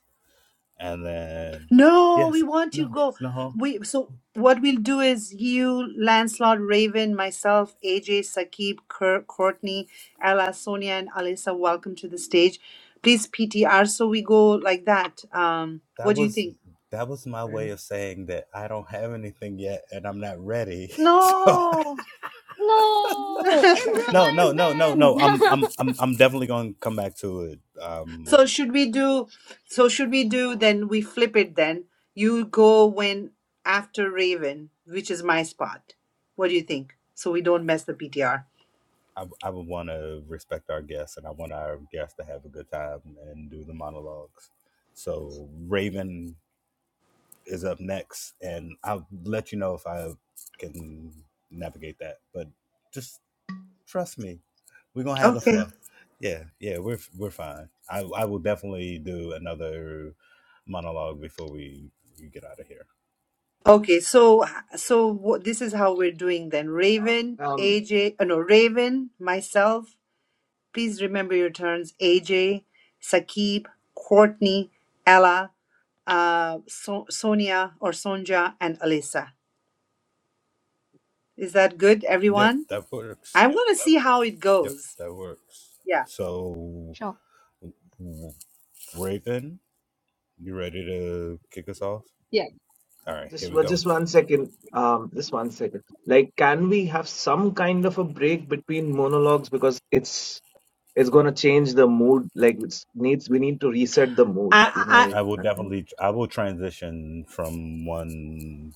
[SPEAKER 3] and then
[SPEAKER 2] No, we
[SPEAKER 3] yes
[SPEAKER 2] want to
[SPEAKER 3] no
[SPEAKER 2] go.
[SPEAKER 3] no
[SPEAKER 2] We so what we'll do is you, Lancelot, Raven, myself, AJ, Sakib, Kurt, Courtney, Ella, Sonia, and Alyssa. Welcome to the stage. Please PTR so we go like that. Um,
[SPEAKER 3] that
[SPEAKER 2] what do you
[SPEAKER 3] was
[SPEAKER 2] think?
[SPEAKER 3] that was my
[SPEAKER 8] Fair
[SPEAKER 3] way of
[SPEAKER 8] enough.
[SPEAKER 3] saying that i don't have anything yet and i'm not ready so
[SPEAKER 2] No.
[SPEAKER 1] No!
[SPEAKER 3] no no
[SPEAKER 1] Improvise
[SPEAKER 3] no no no i'm
[SPEAKER 1] then!
[SPEAKER 3] i'm i'm, I'm definitely going to come back to it um
[SPEAKER 2] so should we do? So should we do? Then we flip it. Then you go when after Raven, which is my spot. What do you think? So we don't mess the PTR.
[SPEAKER 3] i, I would want to respect our guests and i want our guests to have a good time and do the monologues so raven is up next and i'll let you know if i can navigate that but just Trust me, we're gonna have the
[SPEAKER 2] Okay.
[SPEAKER 3] flow. Yeah, yeah, we're we're fine. I I will definitely do another monologue before we, we get out of here.
[SPEAKER 2] Okay, so so what, this is how we're doing then. Raven,
[SPEAKER 8] Um,
[SPEAKER 2] AJ, uh, no, Raven, myself. Please remember your turns. AJ, Sakib, Courtney, Ella, uh, so- Sonia or Sonja, and Alyssa. Is that good,
[SPEAKER 3] Yep,
[SPEAKER 2] everyone?
[SPEAKER 3] that works.
[SPEAKER 2] I want to see how it
[SPEAKER 3] Yep,
[SPEAKER 2] goes.
[SPEAKER 3] that works.
[SPEAKER 2] Yeah,
[SPEAKER 3] So,
[SPEAKER 1] Sure.
[SPEAKER 3] w- Raven, you ready to kick us off?
[SPEAKER 7] Yeah.
[SPEAKER 3] All right,
[SPEAKER 8] just
[SPEAKER 3] here we
[SPEAKER 8] one-
[SPEAKER 3] go.
[SPEAKER 8] just one second. Um, just one second. Like, can we have some kind of a break between monologues because it's it's gonna change the mood. Like it's needs we need to reset the mood. You know,
[SPEAKER 2] I,
[SPEAKER 8] like
[SPEAKER 3] I will
[SPEAKER 8] that. Thing.
[SPEAKER 3] definitely I will transition from one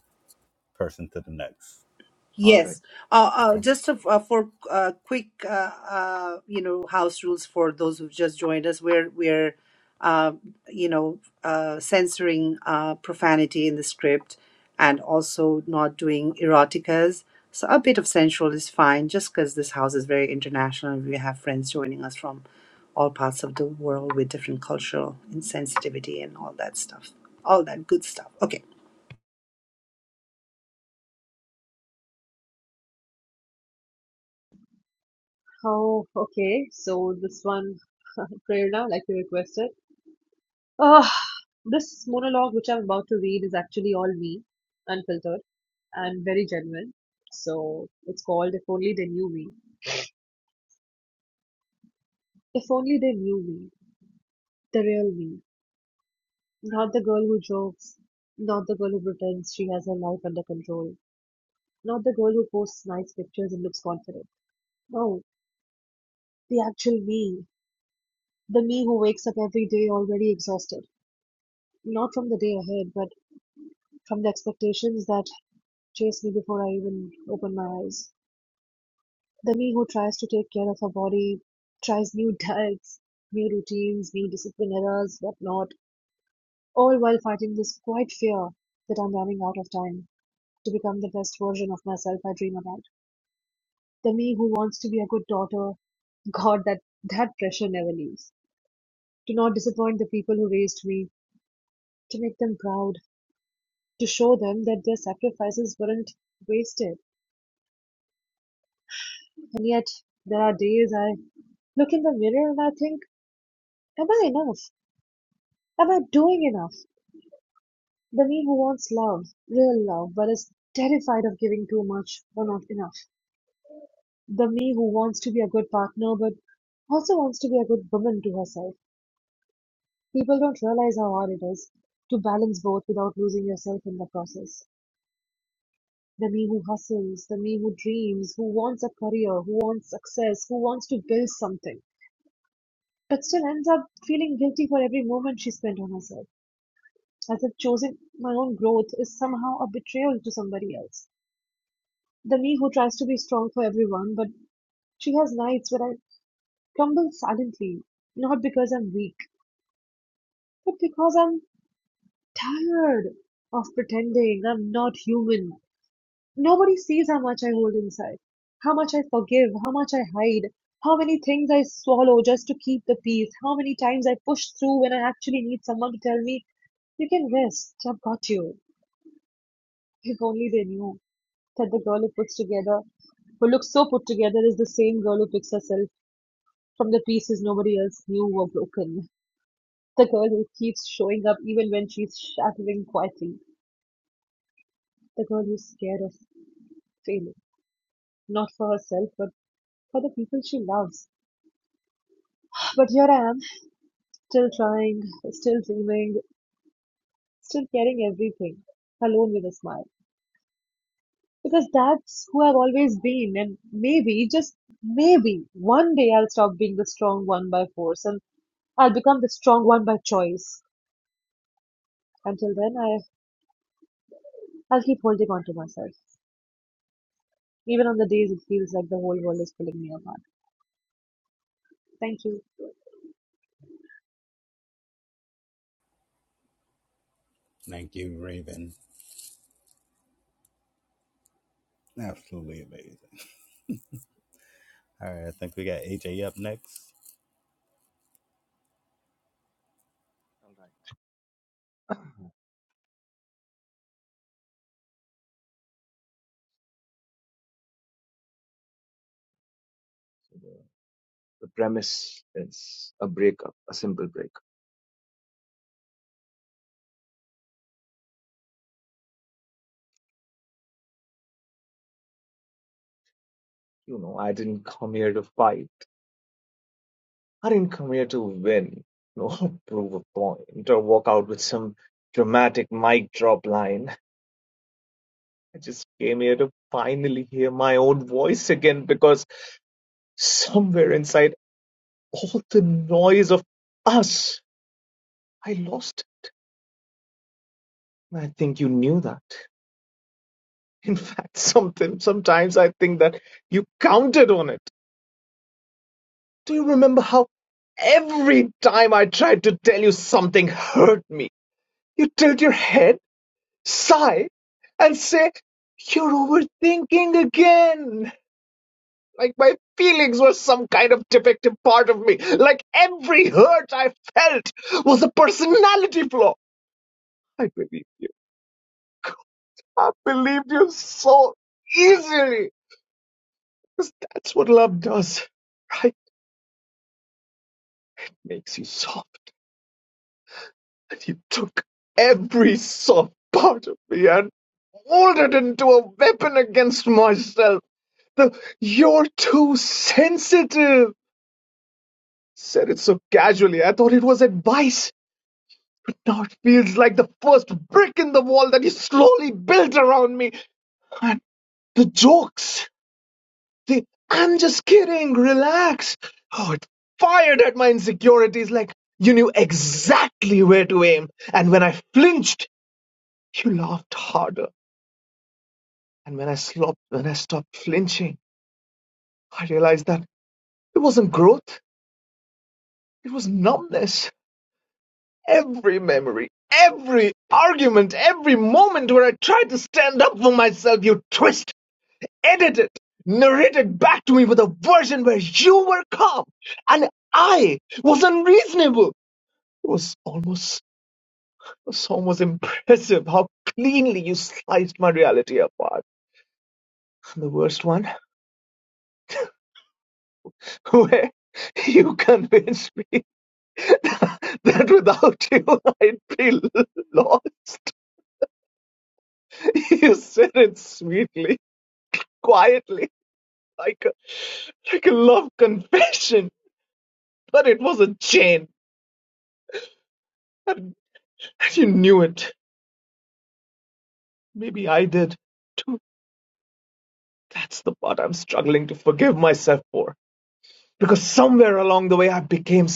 [SPEAKER 3] person to the next.
[SPEAKER 8] All right.
[SPEAKER 2] Yes. Uh, uh,
[SPEAKER 3] Okay.
[SPEAKER 2] just to, uh, for uh, quick, uh, uh, you know, house rules for those who've just joined us, we're we're, uh, you know, uh, censoring uh, profanity in the script, and also not doing eroticas. So a bit of sensual is fine, just because this house is very international. We have friends joining us from all parts of the world with different cultural insensitivity and all that stuff, all that good stuff. Okay,
[SPEAKER 7] Oh, okay. So this one, Prerna, like you requested. Ugh, this monologue, which I'm about to read, is actually all me, unfiltered, and very genuine. So it's called If Only They Knew Me. If only they knew me, the real me, not the girl who jokes, not the girl who pretends she has her life under control, not the girl who posts nice pictures and looks confident. No, the actual me, the me who wakes up every day already exhausted, not from the day ahead, but from the expectations that chase me before I even open my eyes. The me who tries to take care of her body, tries new diets, new routines, new discipline errors, whatnot, all while fighting this quiet fear that I'm running out of time to become the best version of myself I dream about. The me who wants to be a good daughter, God, that, that pressure never leaves. To not disappoint the people who raised me, to make them proud, to show them that their sacrifices weren't wasted. And yet, there are days I look in the mirror and I think, am I enough? Am I doing enough? The me who wants love, real love, but is terrified of giving too much or not enough. The me who wants to be a good partner, but also wants to be a good woman to herself. People don't realize how hard it is to balance both without losing yourself in the process. The me who hustles, the me who dreams, who wants a career, who wants success, who wants to build something, but still ends up feeling guilty for every moment she spent on herself, as if choosing my own growth is somehow a betrayal to somebody else. The me who tries to be strong for everyone, but she has nights where I crumble silently, not because I'm weak, but because I'm tired of pretending I'm not human. Nobody sees how much I hold inside, how much I forgive, how much I hide, how many things I swallow just to keep the peace, how many times I push through when I actually need someone to tell me, You can rest, I've got you. If only they knew that the girl who puts together who looks so put together is the same girl who picks herself from the pieces nobody else knew were broken. The girl who keeps showing up even when she's shattering quietly. The girl who's scared of failing. Not for herself, but for the people she loves. But here I am, still trying, still dreaming, still carrying everything, alone with a smile. Because that's who I've always been, and maybe, just maybe, one day I'll stop being the strong one by force and I'll become the strong one by choice. Until then, I, I'll keep holding on to myself. Even on the days it feels like the whole world is pulling me apart. Thank you.
[SPEAKER 3] Thank you, Raven. Absolutely amazing. All right, I think we got AJ up next.
[SPEAKER 8] All right. So the, the premise is a breakup, a simple breakup. You know, I didn't come here to fight. I didn't come here to win. No, prove a point or walk out with some dramatic mic drop line. I just came here to finally hear my own voice again because somewhere inside all the noise of us, I lost. And I think you knew that. In fact, something sometimes I think that you counted on it. Do you remember how every time I tried to tell you something hurt me, you tilt your head, sigh, and say, You're overthinking again. Like my feelings were some kind of defective part of me. Like every hurt I felt was a personality flaw. I believed you. I believed you so easily because that's what love does, right? makes you soft. And you took every soft part of me and molded it into a weapon against myself. The, you're too sensitive, said it so casually. I thought it was advice. But now it feels like the first brick in the wall that you slowly built around me. And the jokes, the I'm just kidding, relax. Oh, it fired at my insecurities like you knew exactly where to aim. And when I flinched, You laughed harder, and when I slopped, when I stopped flinching, I realized that it wasn't growth, it was numbness. Every memory, every argument, every moment where I tried to stand up for myself, you twist, edited, narrated back to me with a version where you were calm and I was unreasonable. It was almost, it was almost impressive how cleanly you sliced my reality apart. And the worst one, where you convinced me. that without you I'd be lost. You said it sweetly, quietly, like a, like a love confession, but it was a chain, and you knew it. Maybe I did too. That's the forgive myself for, because somewhere along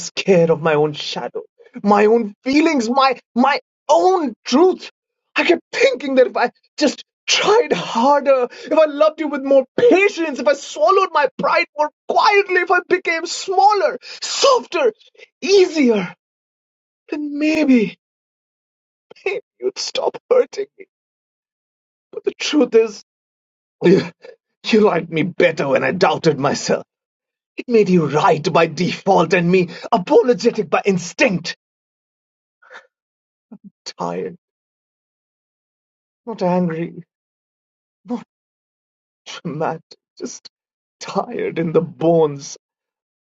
[SPEAKER 8] scared of my own shadow, my own feelings, my my own truth. I kept thinking that if I just tried harder, if I loved you with more patience, if I swallowed my pride more quietly, if I became smaller, softer, easier, then maybe, maybe you'd stop hurting me. But the truth is, you, you liked me better when I doubted myself. It made you right by default and me apologetic by instinct. Tired, not angry, not. Matt, just tired in the bones.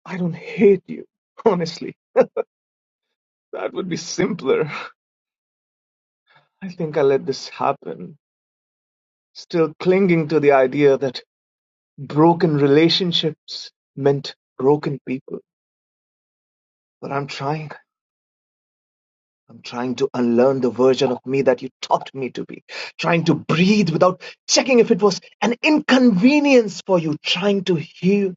[SPEAKER 8] I don't hate you. Honestly, that would be simpler. I think I let this happen, still clinging to the idea that broken relationships meant broken people. But I'm trying. I'm trying to unlearn the version of me that you taught me to be. Trying to breathe without checking if it was an inconvenience for you. Trying to heal,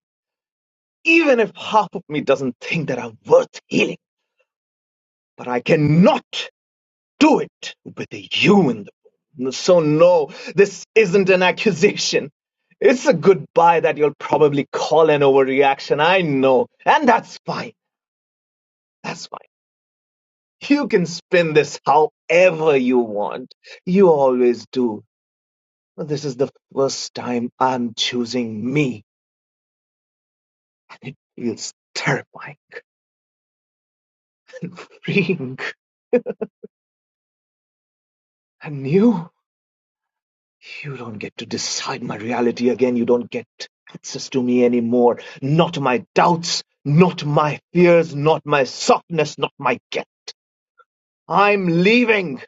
[SPEAKER 8] even if half of me doesn't think that I'm worth healing. But I cannot. do it with a U in the room. So, no, this isn't an accusation. It's a goodbye that you'll probably call an overreaction. I know. And that's fine. That's fine. You can spin this however you want. You always do. But This is the first time I'm choosing me. And it feels terrifying, freeing, and new. You don't get to decide my reality again. You don't get access to me anymore. Not my doubts, not my fears, not my softness, not my guilt. I'm leaving,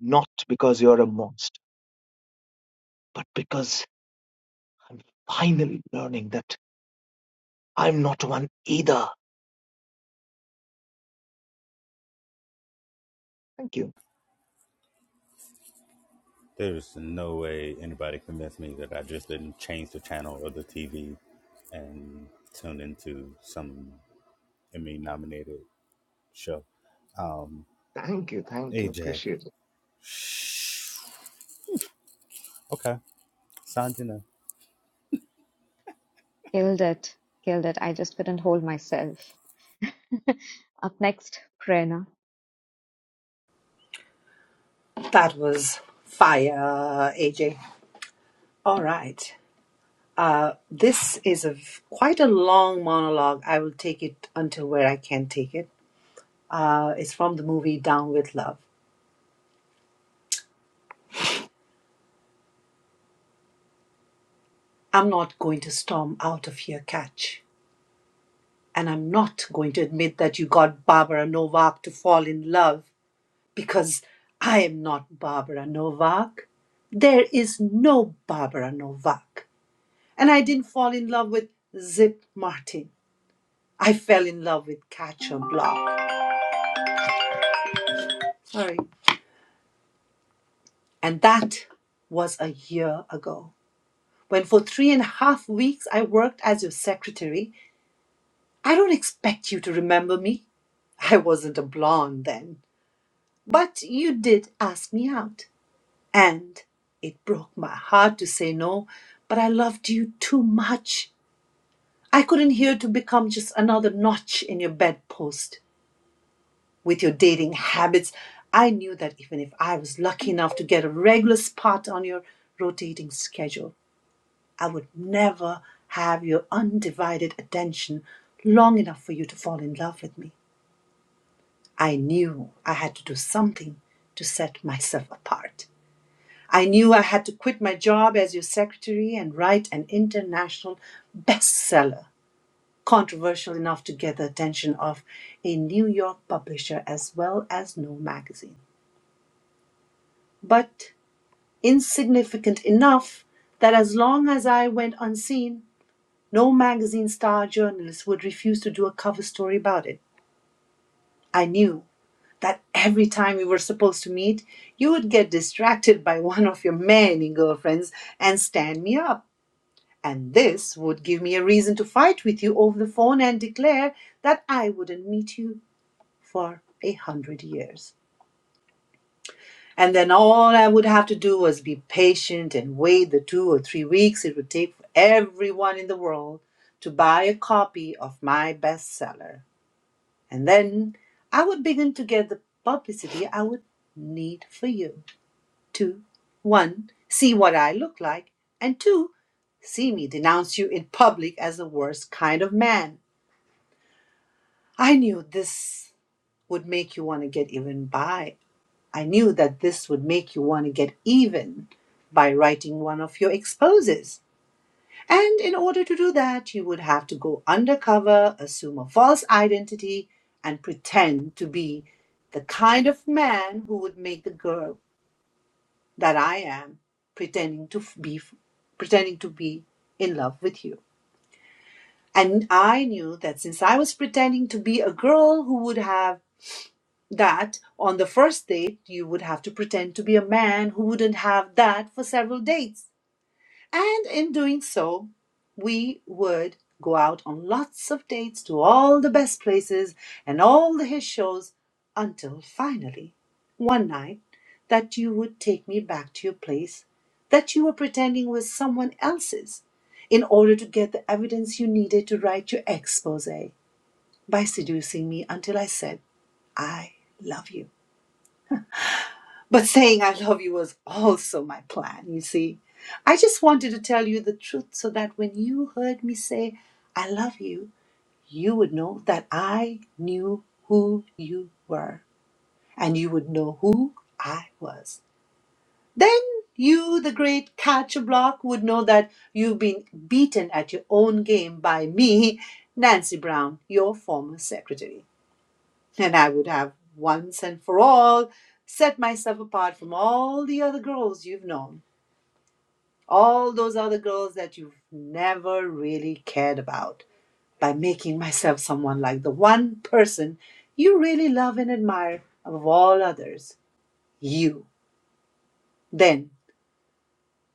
[SPEAKER 8] not because you're a monster, but because I'm finally learning that I'm not one either. Thank you.
[SPEAKER 3] There's no way anybody convinced me that I just didn't change the channel or the TV and tune into some Emmy nominated show. Um,
[SPEAKER 8] Thank you. Thank you.
[SPEAKER 3] AJ.
[SPEAKER 8] Appreciate it.
[SPEAKER 3] Okay. Sanjana.
[SPEAKER 1] Killed it. Killed it. I just couldn't hold myself. Up next, Prerna.
[SPEAKER 2] that was fire, AJ. All right. Uh, this is a v- quite a long monologue. I will take it until where I can take it. Uh, it's from the movie Down with Love. I'm not going to storm out of here, catch. And I'm not going to admit that you got Barbara Novak to fall in love because I am not Barbara Novak. There is no Barbara Novak. And I didn't fall in love with Zip Martin. I fell in love with Catch or Block. Sorry. And that was a year ago, when for three and a half weeks I worked as your secretary. I don't expect you to remember me. I wasn't a blonde then. But you did ask me out. And it broke my heart to say no, but I loved you too much. I couldn't hear to become just another notch in your bedpost. With your dating habits, I knew that even if I was lucky enough to get a regular spot on your rotating schedule, I would never have your undivided attention long enough for you to fall in love with me. I knew I had to do something to set myself apart. I knew I had to quit my job as your secretary and write an international bestseller, controversial enough to get the attention of a New York publisher as well as No Magazine, but insignificant enough that as long as I went unseen, No magazine star journalist would refuse to do a cover story about it. I knew that every time we were supposed to meet, you would get distracted by one of your many girlfriends and stand me up. And this would give me a reason to fight with you over the phone and declare that I wouldn't meet you for a hundred years. And then all I would have to do was be patient and wait the two or three weeks it would take for everyone in the world to buy a copy of my bestseller. And then I would begin to get the publicity I would need for you to, one, see what I look like, and two, see me denounce you in public as the worst kind of man. I knew this would make you want to get even by. I knew that this would make you want to get even by writing one of your exposes. And in order to do that, you would have to go undercover, assume a false identity, and pretend to be the kind of man who would make the girl that I am pretending to be pretending to be in love with you. And I knew that since I was pretending to be a girl who would have that on the first date, you would have to pretend to be a man who wouldn't have that for several dates. And in doing so, we would go out on lots of dates to all the best places and all the hit shows until finally, one night, that you would take me back to your place that you were pretending was someone else's in order to get the evidence you needed to write your expose by seducing me until I said, I love you. But saying I love you was also my plan, you see. I just wanted to tell you the truth so that when you heard me say I love you, you would know that I knew who you were and you would know who I was. Then you, the great catcher block, would know that you've been beaten at your own game by me, Nancy Brown, your former secretary. And I would have once and for all set myself apart from all the other girls you've known, all those other girls that you've never really cared about, by making myself someone like the one person you really love and admire above all others you. Then,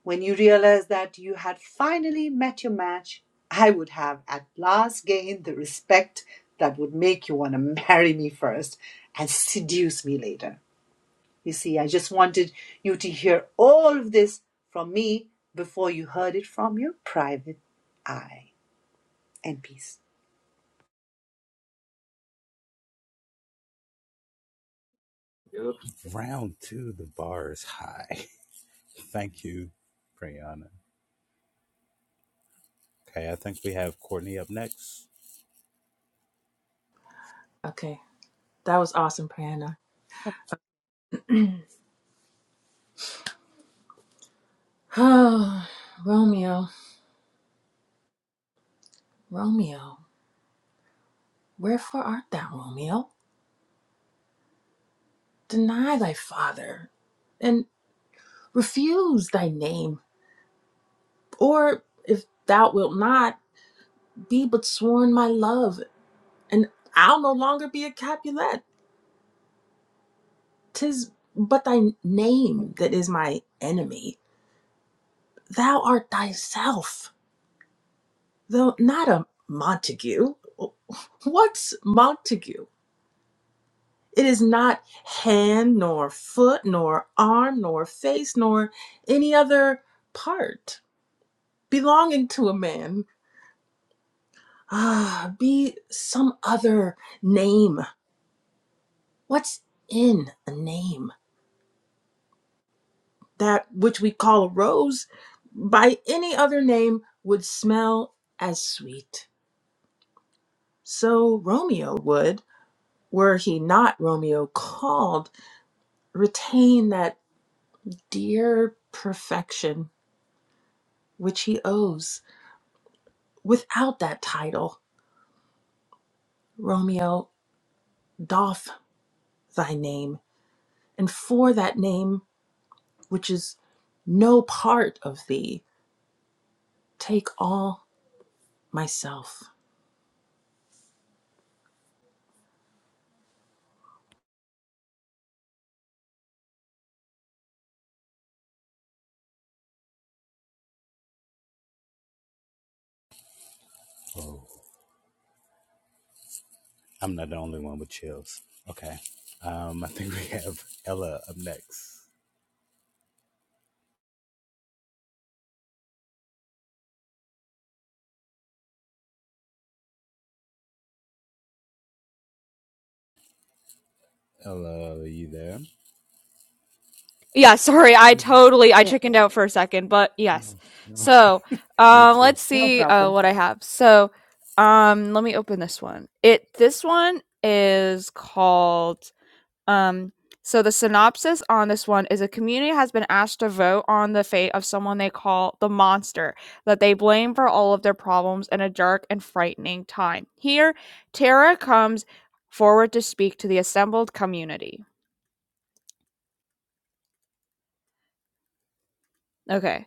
[SPEAKER 2] when you realized that you had finally met your match, I would have at last gained the respect that would make you want to marry me first and seduce me later. You see, I just wanted you to hear all of this from me before you heard it from your private eye. And peace.
[SPEAKER 8] You're
[SPEAKER 3] Round two, the bar is high. Thank you, Priyana. Okay, I think we have Courtney up next.
[SPEAKER 13] Okay. That was awesome, Priyana.
[SPEAKER 1] Yep.
[SPEAKER 13] Oh, Romeo, Romeo, wherefore art thou, Romeo? Deny thy father and refuse thy name. Or if thou wilt not, be but sworn my love, and I'll no longer be a Capulet. 'Tis but thy name that is my enemy. Thou art thyself Though not a Montague. What's Montague? It is not hand, nor foot, nor arm, nor face, nor any other part belonging to a man. Ah, be some other name. What's in a name? That which we call a rose by any other name would smell as sweet. So Romeo would, were he not Romeo called retain that dear perfection which he owes. Without that title, Romeo, doff thy name, and for that name which is no part of thee, take all myself.
[SPEAKER 3] Oh, I'm not the only one with chills. Okay. Um, I think we have Ella up next. Ella, are you there?
[SPEAKER 6] Yeah, sorry, I totally I
[SPEAKER 1] Yeah,
[SPEAKER 6] chickened out for a second, but yes.
[SPEAKER 3] No, no.
[SPEAKER 6] So,
[SPEAKER 3] Me
[SPEAKER 6] um,
[SPEAKER 3] too.
[SPEAKER 6] let's
[SPEAKER 1] no
[SPEAKER 6] see
[SPEAKER 1] problem.
[SPEAKER 6] uh, what I have. So, um, let me open this one. It this one is called um. So the synopsis on this one is a community has been asked to vote on the fate of someone they call the monster that they blame for all of their problems in a dark and frightening time. Here, Tara comes forward to speak to the assembled community. Okay.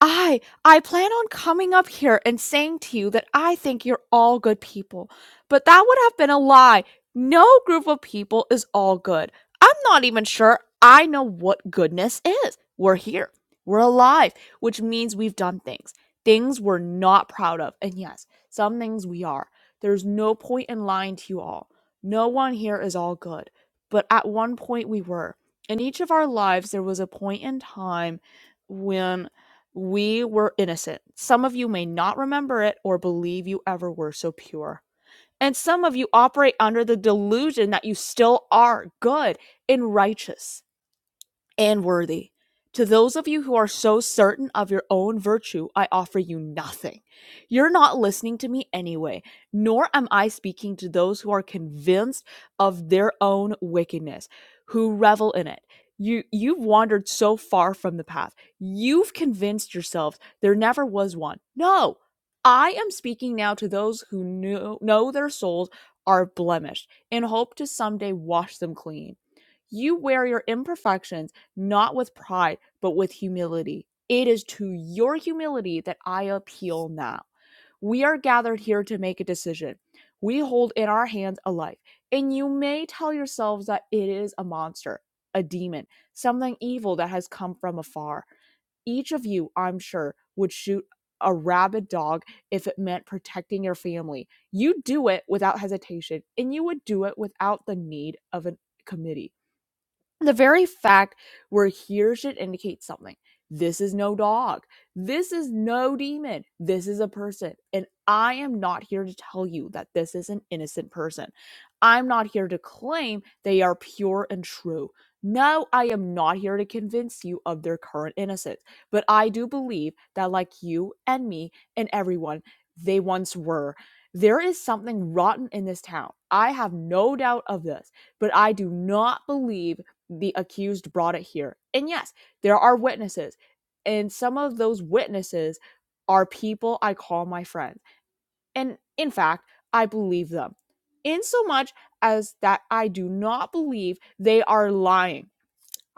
[SPEAKER 6] I I plan on coming up here and saying to you that I think you're all good people, but that would have been a lie. No group of people is all good. I'm not even sure I know what goodness is. We're here. We're alive, which means we've done things. Things we're not proud of. And yes, some things we are. There's no point in lying to you all. No one here is all good. But at one point we were. In each of our lives, there was a point in time when we were innocent. Some of you may not remember it or believe you ever were so pure. And some of you operate under the delusion that you still are good and righteous and worthy. To those of you who are so certain of your own virtue, I offer you nothing. You're not listening to me anyway, nor am I speaking to those who are convinced of their own wickedness, who revel in it. You you've wandered so far from the path. You've convinced yourselves there never was one. No, I am speaking now to those who know, know their souls are blemished and hope to someday wash them clean. You wear your imperfections not with pride, but with humility. It is to your humility that I appeal now. We are gathered here to make a decision. We hold in our hands a life, and you may tell yourselves that it is a monster, a demon, something evil that has come from afar. Each of you, I'm sure, would shoot a rabid dog if it meant protecting your family. You do it without hesitation, and you would do it without the need of a committee. The very fact we're here should indicate something. This is no dog. This is no demon. This is a person. And I am not here to tell you that this is an innocent person. I'm not here to claim they are pure and true. No, I am not here to convince you of their current innocence. But I do believe that, like you and me and everyone, they once were. There is something rotten in this town. I have no doubt of this. But I do not believe the accused brought it here. And yes, there are witnesses. And some of those witnesses are people I call my friends. And in fact, I believe them. In so much as that I do not believe they are lying.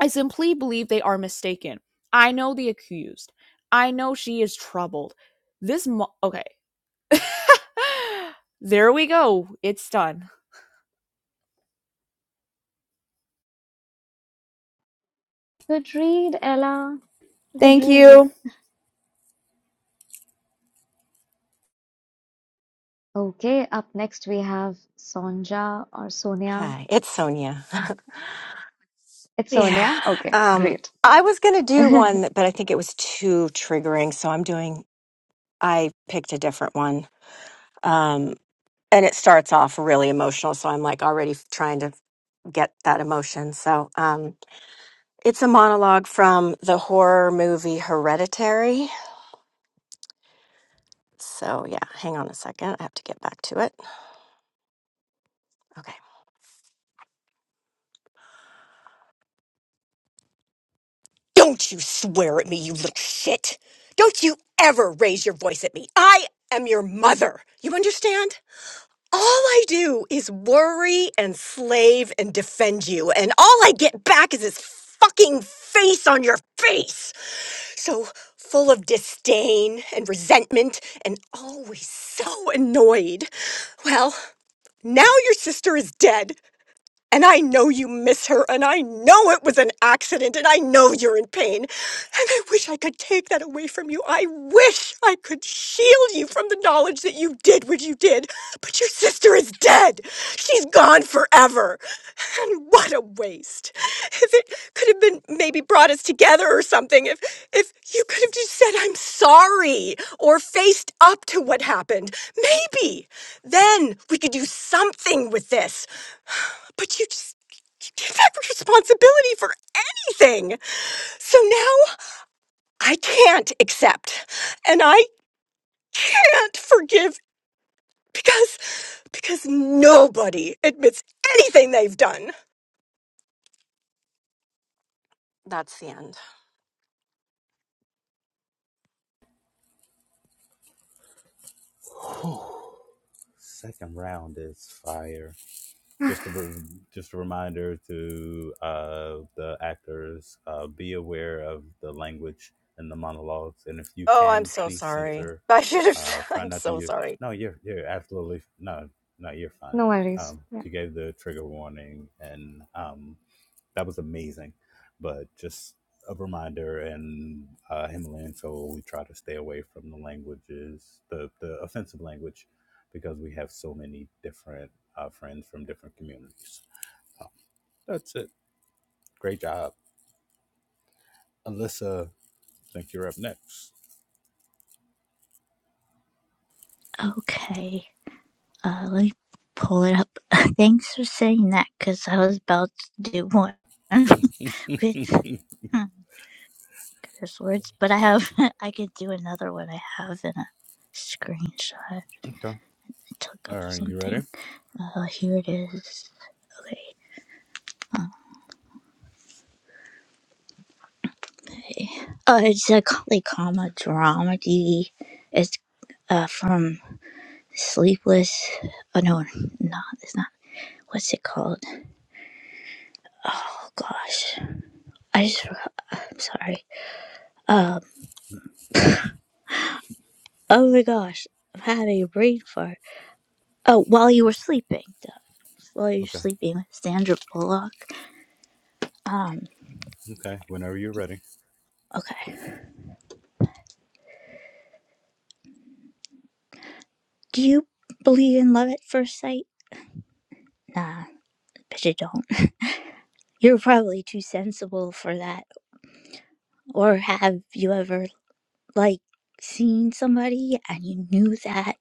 [SPEAKER 6] I simply believe they are mistaken. I know the accused. I know she is troubled. This mo- okay. there we go. It's done.
[SPEAKER 1] Good read, Ella. Good
[SPEAKER 6] Thank you.
[SPEAKER 1] read. Okay, up next we have Sonja or Sonia.
[SPEAKER 14] Hi, it's Sonia.
[SPEAKER 1] It's
[SPEAKER 14] Yeah.
[SPEAKER 1] Sonia? Okay,
[SPEAKER 14] Um,
[SPEAKER 1] great.
[SPEAKER 14] I was going to do one, but I think it was too triggering, so I'm doing. I picked a different one, um, and it starts off really emotional, so I'm like already f- trying to get that emotion. So um, it's a monologue from the horror movie Hereditary. So yeah, hang on a second. I have to get back to it. Okay. Don't you swear at me, you little shit! Don't you ever raise your voice at me! I am your mother! You understand? all I do is worry and slave and defend you, and all I get back is this fucking face on your face. So full of disdain and resentment, and always so annoyed. Well, now your sister is dead, and I know you miss her, and I know it was an accident, and I know you're in pain. And I wish I could take that away from you. I wish I could shield you from the knowledge that you did what you did. But your sister is dead. She's gone forever. And what a waste. If it could have been maybe brought us together or something, if, if you could have just said, I'm sorry, or faced up to what happened, maybe then we could do something with this. But you just She's not responsibility for anything. So now I can't accept and I can't forgive because because nobody admits anything they've done. That's the end.
[SPEAKER 3] Second round is fire. Just a re- just a reminder to uh, the actors: uh, be aware of the language in the monologues, and if you
[SPEAKER 14] Oh, I'm
[SPEAKER 3] can,
[SPEAKER 14] so
[SPEAKER 3] please
[SPEAKER 14] sorry.
[SPEAKER 3] censor.
[SPEAKER 14] I should have.
[SPEAKER 3] Uh, try
[SPEAKER 14] I'm
[SPEAKER 3] not to
[SPEAKER 14] so
[SPEAKER 3] use.
[SPEAKER 14] sorry.
[SPEAKER 3] No, you're you're absolutely no no you're fine.
[SPEAKER 1] No worries.
[SPEAKER 3] Um,
[SPEAKER 1] Yeah.
[SPEAKER 3] you gave the trigger warning, and um, that was amazing. But just a reminder, and uh, Himalayan Soul, we try to stay away from the languages, the, the offensive language, because we have so many different uh, friends from different communities. So that's it. Great job. Alyssa, I think you're up next.
[SPEAKER 15] Okay, uh, let me pull it up. Thanks for saying that, because I was about to do one with hmm,
[SPEAKER 3] okay.
[SPEAKER 15] curse words, but I have I could do another one. I have in a screenshot I took of
[SPEAKER 3] All right, you ready?
[SPEAKER 15] something. Uh, here it is. Okay, uh, it's a co- like, comma dramedy. It's uh from Sleepless. Oh no, no, it's not. What's it called? Oh gosh, I just forgot. I'm sorry. Uh, Oh my gosh, I'm having a brain fart. Oh, while you were sleeping, Dove. While you're
[SPEAKER 3] Okay.
[SPEAKER 15] sleeping with Sandra Bullock. Um,
[SPEAKER 3] Okay. Whenever you're ready.
[SPEAKER 15] okay. Do you believe in love at first sight? Nah, but you don't. You're probably too sensible for that. Or have you ever, like, seen somebody and you knew that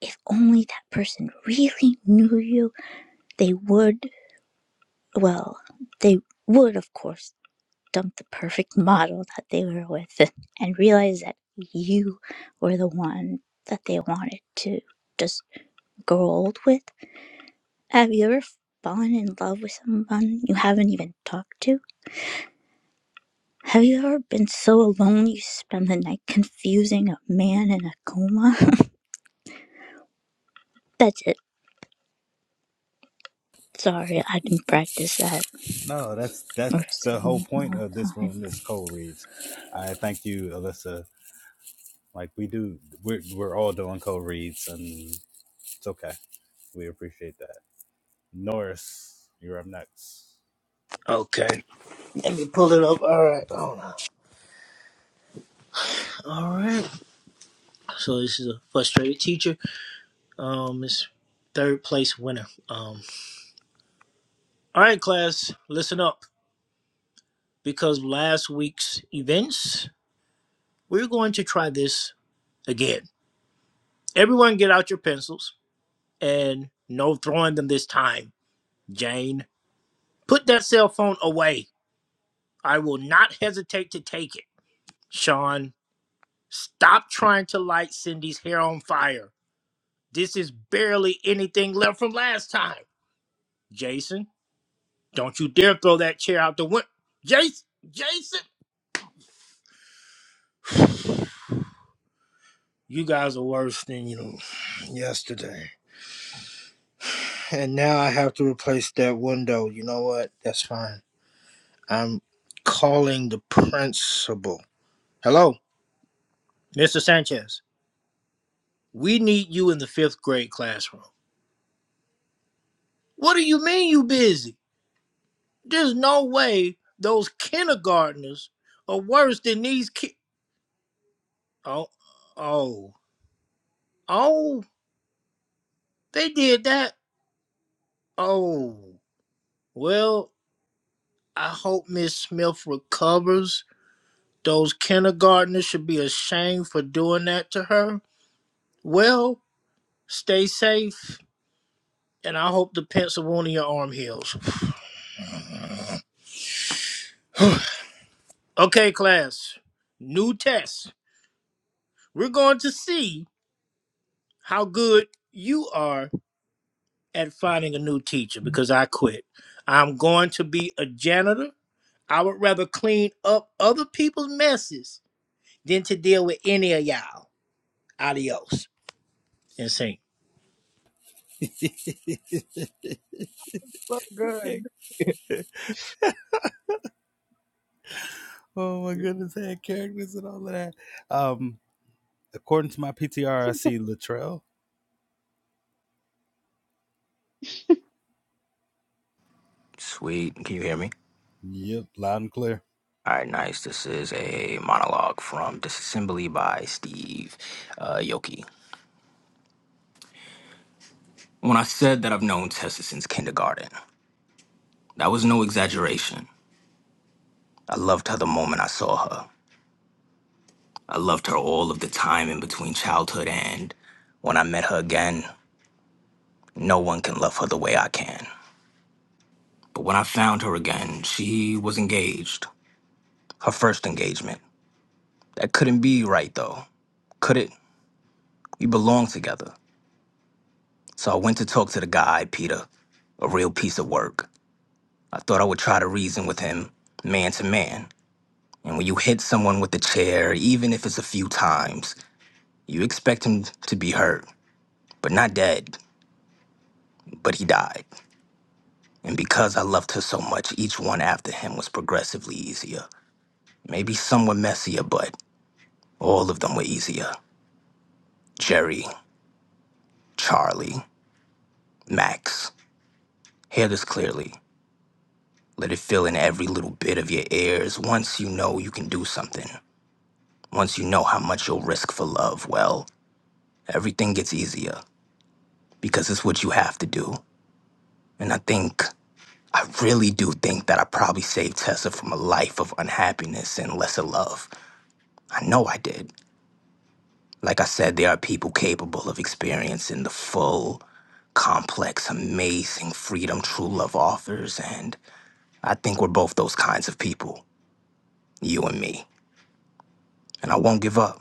[SPEAKER 15] if only that person really knew you, they would, well, they would, of course dumped the perfect model that they were with and and realized that you were the one that they wanted to just grow old with. Have you ever fallen in love with someone you haven't even talked to? Have you ever been so alone you spend the night confusing a man in a coma? That's it. Sorry, I didn't practice that
[SPEAKER 3] No, that's
[SPEAKER 15] or
[SPEAKER 3] that's the whole
[SPEAKER 15] seen in a
[SPEAKER 3] point
[SPEAKER 15] long
[SPEAKER 3] of this
[SPEAKER 15] time.
[SPEAKER 3] room is co reads. I thank you, Alyssa, Like we do, we're we're all doing co-reads, and it's okay. We appreciate that. Norris, you're up next.
[SPEAKER 16] Okay. Let me pull it up. All right. Hold on. All right. So this is a frustrated teacher. Um, it's third place winner. Um, all right, class, listen up because last week's events, we're going to try this again. Everyone, get out your pencils and no throwing them this time. Jane, put that cell phone away. I will not hesitate to take it. Sean, stop trying to light Cindy's hair on fire. This is barely anything left from last time. Jason, don't you dare throw that chair out the window. Jason, Jason, you guys are worse than you know yesterday. And now I have to replace that window. You know what? That's fine. I'm calling the principal. Hello, Mr. Sanchez. We need you in the fifth grade classroom. What do you mean you busy? There's no way those kindergartners are worse than these kids. Oh, oh. Oh, they did that. Oh, well, I hope Miss Smith recovers. Those kindergartners should be ashamed for doing that to her. Well, stay safe, and I hope the pencil wound in your arm heals. okay, class. New test. We're going to see how good you are at finding a new teacher because I quit. I'm going to be a janitor I would rather clean up other people's messes than to deal with any of y'all. Adios. Insane.
[SPEAKER 8] so good.
[SPEAKER 3] Oh my goodness, had characters and all of that. Um, according to my PTR, I see Latrell.
[SPEAKER 10] Sweet. Can you hear me?
[SPEAKER 3] Yep, loud and clear.
[SPEAKER 10] All right, nice. This is a monologue from Disassembly by Steve uh, Yoki. When I said that I've known Tessa since kindergarten, that was no exaggeration. I loved her the moment I saw her. I loved her all of the time in between childhood and when I met her again. No one can love her the way I can. But when I found her again, she was engaged. Her first engagement. That couldn't be right, though. Could it? We belong together. So I went to talk to the guy, Peter, a real piece of work. I thought I would try to reason with him, man to man. And when you hit someone with a chair, even if it's a few times, you expect him to be hurt, but not dead. But he died. And because I loved her so much, each one after him was progressively easier. Maybe some were messier, but all of them were easier. Jerry, Charlie, Max. Hear this clearly. Let it fill in every little bit of your ears once you know you can do something. Once you know how much you'll risk for love, well, everything gets easier. because it's what you have to do. And I think, I really do think that I probably saved Tessa from a life of unhappiness and lesser love. I know I did. Like I said, there are people capable of experiencing the full, complex, amazing freedom true love offers. And I think we're both those kinds of people, you and me. And I won't give up,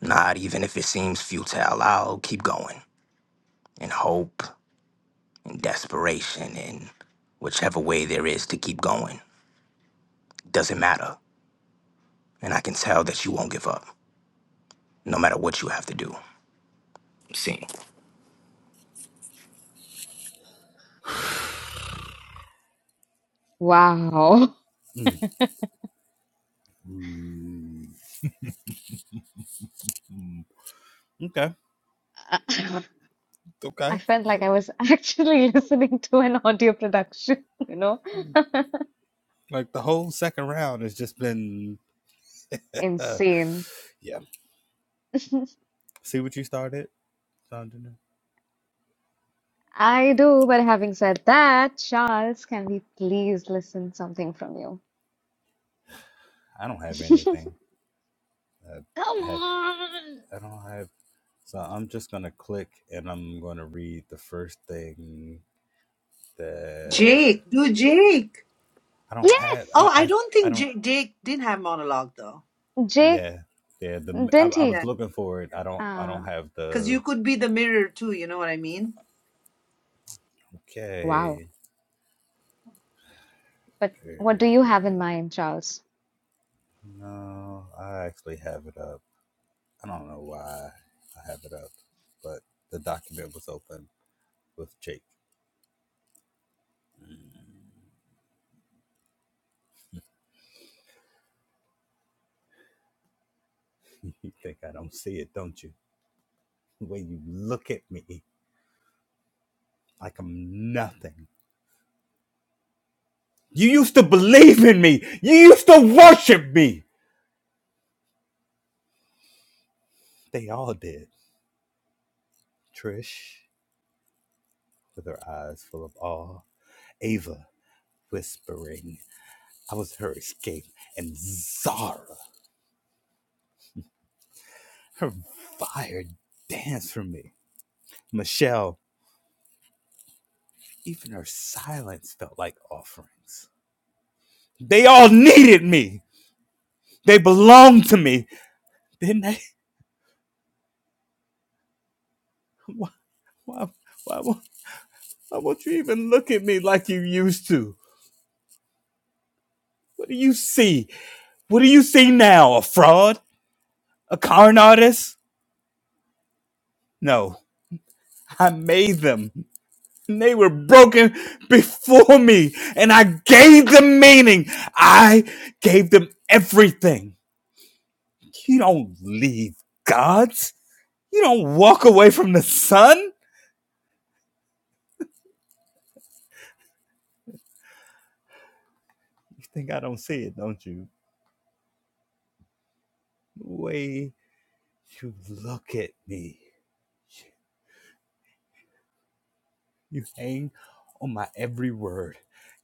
[SPEAKER 10] not even if it seems futile. I'll keep going in hope, in desperation, in whichever way there is to keep going. Doesn't matter. And I can tell that you won't give up, no matter what you have to do. Scene.
[SPEAKER 1] Wow.
[SPEAKER 3] Mm, mm, mm. Okay,
[SPEAKER 1] I
[SPEAKER 3] okay.
[SPEAKER 1] felt like I was actually listening to an audio production, you know?
[SPEAKER 3] Like the whole second round has just been, uh,
[SPEAKER 1] Insane.
[SPEAKER 3] yeah. See what you started.
[SPEAKER 1] I do, but having said that, Charles, can we please listen something from you?
[SPEAKER 3] I don't have anything. I
[SPEAKER 1] Come
[SPEAKER 3] have.
[SPEAKER 1] on.
[SPEAKER 3] I don't have. So I'm just going to click and I'm going to read the first thing that
[SPEAKER 2] Jake, do Jake.
[SPEAKER 3] I don't have.
[SPEAKER 2] Oh,
[SPEAKER 3] I,
[SPEAKER 1] Yes,
[SPEAKER 2] I
[SPEAKER 3] I,
[SPEAKER 2] don't
[SPEAKER 3] I
[SPEAKER 2] think
[SPEAKER 3] don't,
[SPEAKER 2] J- Jake did have monologue though.
[SPEAKER 1] Jake,
[SPEAKER 3] yeah. Yeah, the I,
[SPEAKER 1] didn't
[SPEAKER 3] I
[SPEAKER 1] he?
[SPEAKER 2] Yeah.
[SPEAKER 3] was looking for it. I don't I don't
[SPEAKER 1] Ah,
[SPEAKER 3] have
[SPEAKER 2] Because you
[SPEAKER 3] the
[SPEAKER 2] could be the mirror too, you know what I mean?
[SPEAKER 1] wow.
[SPEAKER 3] okay.
[SPEAKER 1] But what do
[SPEAKER 3] period.
[SPEAKER 1] you have in mind, Charles?
[SPEAKER 3] No, I actually have it up. I don't know why I have it up, but the document was open with Jake. you think I don't see it, don't you? The way you look at me like I'm nothing. You used to believe in me. You used to worship me. They all did. Trish, with her eyes full of awe. Ava, whispering, I was her escape. And Zara, her fire danced for me. Michelle, even her silence felt like offerings. They all needed me. They belonged to me. Didn't they? Why, why, why, why won't you even look at me like you used to? What do you see? What do you see now? A fraud? A con artist? No, I made them. And They were broken before me, and I gave them meaning. I gave them everything. You don't leave gods. You don't walk away from the sun. You think I don't see it, don't you? The way you look at me, you hang on my every word.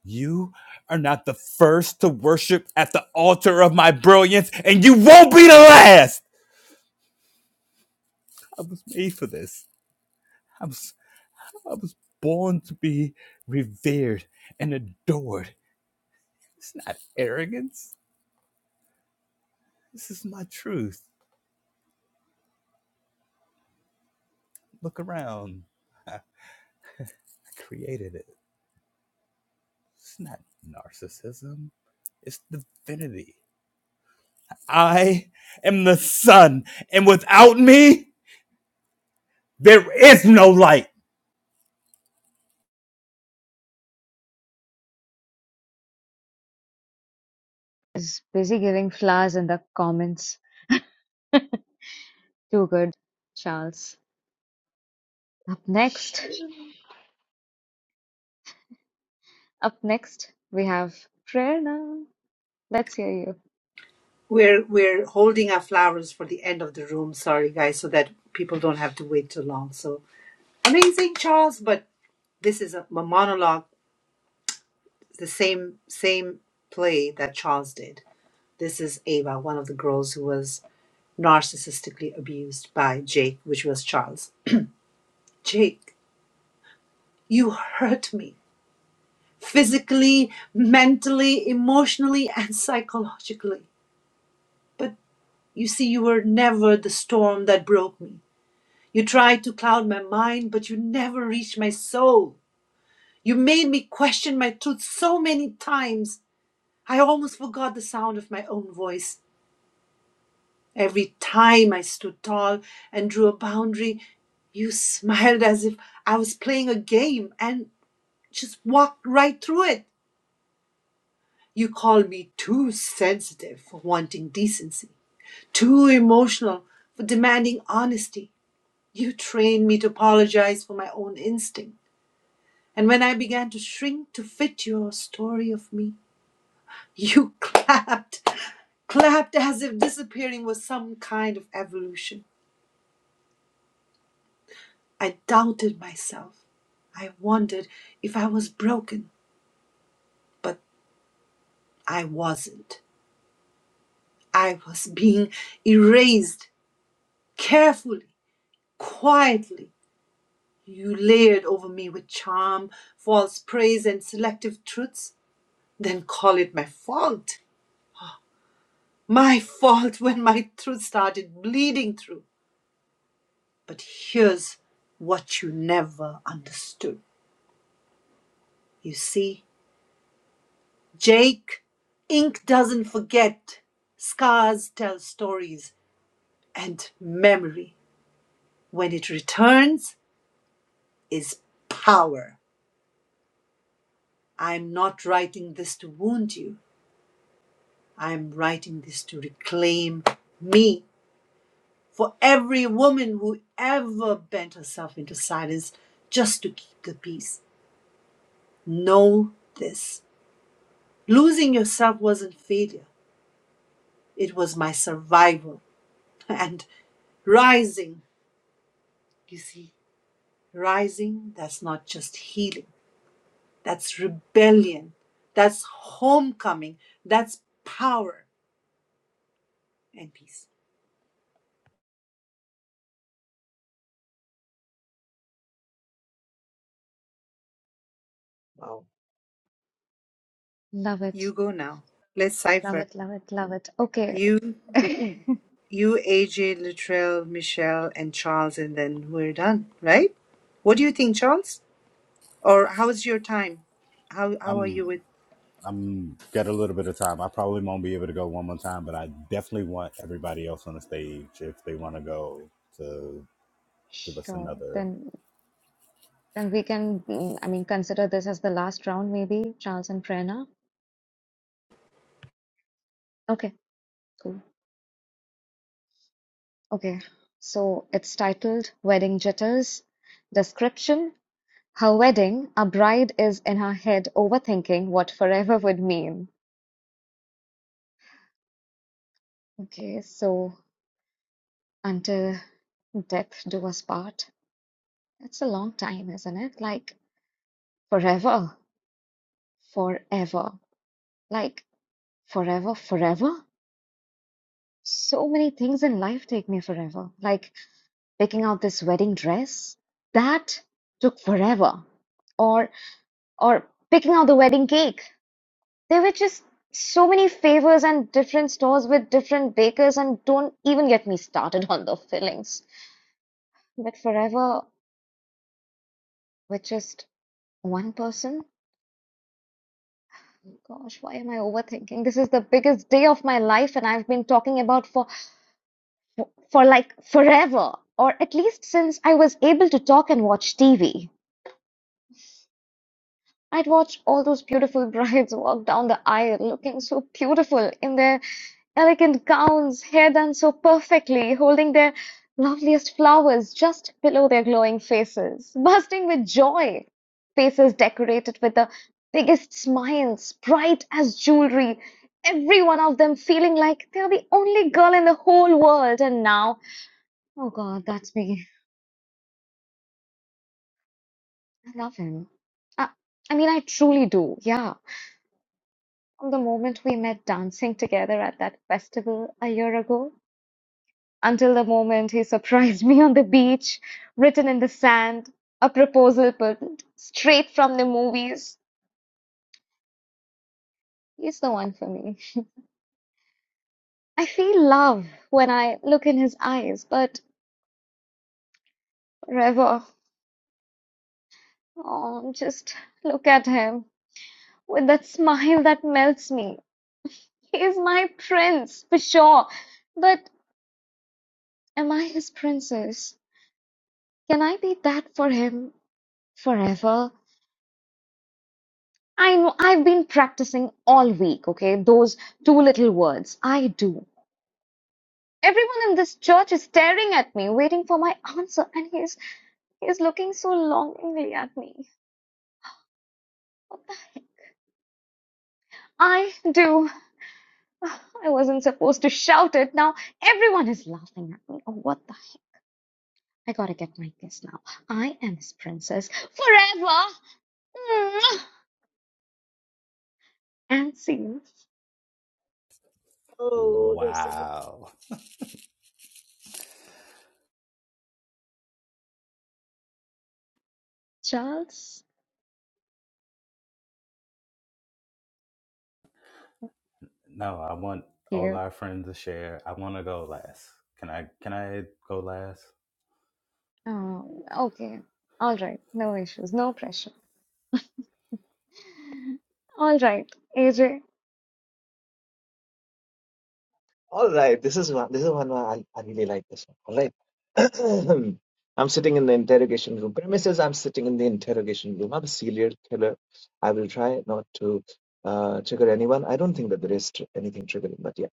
[SPEAKER 3] You are not the first to worship at the altar of my brilliance, and you won't be the last. I was made for this. I was I was born to be revered and adored. It's not arrogance. This is my truth. Look around. I created it. It's not narcissism. It's divinity. I am the sun, and without me, there is no light.
[SPEAKER 1] Is busy giving flowers in the comments. Too good, Charles. Up next, up next, we have Prerna. Let's hear you.
[SPEAKER 2] We're we're holding our flowers for the end of the room, sorry guys, so that people don't have to wait too long. So amazing Charles, but this is a, a monologue, the same same play that Charles did. This is Ava, one of the girls who was narcissistically abused by Jake, which was Charles. Jake, you hurt me physically, mentally, emotionally, and psychologically. But you see, you were never the storm that broke me. You tried to cloud my mind, but you never reached my soul. You made me question my truth so many times, I almost forgot the sound of my own voice. Every time I stood tall and drew a boundary, you smiled as if I was playing a game and just walked right through it. You called me too sensitive for wanting decency, too emotional for demanding honesty. You trained me to apologize for my own instinct. And when I began to shrink to fit your story of me, you clapped, clapped as if disappearing was some kind of evolution. I doubted myself. I wondered if I was broken, but I wasn't. I was being erased carefully, quietly. You layered over me with charm, false praise, and selective truths, then call it my fault. My fault when my truth started bleeding through. But here's what you never understood. You see, Jake, ink doesn't forget. Scars tell stories, and memory, when it returns, is power. I'm not writing this to wound you. I'm writing this to reclaim me. For every woman who ever bent herself into silence just to keep the peace, know this. Losing yourself wasn't failure, it was my survival. And rising, you see Rising, that's not just healing, that's rebellion, that's homecoming, that's power and peace.
[SPEAKER 8] wow.
[SPEAKER 1] Love it,
[SPEAKER 2] You go now. Let's
[SPEAKER 1] love
[SPEAKER 2] cipher.
[SPEAKER 1] it, love it, love it.
[SPEAKER 2] You,
[SPEAKER 1] Okay.
[SPEAKER 2] you, AJ, Luttrell, Michelle, and Charles, and then we're done, right? What do you think, Charles? Or how's your time? How how are you
[SPEAKER 3] I'm
[SPEAKER 2] with?
[SPEAKER 3] I'm got a little bit of time. I probably won't be able to go one more time, but I definitely want everybody else on the stage if they want to go to give us
[SPEAKER 1] Sure.
[SPEAKER 3] another.
[SPEAKER 1] Then, then we can, mm, I mean, consider this as the last round, maybe, Charles and Prerna. Okay, cool. Okay. So it's titled Wedding Jitters. Description. Her wedding, a bride is in her head overthinking what forever would mean. Okay, so until death do us part. That's a long time, isn't it? Like forever, forever, like forever, forever. So many things in life take me forever. Like picking out this wedding dress, that took forever. Or or picking out the wedding cake. There were just so many favors and different stores with different bakers, and don't even get me started on the fillings. But forever with just one person? oh Gosh, why am I overthinking? This is the biggest day of my life, and I've been talking about for for like forever, or at least since I was able to talk and watch TV. I'd watch all those beautiful brides walk down the aisle looking so beautiful in their Elegant gowns, hair done so perfectly, holding their loveliest flowers just below their glowing faces, bursting with joy. Faces decorated with the biggest smiles, bright as jewelry, every one of them feeling like they are the only girl in the whole world. And now, oh God, that's me. I love him. I, I mean, I truly do, yeah. From the moment we met dancing together at that festival a year ago, until the moment he surprised me on the beach, written in the sand, a proposal put straight from the movies. He's the one for me. I feel love when I look in his eyes, but forever. oh, just look at him with that smile that melts me. He is my prince, for sure. But am I his princess? Can I be that for him forever? I know I've been practicing all week, okay? Those two little words. I do. Everyone in this church is staring at me, waiting for my answer, and he's he's looking so longingly at me. What the heck? I do. I wasn't supposed to shout it. Now everyone is laughing at me. Oh, what the heck? I gotta get my kiss now. I am his princess forever. Mwah! And see you,
[SPEAKER 8] Oh, that's so
[SPEAKER 3] Wow.
[SPEAKER 1] Charles.
[SPEAKER 3] No, I want all
[SPEAKER 1] Here.
[SPEAKER 3] our friends to share. I want to go last. Can I? Can I go last?
[SPEAKER 1] Oh, okay. All right. No issues. No pressure. All right, AJ,
[SPEAKER 8] All right, this is one. This is one. where I, I really like this one. All right, I'm sitting in the interrogation room. Premises: I'm sitting in the interrogation room. I'm a serial killer. I will try not to uh, trigger anyone. I don't think that there is tr anything triggering, but yeah.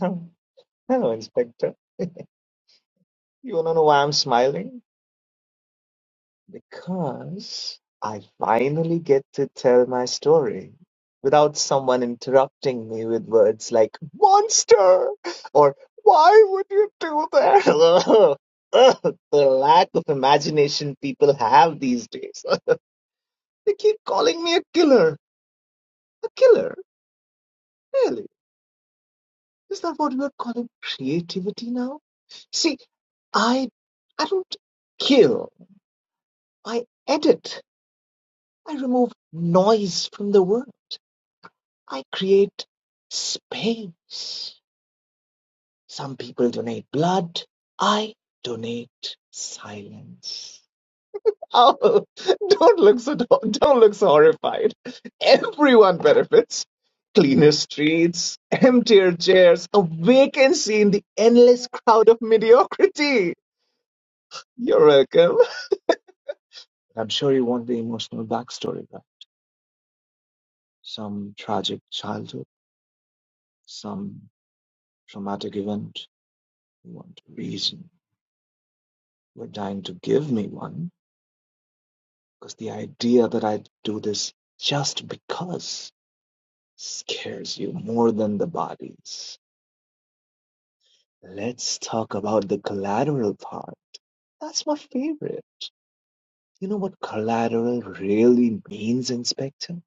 [SPEAKER 8] Hello, Inspector. You wanna know why I'm smiling? Because I finally get to tell my story without someone interrupting me with words like monster or why would you do that? Ugh, ugh, the lack of imagination people have these days. They keep calling me a killer. A killer? Really? Is that what we're calling creativity now? See, I I don't kill. I edit. I remove noise from the world. I create space. Some people donate blood. I donate silence. Oh, don't look so don't look so horrified. Everyone benefits. Cleaner streets, emptier chairs, a vacancy in the endless crowd of mediocrity. You're welcome. I'm sure you want the emotional backstory, right? Some tragic childhood, some traumatic event. You want reason were dying to give me one because the idea that I do this just because scares you more than the bodies. Let's talk about the collateral part. That's my favorite. You know what collateral really means, Inspector?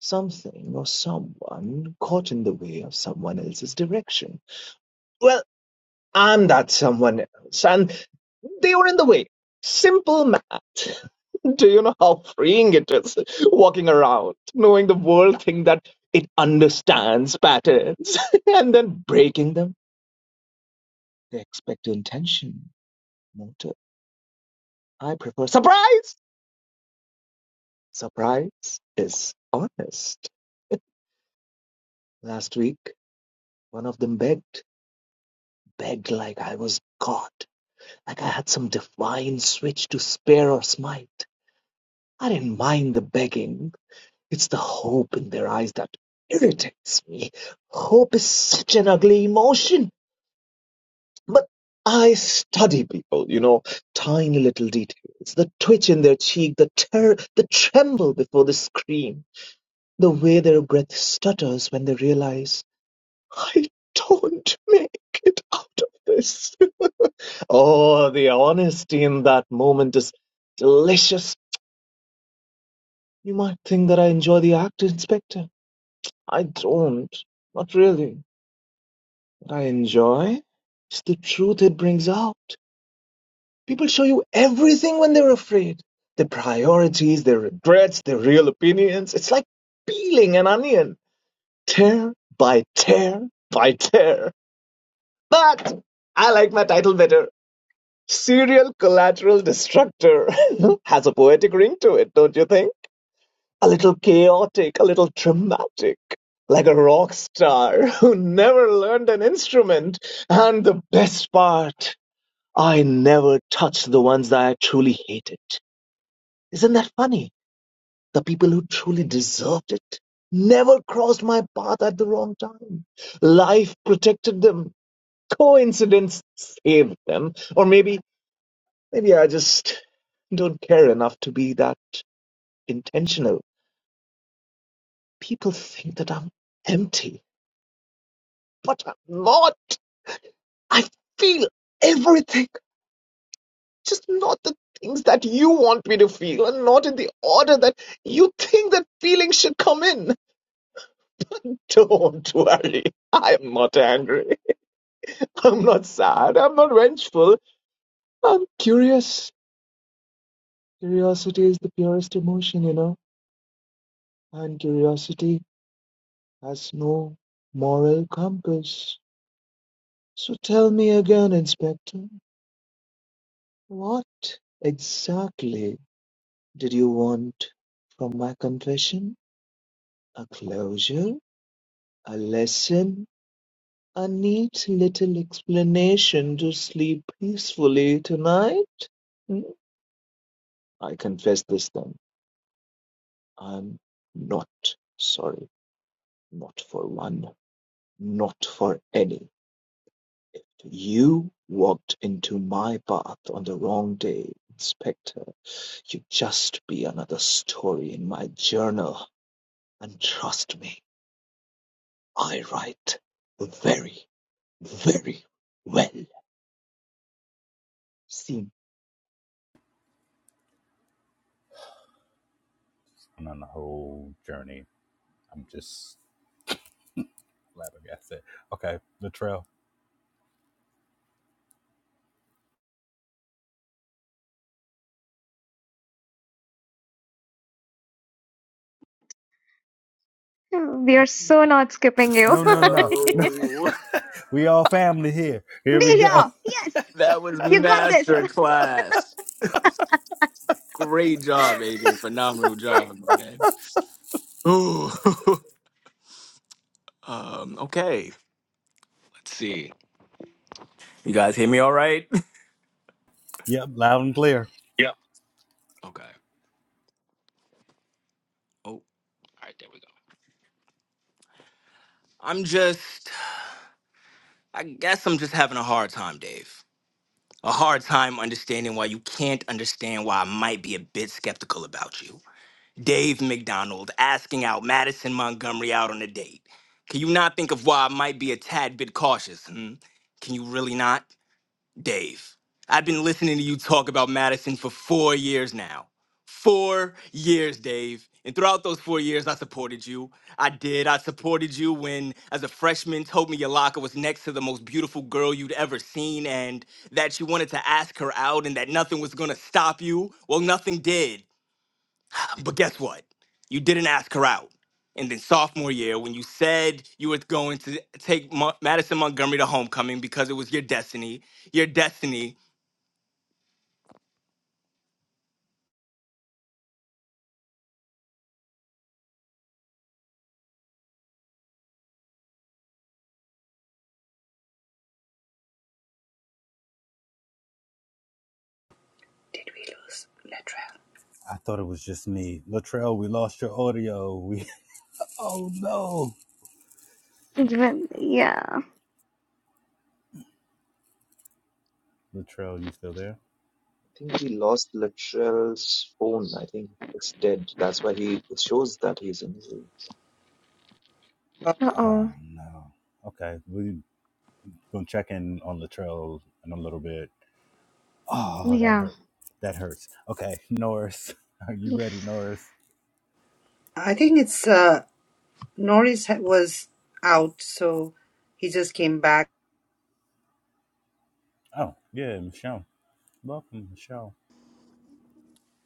[SPEAKER 8] Something or someone caught in the way of someone else's direction. Well, I'm that someone else, and They were in the way. Simple math. Do you know how freeing it is walking around, knowing the world thing that it understands patterns and then breaking them? They expect your intention, motive. I prefer surprise. Surprise is honest. Last week, one of them begged, begged like I was God, like I had some divine switch to spare or smite. I didn't mind the begging It's the hope in their eyes that irritates me. Hope is such an ugly emotion. But I study people, you know, tiny little details. The twitch in their cheek, the ter- the tremble before the scream, the way their breath stutters when they realize I don't make it out of this. oh, the honesty in that moment is delicious. You might think that I enjoy the act, Inspector. I don't. Not really. What I enjoy is the truth it brings out. People show you everything when they're afraid their priorities, their regrets, their real opinions. It's like peeling an onion, tear by tear by tear. But I like my title better. Serial Collateral Destructor has a poetic ring to it, don't you think? A little chaotic, a little dramatic, like a rock star who never learned an instrument. And the best part. I never touched the ones that I truly hated. Isn't that funny? The people who truly deserved it never crossed my path at the wrong time. Life protected them. Coincidence saved them. Or maybe, maybe I just don't care enough to be that intentional. People think that I'm empty, but I'm not. I feel everything. just not the things that you want me to feel and not in the order that you think that feelings should come in. Don't worry. I'm not angry. I'm not sad. I'm not vengeful. I'm curious. Curiosity is the purest emotion, you know, and curiosity has no moral compass. So tell me again, Inspector, what exactly did you want from my confession? A closure? A lesson? A neat little explanation to sleep peacefully tonight? Hmm, I confess this then. I'm not sorry. Not for one. Not for any. You walked into my path on the wrong day, Inspector. You would just be another story in my journal. And trust me, I write very, very well. See.
[SPEAKER 3] I'm on the whole journey. I'm just flabbergasted. Okay, Latrell.
[SPEAKER 1] we are so not skipping you.
[SPEAKER 3] No, no, no,
[SPEAKER 1] Be
[SPEAKER 3] no.
[SPEAKER 10] No.
[SPEAKER 3] We all family here. Here we go.
[SPEAKER 1] here. Yes,
[SPEAKER 10] That was
[SPEAKER 1] you got this.
[SPEAKER 10] master class. Great job, Aiden. Phenomenal job. man. Ooh. um, okay. Let's see. You guys hear me all right?
[SPEAKER 3] Yep, loud and clear.
[SPEAKER 10] Yep. Okay. Oh. All right, there we go. I'm just I guess I'm just having a hard time, Dave. a hard time understanding why you can't understand why I might be a bit skeptical about you. Dave McDonald asking out Madison Montgomery out on a date. Can you not think of why I might be a tad bit cautious? Hmm? Can you really not? Dave, I've been listening to you talk about Madison for four years now. Four years, Dave. And throughout those four years, I supported you. I did. I supported you when, as a freshman, told me your locker was next to the most beautiful girl you'd ever seen and that you wanted to ask her out and that nothing was going to stop you. Well, nothing did. But guess what? You didn't ask her out. And then sophomore year, when you said you were going to take Mo- Madison Montgomery to homecoming because it was your destiny, your destiny
[SPEAKER 2] Did we lose Luttrell?
[SPEAKER 3] I thought it was just me. Latrell, we lost your audio. We. Oh no.
[SPEAKER 1] Even- yeah.
[SPEAKER 3] Latrell, you still there?
[SPEAKER 8] think we lost Luttrell's phone. I think it's dead. That's why he it shows that he's in.
[SPEAKER 2] Oh,
[SPEAKER 1] Uh
[SPEAKER 3] Oh
[SPEAKER 1] oh.
[SPEAKER 3] no. Okay, we gonna check in on Latrell in a little bit Oh, that
[SPEAKER 1] Yeah.
[SPEAKER 3] hurt. That hurts. Okay, Norris, are you ready, Norris?
[SPEAKER 2] I think it's uh Norris ha- was out, so he just came back.
[SPEAKER 3] Oh, yeah, Michelle. Welcome, Michelle.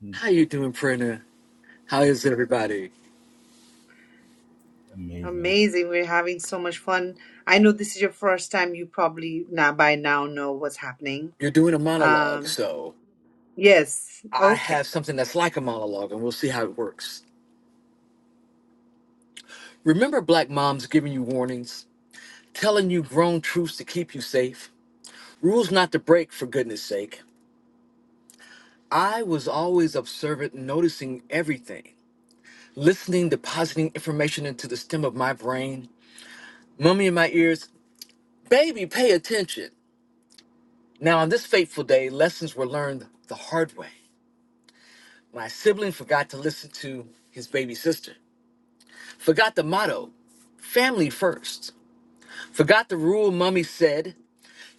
[SPEAKER 3] Mm,
[SPEAKER 17] How you doing, Prina? How is everybody?
[SPEAKER 3] Amazing.
[SPEAKER 2] Amazing. We're having so much fun. I know this is your first time. You probably now by now know what's happening.
[SPEAKER 17] You're doing a monologue,
[SPEAKER 2] Um,
[SPEAKER 17] so
[SPEAKER 2] yes.
[SPEAKER 17] I have
[SPEAKER 2] Okay.
[SPEAKER 17] something that's like a monologue, and we'll see how it works. Remember black moms giving you warnings, telling you grown truths to keep you safe, rules not to break for goodness sake. I was always observant, noticing everything, listening, depositing information into the stem of my brain, Mummy in my ears, baby, pay attention. Now, on this fateful day, lessons were learned the hard way. My sibling forgot to listen to his baby sister, forgot the motto, family first, forgot the rule mommy said,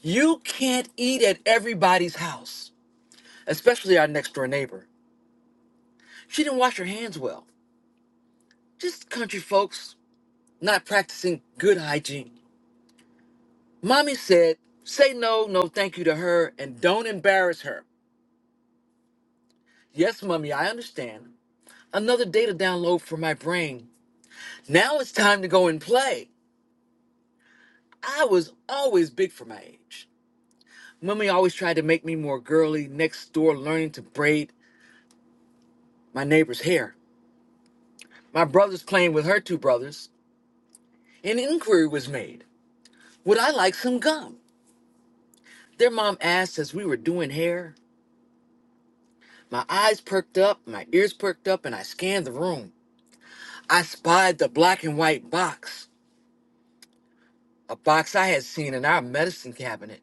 [SPEAKER 17] you can't eat at everybody's house, especially our next door neighbor. She didn't wash her hands well. Just country folks not practicing good hygiene. Mommy said, say no, no thank you to her and don't embarrass her. Yes, mommy, I understand. Another data download for my brain. Now it's time to go and play. I was always big for my age. Mummy always tried to make me more girly, next door learning to braid my neighbor's hair. My brothers playing with her two brothers. An inquiry was made. Would I like some gum? Their mom asked as we were doing hair. My eyes perked up, my ears perked up, and I scanned the room. I spied the black and white box, a box I had seen in our medicine cabinet.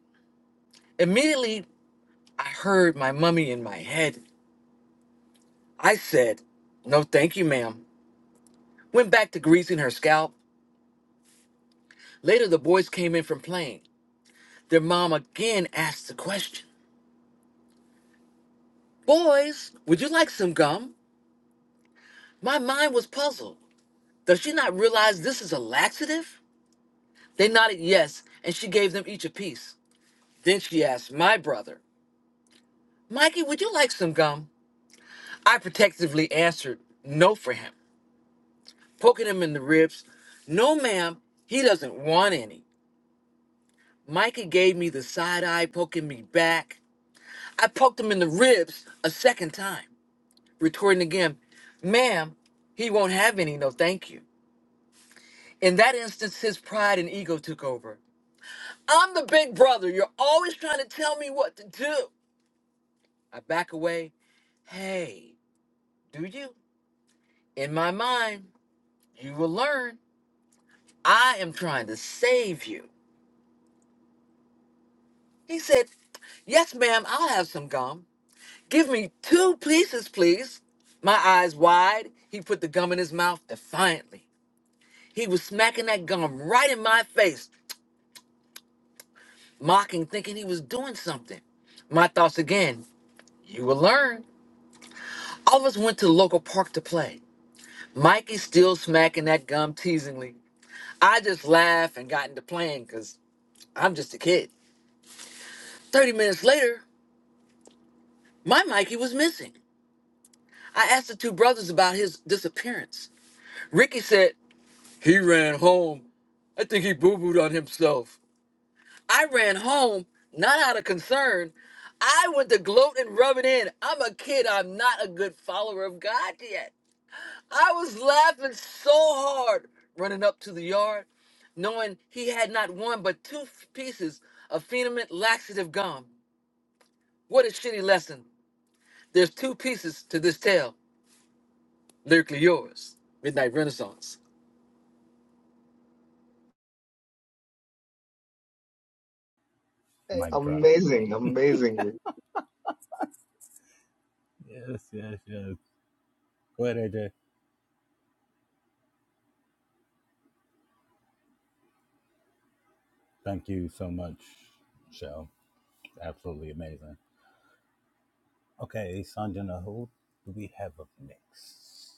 [SPEAKER 17] Immediately, I heard my mummy in my head. I said, No, thank you, ma'am. went back to greasing her scalp. Later, the boys came in from playing. Their mom again asked the question Boys, would you like some gum? My mind was puzzled. Does she not realize this is a laxative? They nodded yes, and she gave them each a piece. Then she asked my brother, Mikey, would you like some gum? I protectively answered no for him, poking him in the ribs. No, ma'am, he doesn't want any. Mikey gave me the side eye, poking me back. I poked him in the ribs a second time, retorting again, ma'am, he won't have any, no thank you. In that instance, his pride and ego took over. I'm the big brother. You're always trying to tell me what to do. I back away. Hey, do you? In my mind, you will learn. I am trying to save you. He said, Yes, ma'am, I'll have some gum. Give me two pieces, please. My eyes wide, he put the gum in his mouth defiantly. He was smacking that gum right in my face, mocking, thinking he was doing something. My thoughts again, you will learn. All of us went to the local park to play. Mikey still smacking that gum teasingly. I just laughed and got into playing because I'm just a kid. 30 minutes later, my Mikey was missing. I asked the two brothers about his disappearance. Ricky said, He ran home. I think he boo booed on himself. I ran home, not out of concern. I went to gloat and rub it in. I'm a kid. I'm not a good follower of God yet. I was laughing so hard running up to the yard, knowing he had not one but two f- pieces of phenomenal laxative gum. What a shitty lesson. There's two pieces to this tale. Lyrically yours, Midnight Renaissance.
[SPEAKER 8] Hey,
[SPEAKER 3] Mic drop.
[SPEAKER 8] amazing, amazingly.
[SPEAKER 3] Yes, yes, yes. Go ahead, AJ. Thank you so much, Michelle. Absolutely amazing. Okay, Sanjana, who do we have up next?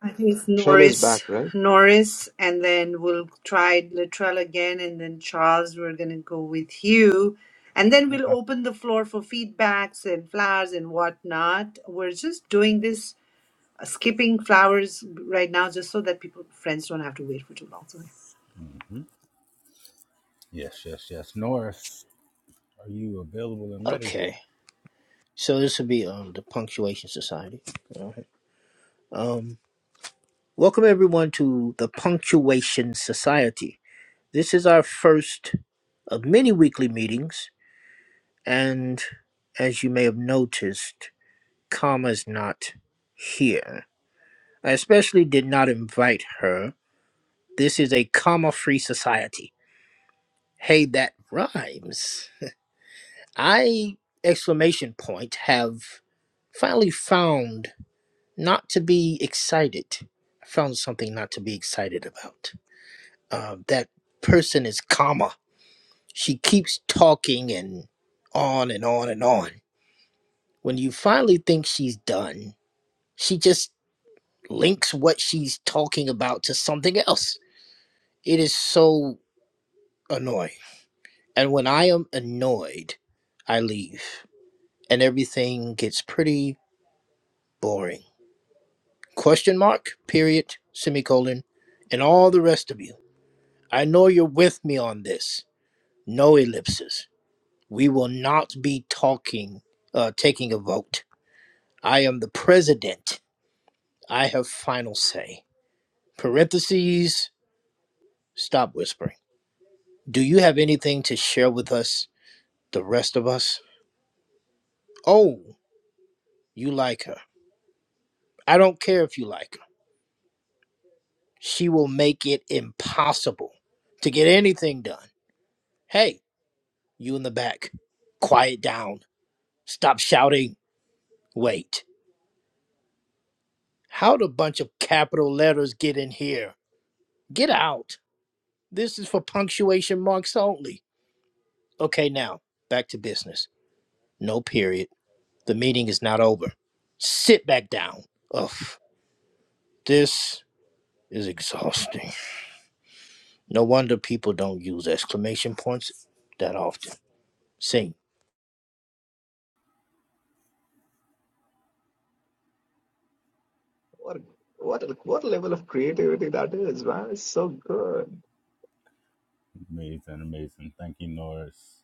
[SPEAKER 2] I think it's
[SPEAKER 8] Luttrell is back,
[SPEAKER 2] Norris,
[SPEAKER 8] right?
[SPEAKER 2] Norris, and then we'll try Latrell again, and then Charles, we're gonna go with you. And then we'll
[SPEAKER 3] Okay.
[SPEAKER 2] open the floor for feedbacks and flowers and whatnot. We're just doing this, uh, skipping flowers right now, just so that people, friends don't have to wait for too long. So,
[SPEAKER 3] hmm Yes, yes, yes. Norris, are you available and ready?
[SPEAKER 16] Okay. So this would be um the Punctuation Society. All right. Um welcome everyone to the Punctuation Society. This is our first of many weekly meetings, and as you may have noticed, Karma's not here. I especially did not invite her. This is a comma free society. Hey, that rhymes. I exclamation point have finally found not to be excited. I found something not to be excited about. Uh, that person is comma. She keeps talking and on and on and on. When you finally think she's done, she just links what she's talking about to something else. It is so annoying. And when I am annoyed, I leave. and everything gets pretty boring. Question mark, period, semicolon, and all the rest of you. I know you're with me on this. No ellipses. We will not be talking, uh, taking a vote. I am the president. I have final say. Parentheses, stop whispering. Do you have anything to share with us, the rest of us? Oh, you like her. I don't care if you like her. She will make it impossible to get anything done Hey, you in the back, quiet down. Stop shouting. Wait. How'd a bunch of capital letters get in here? Get out. This is for punctuation marks only. Okay, now, back to business. No period. The meeting is not over. Sit back down. Ugh, this is exhausting. No wonder people don't use exclamation points that often. Sing.
[SPEAKER 8] What what what level of creativity that is, man! It's so good.
[SPEAKER 3] Amazing, amazing. Thank you, Norris.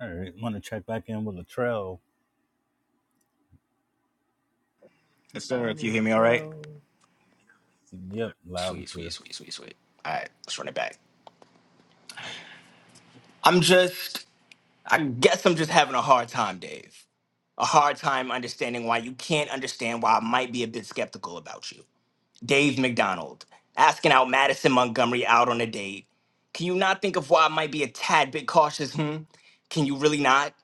[SPEAKER 3] All right, want to check back in with Latrell
[SPEAKER 10] Yes, sir. If you hear me all right.
[SPEAKER 3] Latrell. Yep, loud and
[SPEAKER 10] Sweet, sweet,
[SPEAKER 3] clear.
[SPEAKER 10] sweet, sweet, sweet. All right, let's run it back. I'm just, I guess I'm just having a hard time, Dave. A hard time understanding why you can't understand why I might be a bit skeptical about you. Dave McDonald, asking out Madison Montgomery out on a date. Can you not think of why I might be a tad bit cautious, hmm? Can you really not?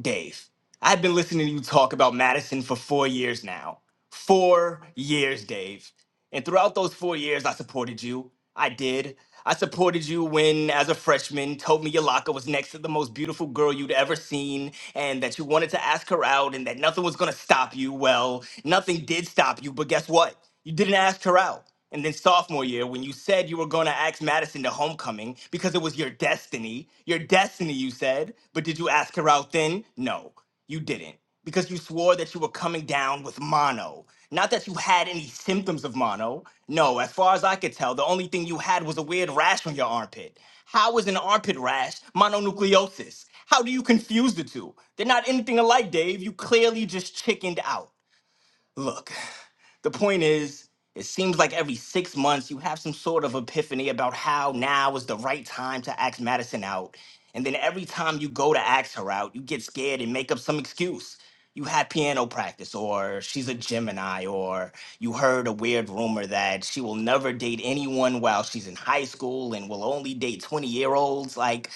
[SPEAKER 10] Dave, I've been listening to you talk about Madison for four years now. Four years, Dave. And throughout those four years, I supported you. I did. I supported you when, as a freshman, told me your locker was next to the most beautiful girl you'd ever seen and that you wanted to ask her out and that nothing was going to stop you. Well, nothing did stop you, but guess what? You didn't ask her out. And then sophomore year, when you said you were going to ask Madison to homecoming because it was your destiny, your destiny, you said. But did you ask her out then? No, you didn't. Because you swore that you were coming down with mono. Not that you had any symptoms of mono. No, as far as I could tell, the only thing you had was a weird rash on your armpit. How is an armpit rash mononucleosis? How do you confuse the two? They're not anything alike, Dave. You clearly just chickened out. Look. The point is, it seems like every six months you have some sort of epiphany about how now is the right time to ask Madison out. And then every time you go to ask her out, you get scared and make up some excuse. You had piano practice, or she's a Gemini, or you heard a weird rumor that she will never date anyone while she's in high school and will only date 20 year olds. Like,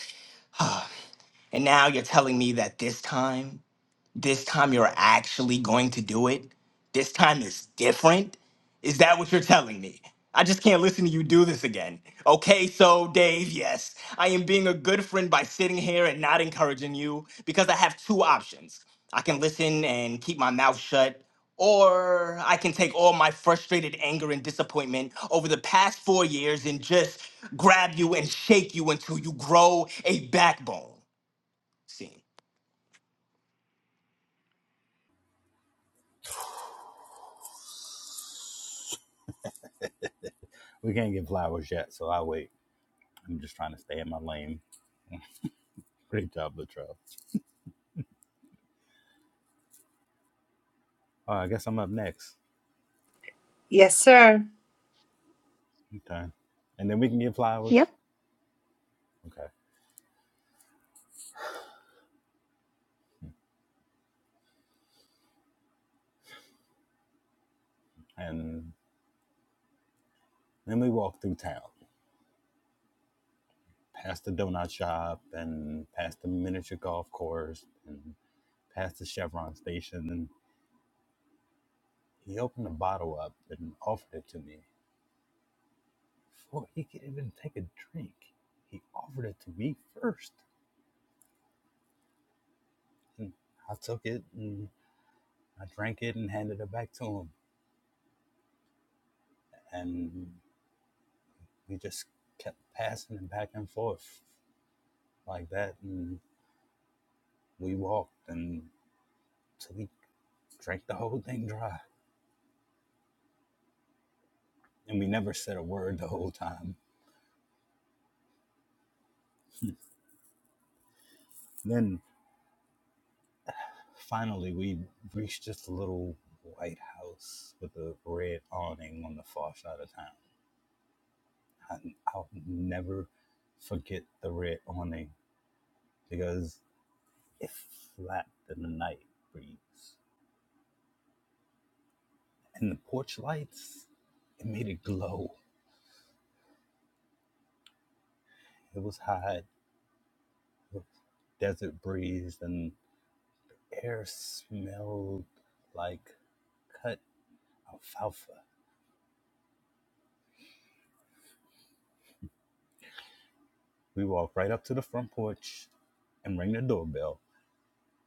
[SPEAKER 10] and now you're telling me that this time? this time you're actually going to do it? This time is different? Is that what you're telling me? I just can't listen to you do this again. Okay, so Dave, yes, I am being a good friend by sitting here and not encouraging you because I have two options. I can listen and keep my mouth shut, or I can take all my frustrated anger and disappointment over the past four years and just grab you and shake you until you grow a backbone. See?
[SPEAKER 3] We can't get flowers yet, so I'll wait. I'm just trying to stay in my lane. Great job, Latrell. Oh, I guess I'm up next.
[SPEAKER 2] yes, sir.
[SPEAKER 3] Okay. And then we can get flowers.
[SPEAKER 1] Yep.
[SPEAKER 3] Okay. And then we walk through town, past the donut shop and past the miniature golf course and past the Chevron station. And he opened a bottle up and offered it to me. Before he could even take a drink. He offered it to me first. And I took it and I drank it and handed it back to him. And we just kept passing it back and forth like that. And we walked until we drank the whole thing dry. And we never said a word the whole time. Then finally, we reached this little white house with a red awning on the far side of town. and I'll never forget the red awning because it flapped in the night breeze. And the porch lights, it made it glow. It was hot, with desert breeze, and air smelled like cut alfalfa. We walked right up to the front porch and rang the doorbell.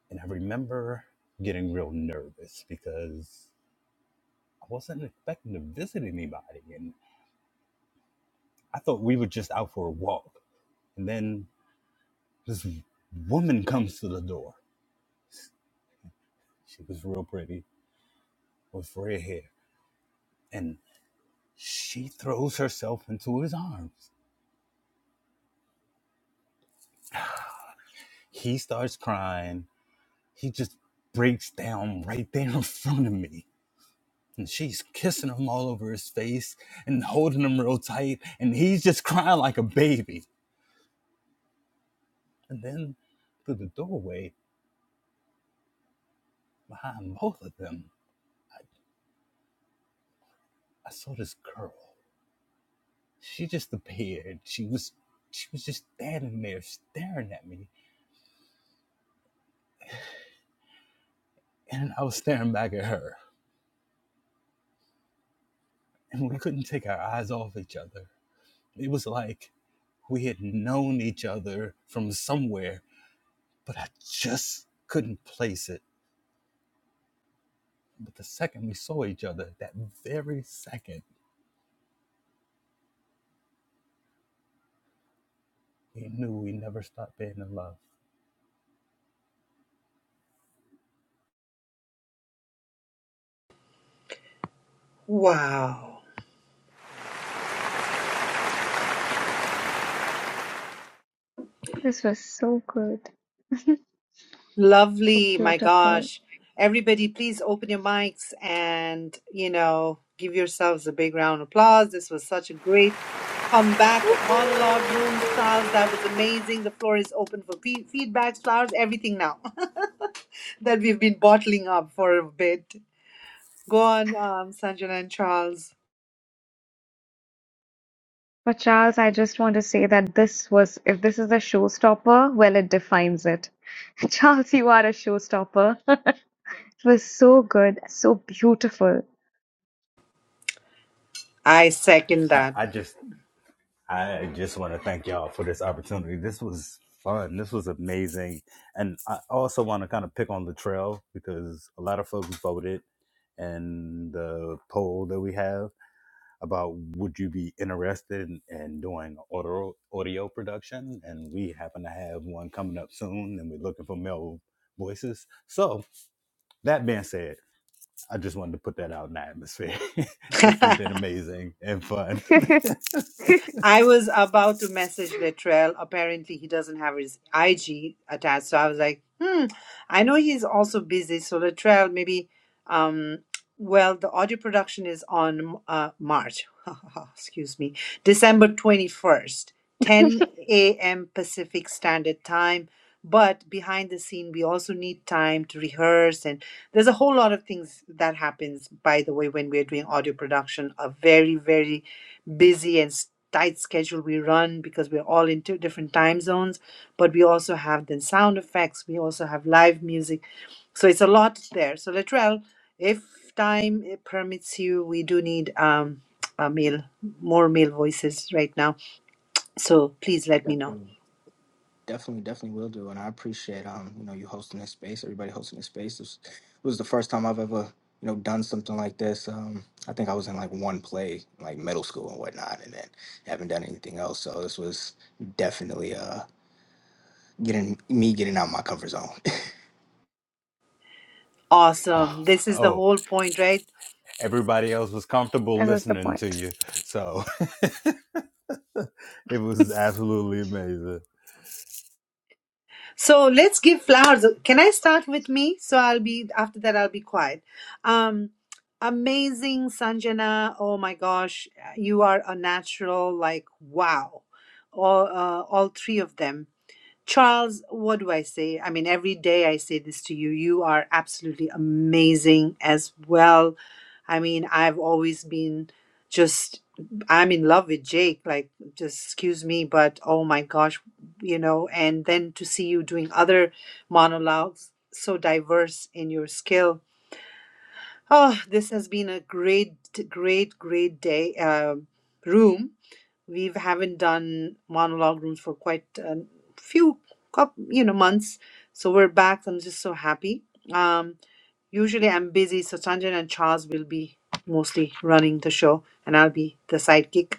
[SPEAKER 3] And I remember getting real nervous because I wasn't expecting to visit anybody. And I thought we were just out for a walk. And then this woman comes to the door. She was real pretty with red hair. And she throws herself into his arms. He starts crying. He just breaks down right there in front of me. And she's kissing him all over his face and holding him real tight. And he's just crying like a baby. And then through the doorway behind both of them, I saw this girl. She just appeared. She was she was just standing there staring at me. And I was staring back at her. And we couldn't take our eyes off each other. It was like we had known each other from somewhere, but I just couldn't place it. But the second we saw each other, that very second, we knew we never stopped being in love.
[SPEAKER 2] Wow.
[SPEAKER 1] This was so good. So
[SPEAKER 2] Lovely, my
[SPEAKER 1] beautiful.
[SPEAKER 2] gosh. Everybody, please open your mics and, you know, give yourselves a big round of applause. This was such a great comeback of
[SPEAKER 1] Woohoo!
[SPEAKER 2] monologue room styles. That was amazing. The floor is open for fe- feedbacks, flowers, everything now that we've been bottling up for a bit. Go on, um, Sanjana and Charles.
[SPEAKER 1] But Charles, I just want to say that this was, if this is a showstopper, well, it defines it. Charles, you are a showstopper. It was so good, so beautiful.
[SPEAKER 2] I second
[SPEAKER 3] I,
[SPEAKER 2] that.
[SPEAKER 3] I just I just want to thank y'all for this opportunity. This was fun. This was amazing. And I also want to kind of pick on Latrell because a lot of folks voted in the poll that we have about would you be interested in, in doing audio, audio production? And we happen to have one coming up soon and we're looking for male voices. So that being said, I just wanted to put that out in the atmosphere. this has been amazing and fun.
[SPEAKER 1] that
[SPEAKER 2] I was about to message Littrell. Apparently, he doesn't have his IG attached. So I was like, hmm, I know he's also busy. So Littrell, maybe, um, well, the audio production is on uh, March, excuse me, December 21st, 10 a.m. Pacific Standard Time. But behind the scene, we also need time to rehearse and there's a whole lot of things that happens by the way when we're doing audio production a very very busy and s- tight schedule we run because we're all in two different time zones but we also have then sound effects we also have live music so it's a lot there so Latrell if time eh, permits you we do need um a male more male voices right now so please let me know
[SPEAKER 10] Definitely, definitely will do, and I appreciate um you know you hosting this space. Everybody hosting this space. It was, the first time I've ever you know done something like this. Um, I think I was in like one play, like middle school and whatnot, and then haven't done anything else. So this was definitely uh getting me getting out my comfort zone.
[SPEAKER 2] awesome this is the
[SPEAKER 3] Oh,
[SPEAKER 2] whole point right
[SPEAKER 3] everybody else was comfortable
[SPEAKER 1] was the
[SPEAKER 3] listening
[SPEAKER 1] point.
[SPEAKER 3] to you. So it was absolutely amazing.
[SPEAKER 2] So let's give flowers. Can I start with me? So I'll be after that. I'll be quiet. Um, amazing Sanjana. Oh my gosh, you are a natural. Like wow, all uh, all three of them. Charles, what do I say? I mean, every day I say this to you. You are absolutely amazing as well. I mean, I've always been just, I'm in love with Jake. Like, just excuse me, but oh my gosh, you know, and then to see you doing other monologues, so diverse in your skill. Oh, this has been a great, great, great day, um room we haven't done monologue rooms for quite a few couple, you know months so we're back i'm just so happy um usually i'm busy so sanjan and charles will be mostly running the show and i'll be the sidekick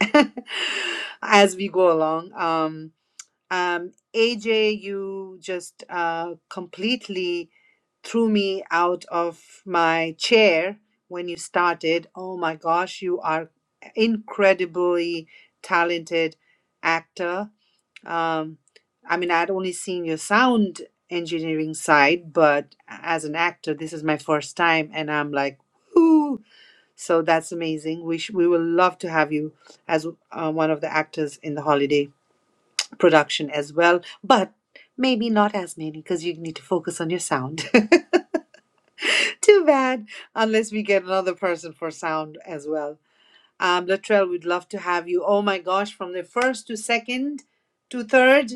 [SPEAKER 2] as we go along um um aj you just uh completely threw me out of my chair when you started. Oh my gosh, you are incredibly talented actor. Um, I mean, I'd only seen your sound engineering side, but as an actor, this is my first time, and I'm like, whoo! So that's amazing. We sh- we will love to have you as uh, one of the actors in the holiday production as well, but maybe not as many because you need to focus on your sound. Too bad. Unless we get another person for sound as well. Um, Latrell, we'd love to have you. Oh my gosh, from the first to second to third,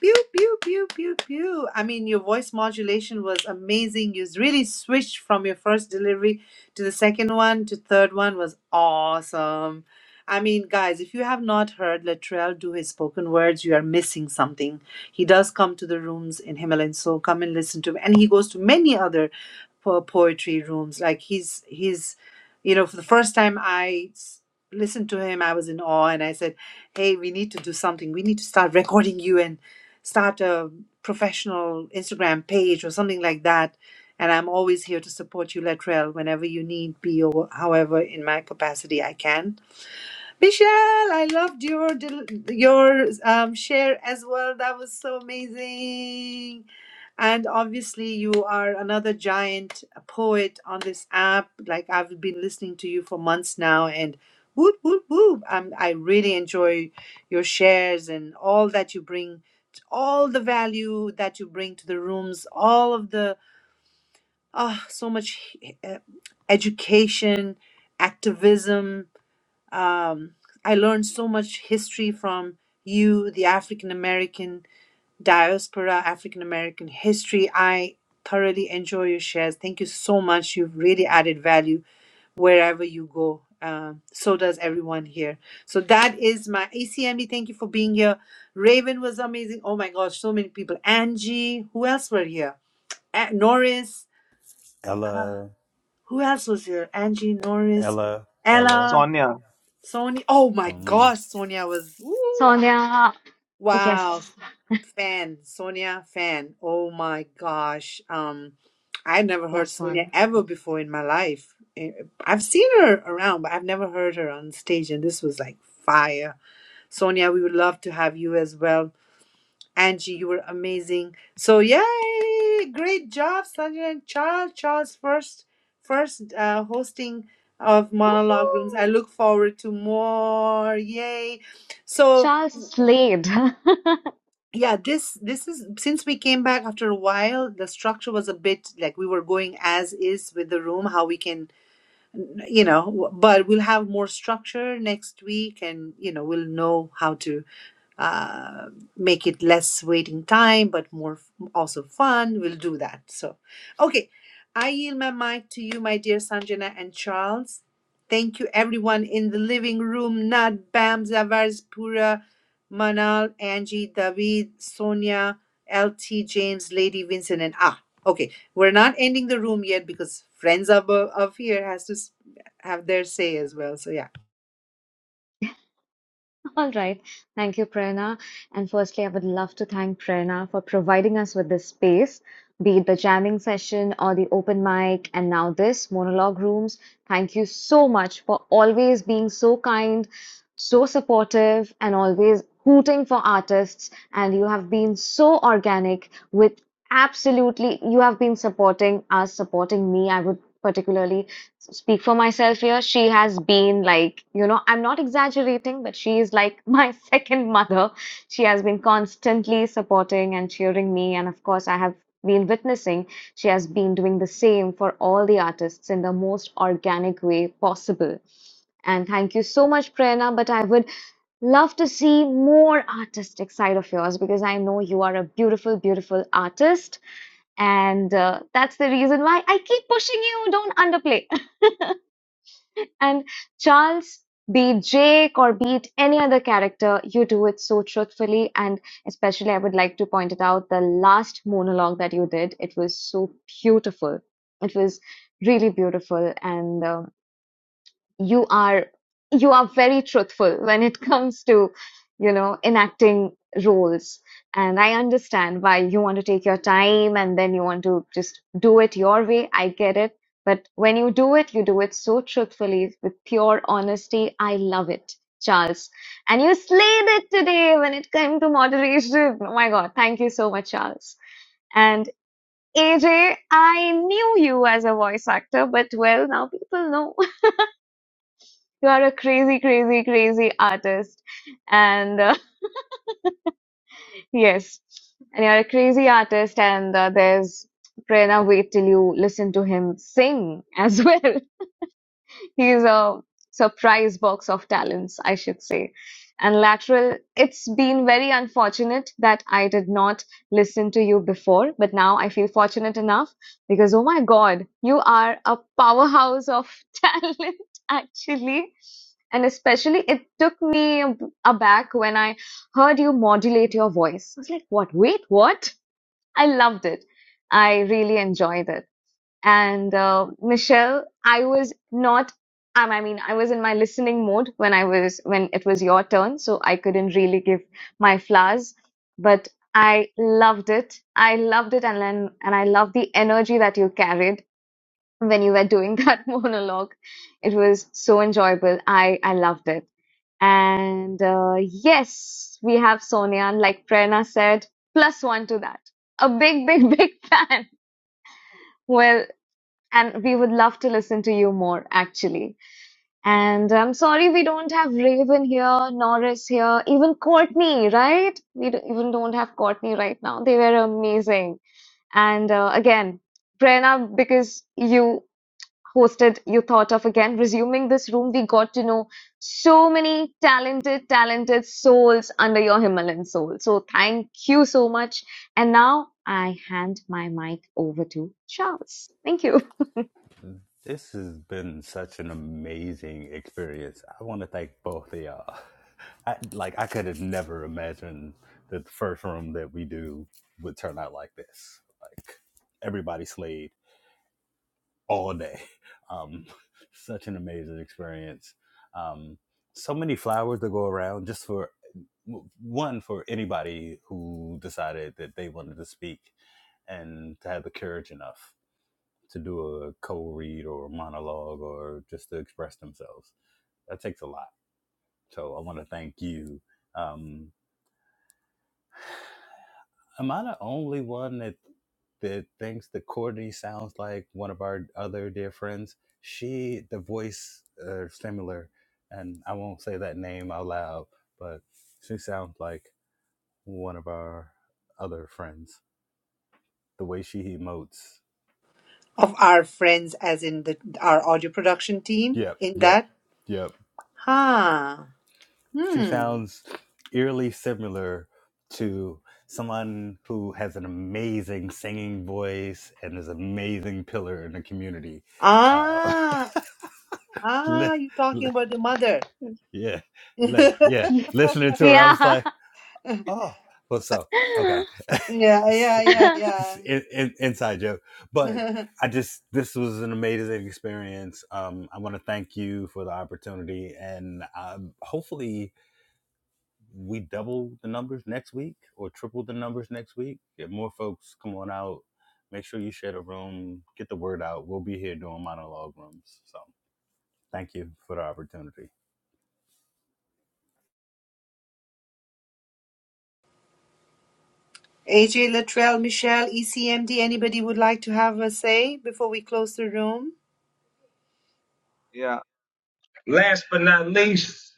[SPEAKER 2] pew, pew, pew, pew, pew. I mean, your voice modulation was amazing. You really switched from your first delivery to the second one to third one was awesome. I mean, guys, if you have not heard Latrell do his spoken words, you are missing something. He does come to the rooms in Himalayan Soul. Come and listen to him. And he goes to many other po- poetry rooms. Like he's he's you know, for the first time I s- listened to him, I was in awe, and I said, "Hey, we need to do something. We need to start recording you and start a professional Instagram page or something like that." And I'm always here to support you, Latrell, whenever you need be or however in my capacity I can. Michelle, I loved your del- your um, share as well. That was so amazing. And obviously, you are another giant poet on this app. Like I've been listening to you for months now, and whoop whoop whoop. I'm, I really enjoy your shares and all that you bring, all the value that you bring to the rooms, all of the ah so much eh, education, activism, um, I learned so much history from you, the African American diaspora, African American history. I thoroughly enjoy your shares. Thank you so much. You've really added value wherever you go. Um, so does everyone here. So that is my ACMD. Thank you for being here. Raven was amazing. Oh my gosh, so many people. Angie, who else were here? A- Norris. Uh,
[SPEAKER 3] Ella,
[SPEAKER 2] who else was here? Angie, Norris,
[SPEAKER 3] Ella, Ella,
[SPEAKER 2] Ella.
[SPEAKER 8] Sonia.
[SPEAKER 2] Sonia. Oh my
[SPEAKER 3] something.
[SPEAKER 2] gosh, Sonia was ooh, I-
[SPEAKER 1] Sonia,
[SPEAKER 2] wow
[SPEAKER 1] yes,
[SPEAKER 2] fan. Sonia fan. Oh my gosh. Um, I never heard
[SPEAKER 1] plus
[SPEAKER 2] Sonia
[SPEAKER 1] one.
[SPEAKER 2] ever before in my life. Eh, I've seen her around, but I've never heard her on stage, and this was like fire. Sonia, we would love to have you as well. Angie, you were amazing. So yay! Great job, Sanjay and Charles. Charles first first uh, hosting of monologue rooms. I
[SPEAKER 1] Woohoo!
[SPEAKER 2] look forward to more. Yay. So
[SPEAKER 1] Charles Slade.
[SPEAKER 2] yeah, this this is since we came back after a while, the structure was a bit like we were going as is with the room, how we can you know, but we'll have more structure next week and you know, we'll know how to uh, make it less waiting time but more f- also fun we'll do that so okay i yield my mic to you my dear sanjana and charles thank you everyone in the living room nad bam zavars pura manal angie david sonia lt james lady vincent and ah okay we're not ending the room yet because friends of, of here has to s- have their say as well so yeah
[SPEAKER 1] All right. Thank you, Prerna. And firstly, I would love to thank Prerna for providing us with this space, be it the jamming session or the open mic, and now this monologue rooms. Thank you so much for always being so kind, so supportive, and always hooting for artists. And you have been so organic with absolutely, you have been supporting us, supporting me. I would particularly speak for myself here, she has been like, you know, I'm not exaggerating, but she is like my second mother. She has been constantly supporting and cheering me. And of course, I have been witnessing she has been doing the same for all the artists in the most organic way possible. And thank you so much, Prerna. But I would love to see more artistic side of yours because I know you are a beautiful, beautiful artist. And uh, that's the reason why I keep pushing you. Don't underplay. And Charles, be it Jake or be it any other character, you do it so truthfully. And especially, I would like to point it out the last monologue that you did. It was so beautiful. It was really beautiful. And uh, you are you are very truthful when it comes to you know enacting roles and i understand why you want to take your time and then you want to just do it your way i get it but when you do it you do it so truthfully with pure honesty i love it charles and you slayed it today when it came to moderation oh my god thank you so much charles and aj i knew you as a voice actor but well now people know you are a crazy, crazy, crazy artist. And uh, yes, and you're a crazy artist. And uh, there's Prerna, wait till you listen to him sing as well. He's a surprise box of talents, I should say. And lateral, it's been very unfortunate that I did not listen to you before, but now I feel fortunate enough because, oh my God, you are a powerhouse of talent, actually. And especially, it took me ab- aback when I heard you modulate your voice. I was like, what? Wait, what? I loved it. I really enjoyed it. And uh, Michelle, I was not. Um, I mean, I was in my listening mode when I was when it was your turn, so I couldn't really give my flowers, but I loved it. I loved it, and then and I love the energy that you carried when you were doing that monologue. It was so enjoyable. I I loved it. And uh, yes, we have Sonia, and like Prerna said, plus one to that. A big, big, big fan. Well, and we would love to listen to you more, actually. And I'm sorry we don't have Raven here, Norris here, even Courtney, right? We d- even don't have Courtney right now. They were amazing. And uh, again, Prerna, because you hosted, you thought of again resuming this room. We got to know so many talented, talented souls under your Himalayan soul. So thank you so much. And now I hand my mic over to Charles. Thank you.
[SPEAKER 3] This has been such an amazing experience. I want to thank both of y'all. I, like I could have never imagined that the first room that we do would turn out like this. Like everybody slayed all day. Um, such an amazing experience. Um, so many flowers to go around just for one for anybody who decided that they wanted to speak and to have the courage enough to do a co-read or a monologue or just to express themselves. That takes a lot. So I want to thank you. Um, am I the only one that that thinks that Courtney sounds like one of our other dear friends? She, the voice uh, similar, and I won't say that name out loud, but she sounds like one of our other friends. the way she emotes.
[SPEAKER 2] Of our friends, as in the our audio production team,
[SPEAKER 3] Yep,
[SPEAKER 2] in
[SPEAKER 3] yep,
[SPEAKER 2] that?
[SPEAKER 3] yep.
[SPEAKER 2] Huh.
[SPEAKER 3] She
[SPEAKER 2] Hmm.
[SPEAKER 3] sounds eerily similar to someone who has an amazing singing voice and is an amazing pillar in the community. Uh,
[SPEAKER 2] Ah.
[SPEAKER 3] li-
[SPEAKER 2] Ah, you're talking
[SPEAKER 3] li-
[SPEAKER 2] about the mother.
[SPEAKER 3] yeah, li- yeah.
[SPEAKER 1] Yeah.
[SPEAKER 3] Listening to her, I was
[SPEAKER 1] Yeah.
[SPEAKER 3] like, oh well so okay
[SPEAKER 2] Yeah,
[SPEAKER 3] It's-
[SPEAKER 2] yeah, yeah,
[SPEAKER 3] it's
[SPEAKER 2] yeah.
[SPEAKER 3] in- in- inside joke but i just this was an amazing experience um i want to thank you for the opportunity and um, hopefully we double the numbers next week or triple the numbers next week get more folks come on out make sure you share the room get the word out we'll be here doing monologue rooms so thank you for the opportunity
[SPEAKER 2] AJ, Latrell, Michelle, ECMD, anybody would like to have a say before we close the room?
[SPEAKER 8] Yeah. Last but not least,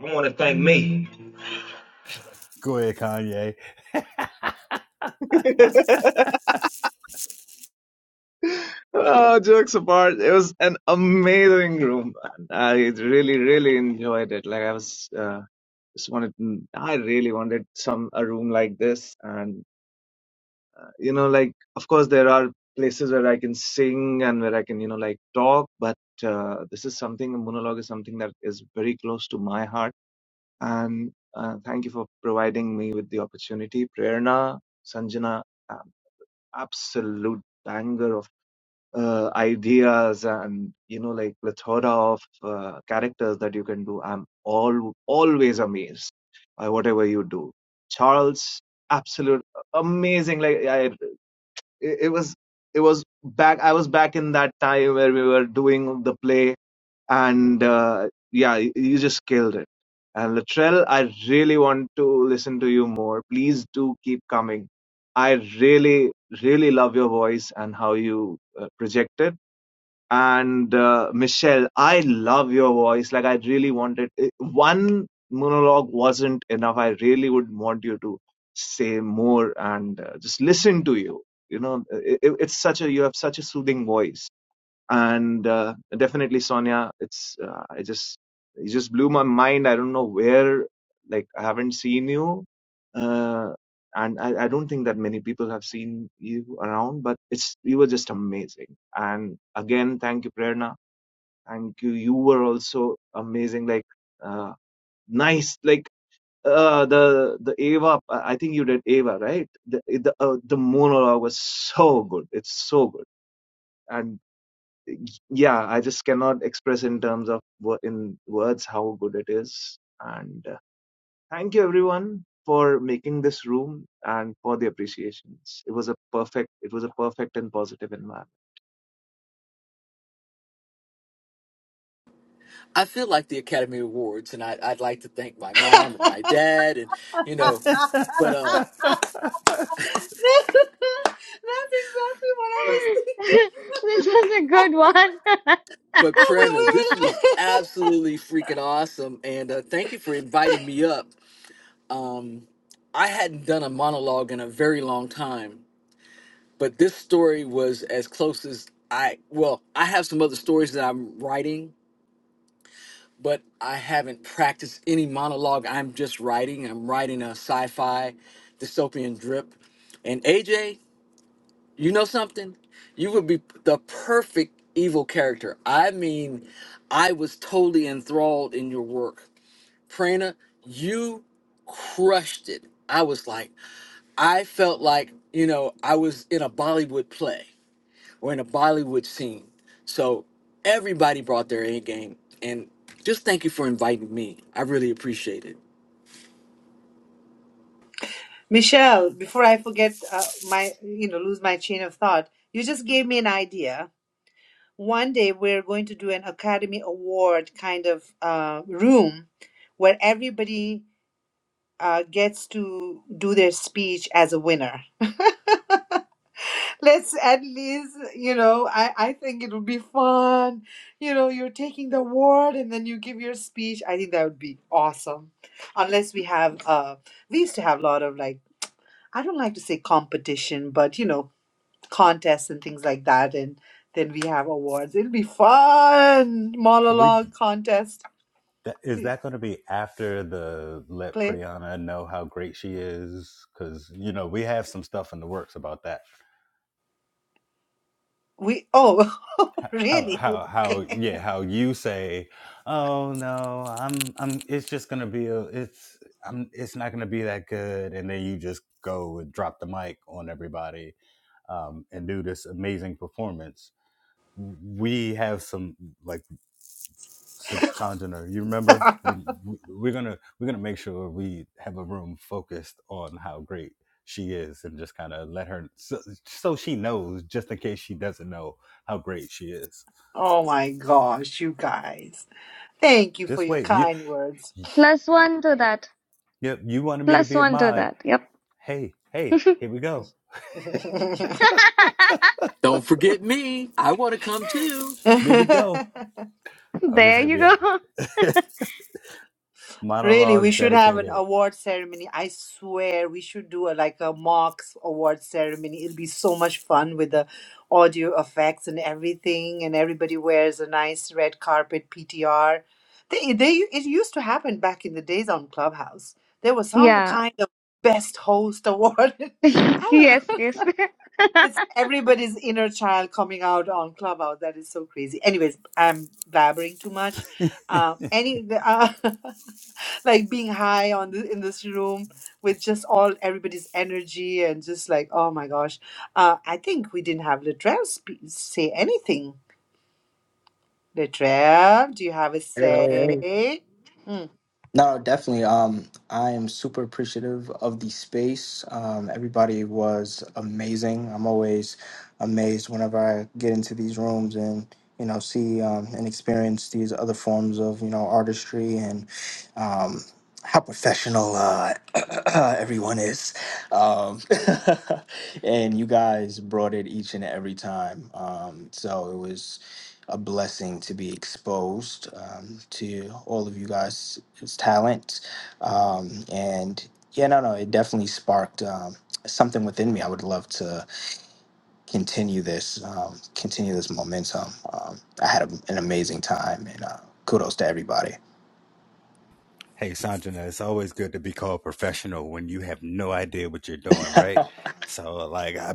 [SPEAKER 8] I want to thank me.
[SPEAKER 3] go ahead kanye
[SPEAKER 8] oh, jokes apart, it was an amazing room, man. I really, really enjoyed it. Like I was. uh, just wanted mm, i really wanted some a room like this and uh, you know like of course there are places where i can sing and where i can you know like talk but uh, this is something a monologue is something that is very close to my heart and uh, thank you for providing me with the opportunity prerna sanjana um, absolute banger uh, ideas and you know like plethora of uh, characters that you can do i'm all always amazed by whatever you do charles absolute amazing like i it it was it was back i was back in that time where we were doing the play and uh, yeah you you just killed it and Latrell, I really want to listen to you more. Please do keep coming. I really, really love your voice and how you uh, project it and uh, Michelle, I love your voice. Like I really wanted it- one monologue wasn't enough. I really would want you to say more and uh, just listen to you. You know, it, it- it's such a you have such a soothing voice and uh, definitely sonia it's uh, i just it just blew my mind i don't know where like i haven't seen you uh, and I, I don't think that many people have seen you around but it's you were just amazing and again thank you prerna thank you you were also amazing like uh, nice like uh, the the Ava, I I think you did Ava, right? The the uh, the monologue was so good. It's so good, and yeah i just cannot express in terms of wo- in words how good it is and uh, thank you everyone for making this room and for the appreciations it was a perfect it was a perfect and positive environment
[SPEAKER 17] I feel like the Academy Awards, and I, I'd like to thank my
[SPEAKER 2] That's
[SPEAKER 17] mom and
[SPEAKER 2] exactly
[SPEAKER 17] my dad, and you know, but uh,
[SPEAKER 2] what I was thinking.
[SPEAKER 1] This was a good one.
[SPEAKER 17] But
[SPEAKER 2] Well, we,
[SPEAKER 17] Prerna,
[SPEAKER 2] we
[SPEAKER 17] this was
[SPEAKER 2] will.
[SPEAKER 17] absolutely freaking awesome, and uh, thank you for inviting me up. Um, I hadn't done a monologue in a very long time, but this story was as close as I. Well, I have some other stories that I'm writing, but I haven't practiced any monologue. I'm just writing. I'm writing a sci-fi dystopian drip, and AJ. You know something? You would be the perfect evil character. I mean, I was totally enthralled in your work. Prana, you crushed it. I was like, I felt like, you know, I was in a Bollywood play or in a Bollywood scene. So everybody brought their A game. And just thank you for inviting me. I really appreciate it.
[SPEAKER 2] Michelle, before I forget uh, my, you know, lose my chain of thought, you just gave me an idea. One day we're going to do an Academy Award kind of uh, room where everybody uh, gets to do their speech as a winner. Let's at least, you know, I, I think it'll be fun. You know, you're taking the award and then you give your speech. I think that would be awesome. Unless we have, uh, we used to have a lot of like, I don't like to say competition, but you know, contests and things like that. And then we have awards. It'll be fun.
[SPEAKER 3] We.
[SPEAKER 2] Monologue contest
[SPEAKER 3] That, is that going to be after the let
[SPEAKER 2] play.
[SPEAKER 3] Priyana know how great she is? Because you know we have some stuff in the works about that.
[SPEAKER 2] We, oh,
[SPEAKER 3] How
[SPEAKER 2] really?
[SPEAKER 3] how how yeah how you say, oh no, I'm I'm it's just going to be a it's I'm it's not going to be that good, and then you just go and drop the mic on everybody um, and do this amazing performance. We have some like S- Sanjana, you remember? You, w- we're gonna we're gonna make sure we have a room focused on how great she is, and just kind of let her so, so she knows, just in case she doesn't know how great she is.
[SPEAKER 2] oh my gosh, you guys. Thank you for
[SPEAKER 3] Just
[SPEAKER 2] your
[SPEAKER 3] wait. You,
[SPEAKER 2] kind words.
[SPEAKER 3] you
[SPEAKER 1] Plus one to that.
[SPEAKER 3] yep. You wanted me to
[SPEAKER 1] Plus
[SPEAKER 3] be a
[SPEAKER 1] one to
[SPEAKER 3] mod.
[SPEAKER 1] that. Yep.
[SPEAKER 3] Hey, hey, here we go.
[SPEAKER 17] Don't forget me. I want to come too.
[SPEAKER 3] There we go. Oh, this is
[SPEAKER 1] There
[SPEAKER 3] gonna
[SPEAKER 1] you
[SPEAKER 3] be a
[SPEAKER 1] go.
[SPEAKER 2] Really, we
[SPEAKER 3] monologue
[SPEAKER 2] should have an
[SPEAKER 3] dedicated.
[SPEAKER 2] award ceremony. I swear we should do a like a Marks award ceremony. It'll be so much fun with the audio effects and everything, and everybody wears a nice red carpet PTR. They they it used to happen back in the days on Clubhouse. There was some
[SPEAKER 1] Yeah.
[SPEAKER 2] kind of best host award. I don't know.
[SPEAKER 1] Yes, yes.
[SPEAKER 2] It's everybody's inner child coming out on Clubhouse. That is so crazy. Anyways, I'm blabbering too much. Uh, any. uh, like being high on the, in this room with just all everybody's energy and just like oh my gosh uh, i think we didn't have Latrell sp- say anything Latrell, do you have a
[SPEAKER 10] Hey, hey, hey.
[SPEAKER 2] say Mm.
[SPEAKER 10] No, definitely. Um, I am super appreciative of the space. Um, everybody was amazing. I'm always amazed whenever I get into these rooms and you know see um, and experience these other forms of you know artistry and um, how professional uh, everyone is. Um, and you guys brought it each and every time. Um, so it was a blessing to be exposed um, to all of you guys' talents. Um, and yeah, no, no, it definitely sparked um, something within me. I would love to continue this, um, continue this momentum. Um, I had a, an amazing time, and uh, kudos to everybody.
[SPEAKER 3] Hey, Sanjana, it's always good to be called professional when you have no idea what you're doing, right? So, like, I,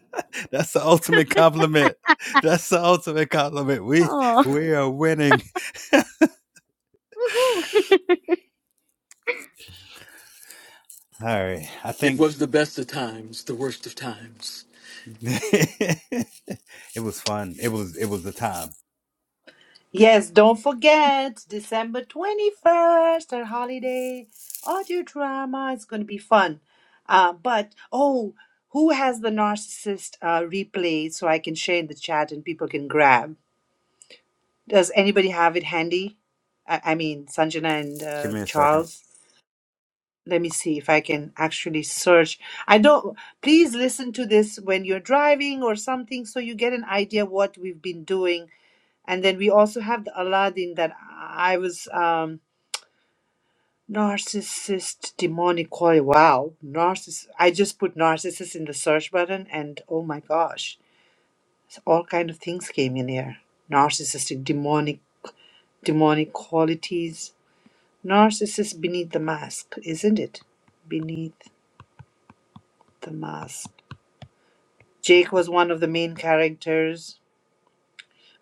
[SPEAKER 3] that's the ultimate compliment. That's the ultimate compliment. We
[SPEAKER 1] Oh.
[SPEAKER 3] we are winning.
[SPEAKER 1] Woohoo.
[SPEAKER 3] All right, I
[SPEAKER 17] It
[SPEAKER 3] think
[SPEAKER 17] was the best of times, the worst of times.
[SPEAKER 3] it was fun. It was it was the time.
[SPEAKER 2] yes don't forget december 21st our holiday audio drama it's going to be fun uh, but oh who has the narcissist uh, replay so i can share in the chat and people can grab Does anybody have it handy? I, I mean, Sanjana and
[SPEAKER 3] Give
[SPEAKER 2] uh,
[SPEAKER 3] me a second.
[SPEAKER 2] Charles. Let me see if I can actually search. I don't. Please listen to this when you're driving or something, so you get an idea what we've been doing. And then we also have the Aladdin that I was um, narcissist demonic quality. Wow, narciss. I just put narcissist in the search button, and oh my gosh, all kind of things came in here. Narcissistic, demonic, demonic qualities Narcissus Beneath the Mask, isn't it? Beneath the Mask. Jake was one of the main characters.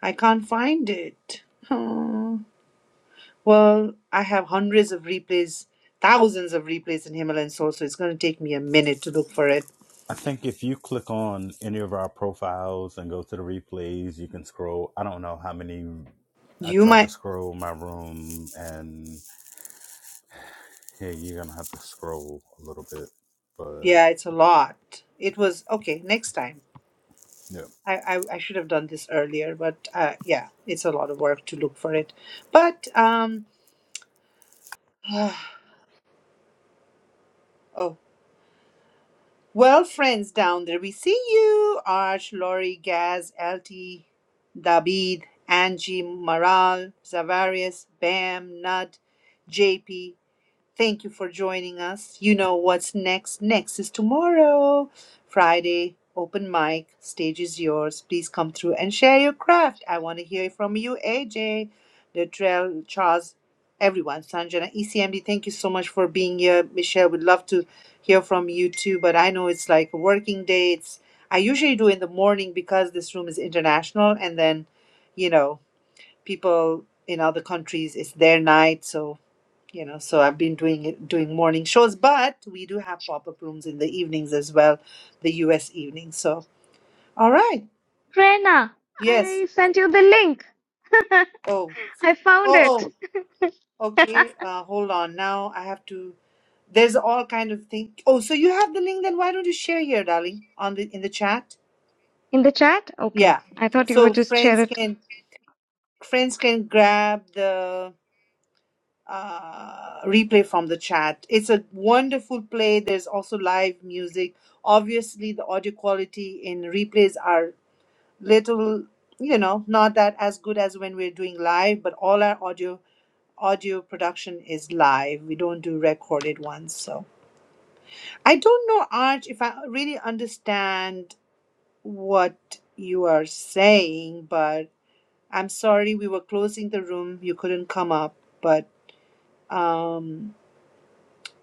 [SPEAKER 2] I can't find it. Oh. Well, I have hundreds of replays, thousands of replays in Himalayan Soul, so it's going to take me a minute to look for it.
[SPEAKER 3] I think if you click on any of our profiles and go to the replays, you can scroll. I don't know how many. I
[SPEAKER 2] You
[SPEAKER 3] tried to
[SPEAKER 2] might,
[SPEAKER 3] scroll my room and Yeah, you're gonna have to scroll a little bit, but
[SPEAKER 2] yeah, it's a lot. It was, okay, next time.
[SPEAKER 3] yeah.
[SPEAKER 2] I, I, I should have done this earlier, but uh, yeah, it's a lot of work to look for it. But, um, oh, Well, friends down there, we see you. Arch, Lori, Gaz, LT, David, Angie, Maral, Zavarius, Bam, Nud, JP. Thank you for joining us. You know what's next. Next is tomorrow, Friday, open mic. Stage is yours. Please come through and share your craft. I want to hear from you, AJ, Latrell, Charles, everyone. Sanjana, ECMD, thank you so much for being here. Michelle, we'd love to hear from you too, but I know it's like a working day. It's, I usually do in the morning because this room is international and then, you know, people in other countries, it's their night. So you know so i've been doing it doing morning shows but we do have pop-up rooms in the evenings as well the us evenings. so all right
[SPEAKER 1] Prerna,
[SPEAKER 2] yes
[SPEAKER 1] I sent you the link.
[SPEAKER 2] oh
[SPEAKER 1] I found it.
[SPEAKER 2] oh oh okay uh hold on now i have to there's all kind of thing oh so you have the link then why don't you share here darling on the in the chat
[SPEAKER 1] In the chat? Okay.
[SPEAKER 2] yeah
[SPEAKER 1] I thought you
[SPEAKER 2] so
[SPEAKER 1] would just share
[SPEAKER 2] friends
[SPEAKER 1] it.
[SPEAKER 2] can friends can grab the uh, replay from the chat. It's a wonderful play. There's also live music. Obviously, the audio quality in replays are little, you know, not that as good as when we're doing live. But all our audio audio production is live. We don't do recorded ones. So I don't know, Arch, if I really understand what you are saying, but I'm sorry we were closing the room. You couldn't come up, but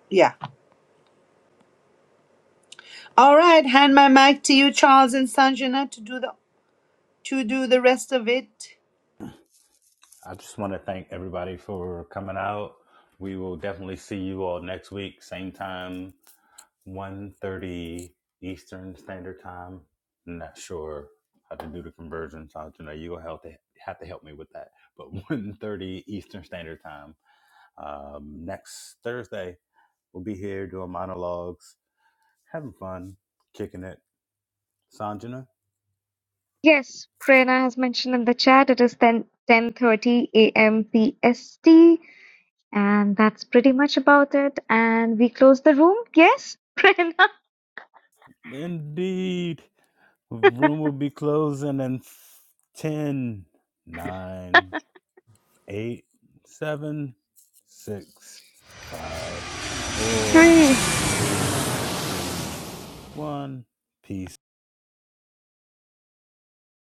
[SPEAKER 2] yeah. All right, hand my mic to you, Charles and Sanjana, to do the to do the rest of it.
[SPEAKER 3] I just want to thank everybody for coming out. We will definitely see you all next week, same time, one thirty Eastern Standard Time. I'm not sure how to do the conversion, so you know you'll have to have to help me with that. But one thirty Eastern Standard Time um, next Thursday, we'll be here doing monologues, having fun, kicking it. Sanjana.
[SPEAKER 1] Yes, Prerna has mentioned in the chat it is ten ten thirty 10:30 a.m. PST. And that's pretty much about it. And we close the room. Yes, Prerna.
[SPEAKER 3] Indeed. Room will be closing in f- 10, nine, eight, seven, six, five, four,
[SPEAKER 1] Three.
[SPEAKER 3] three, two, one. Peace.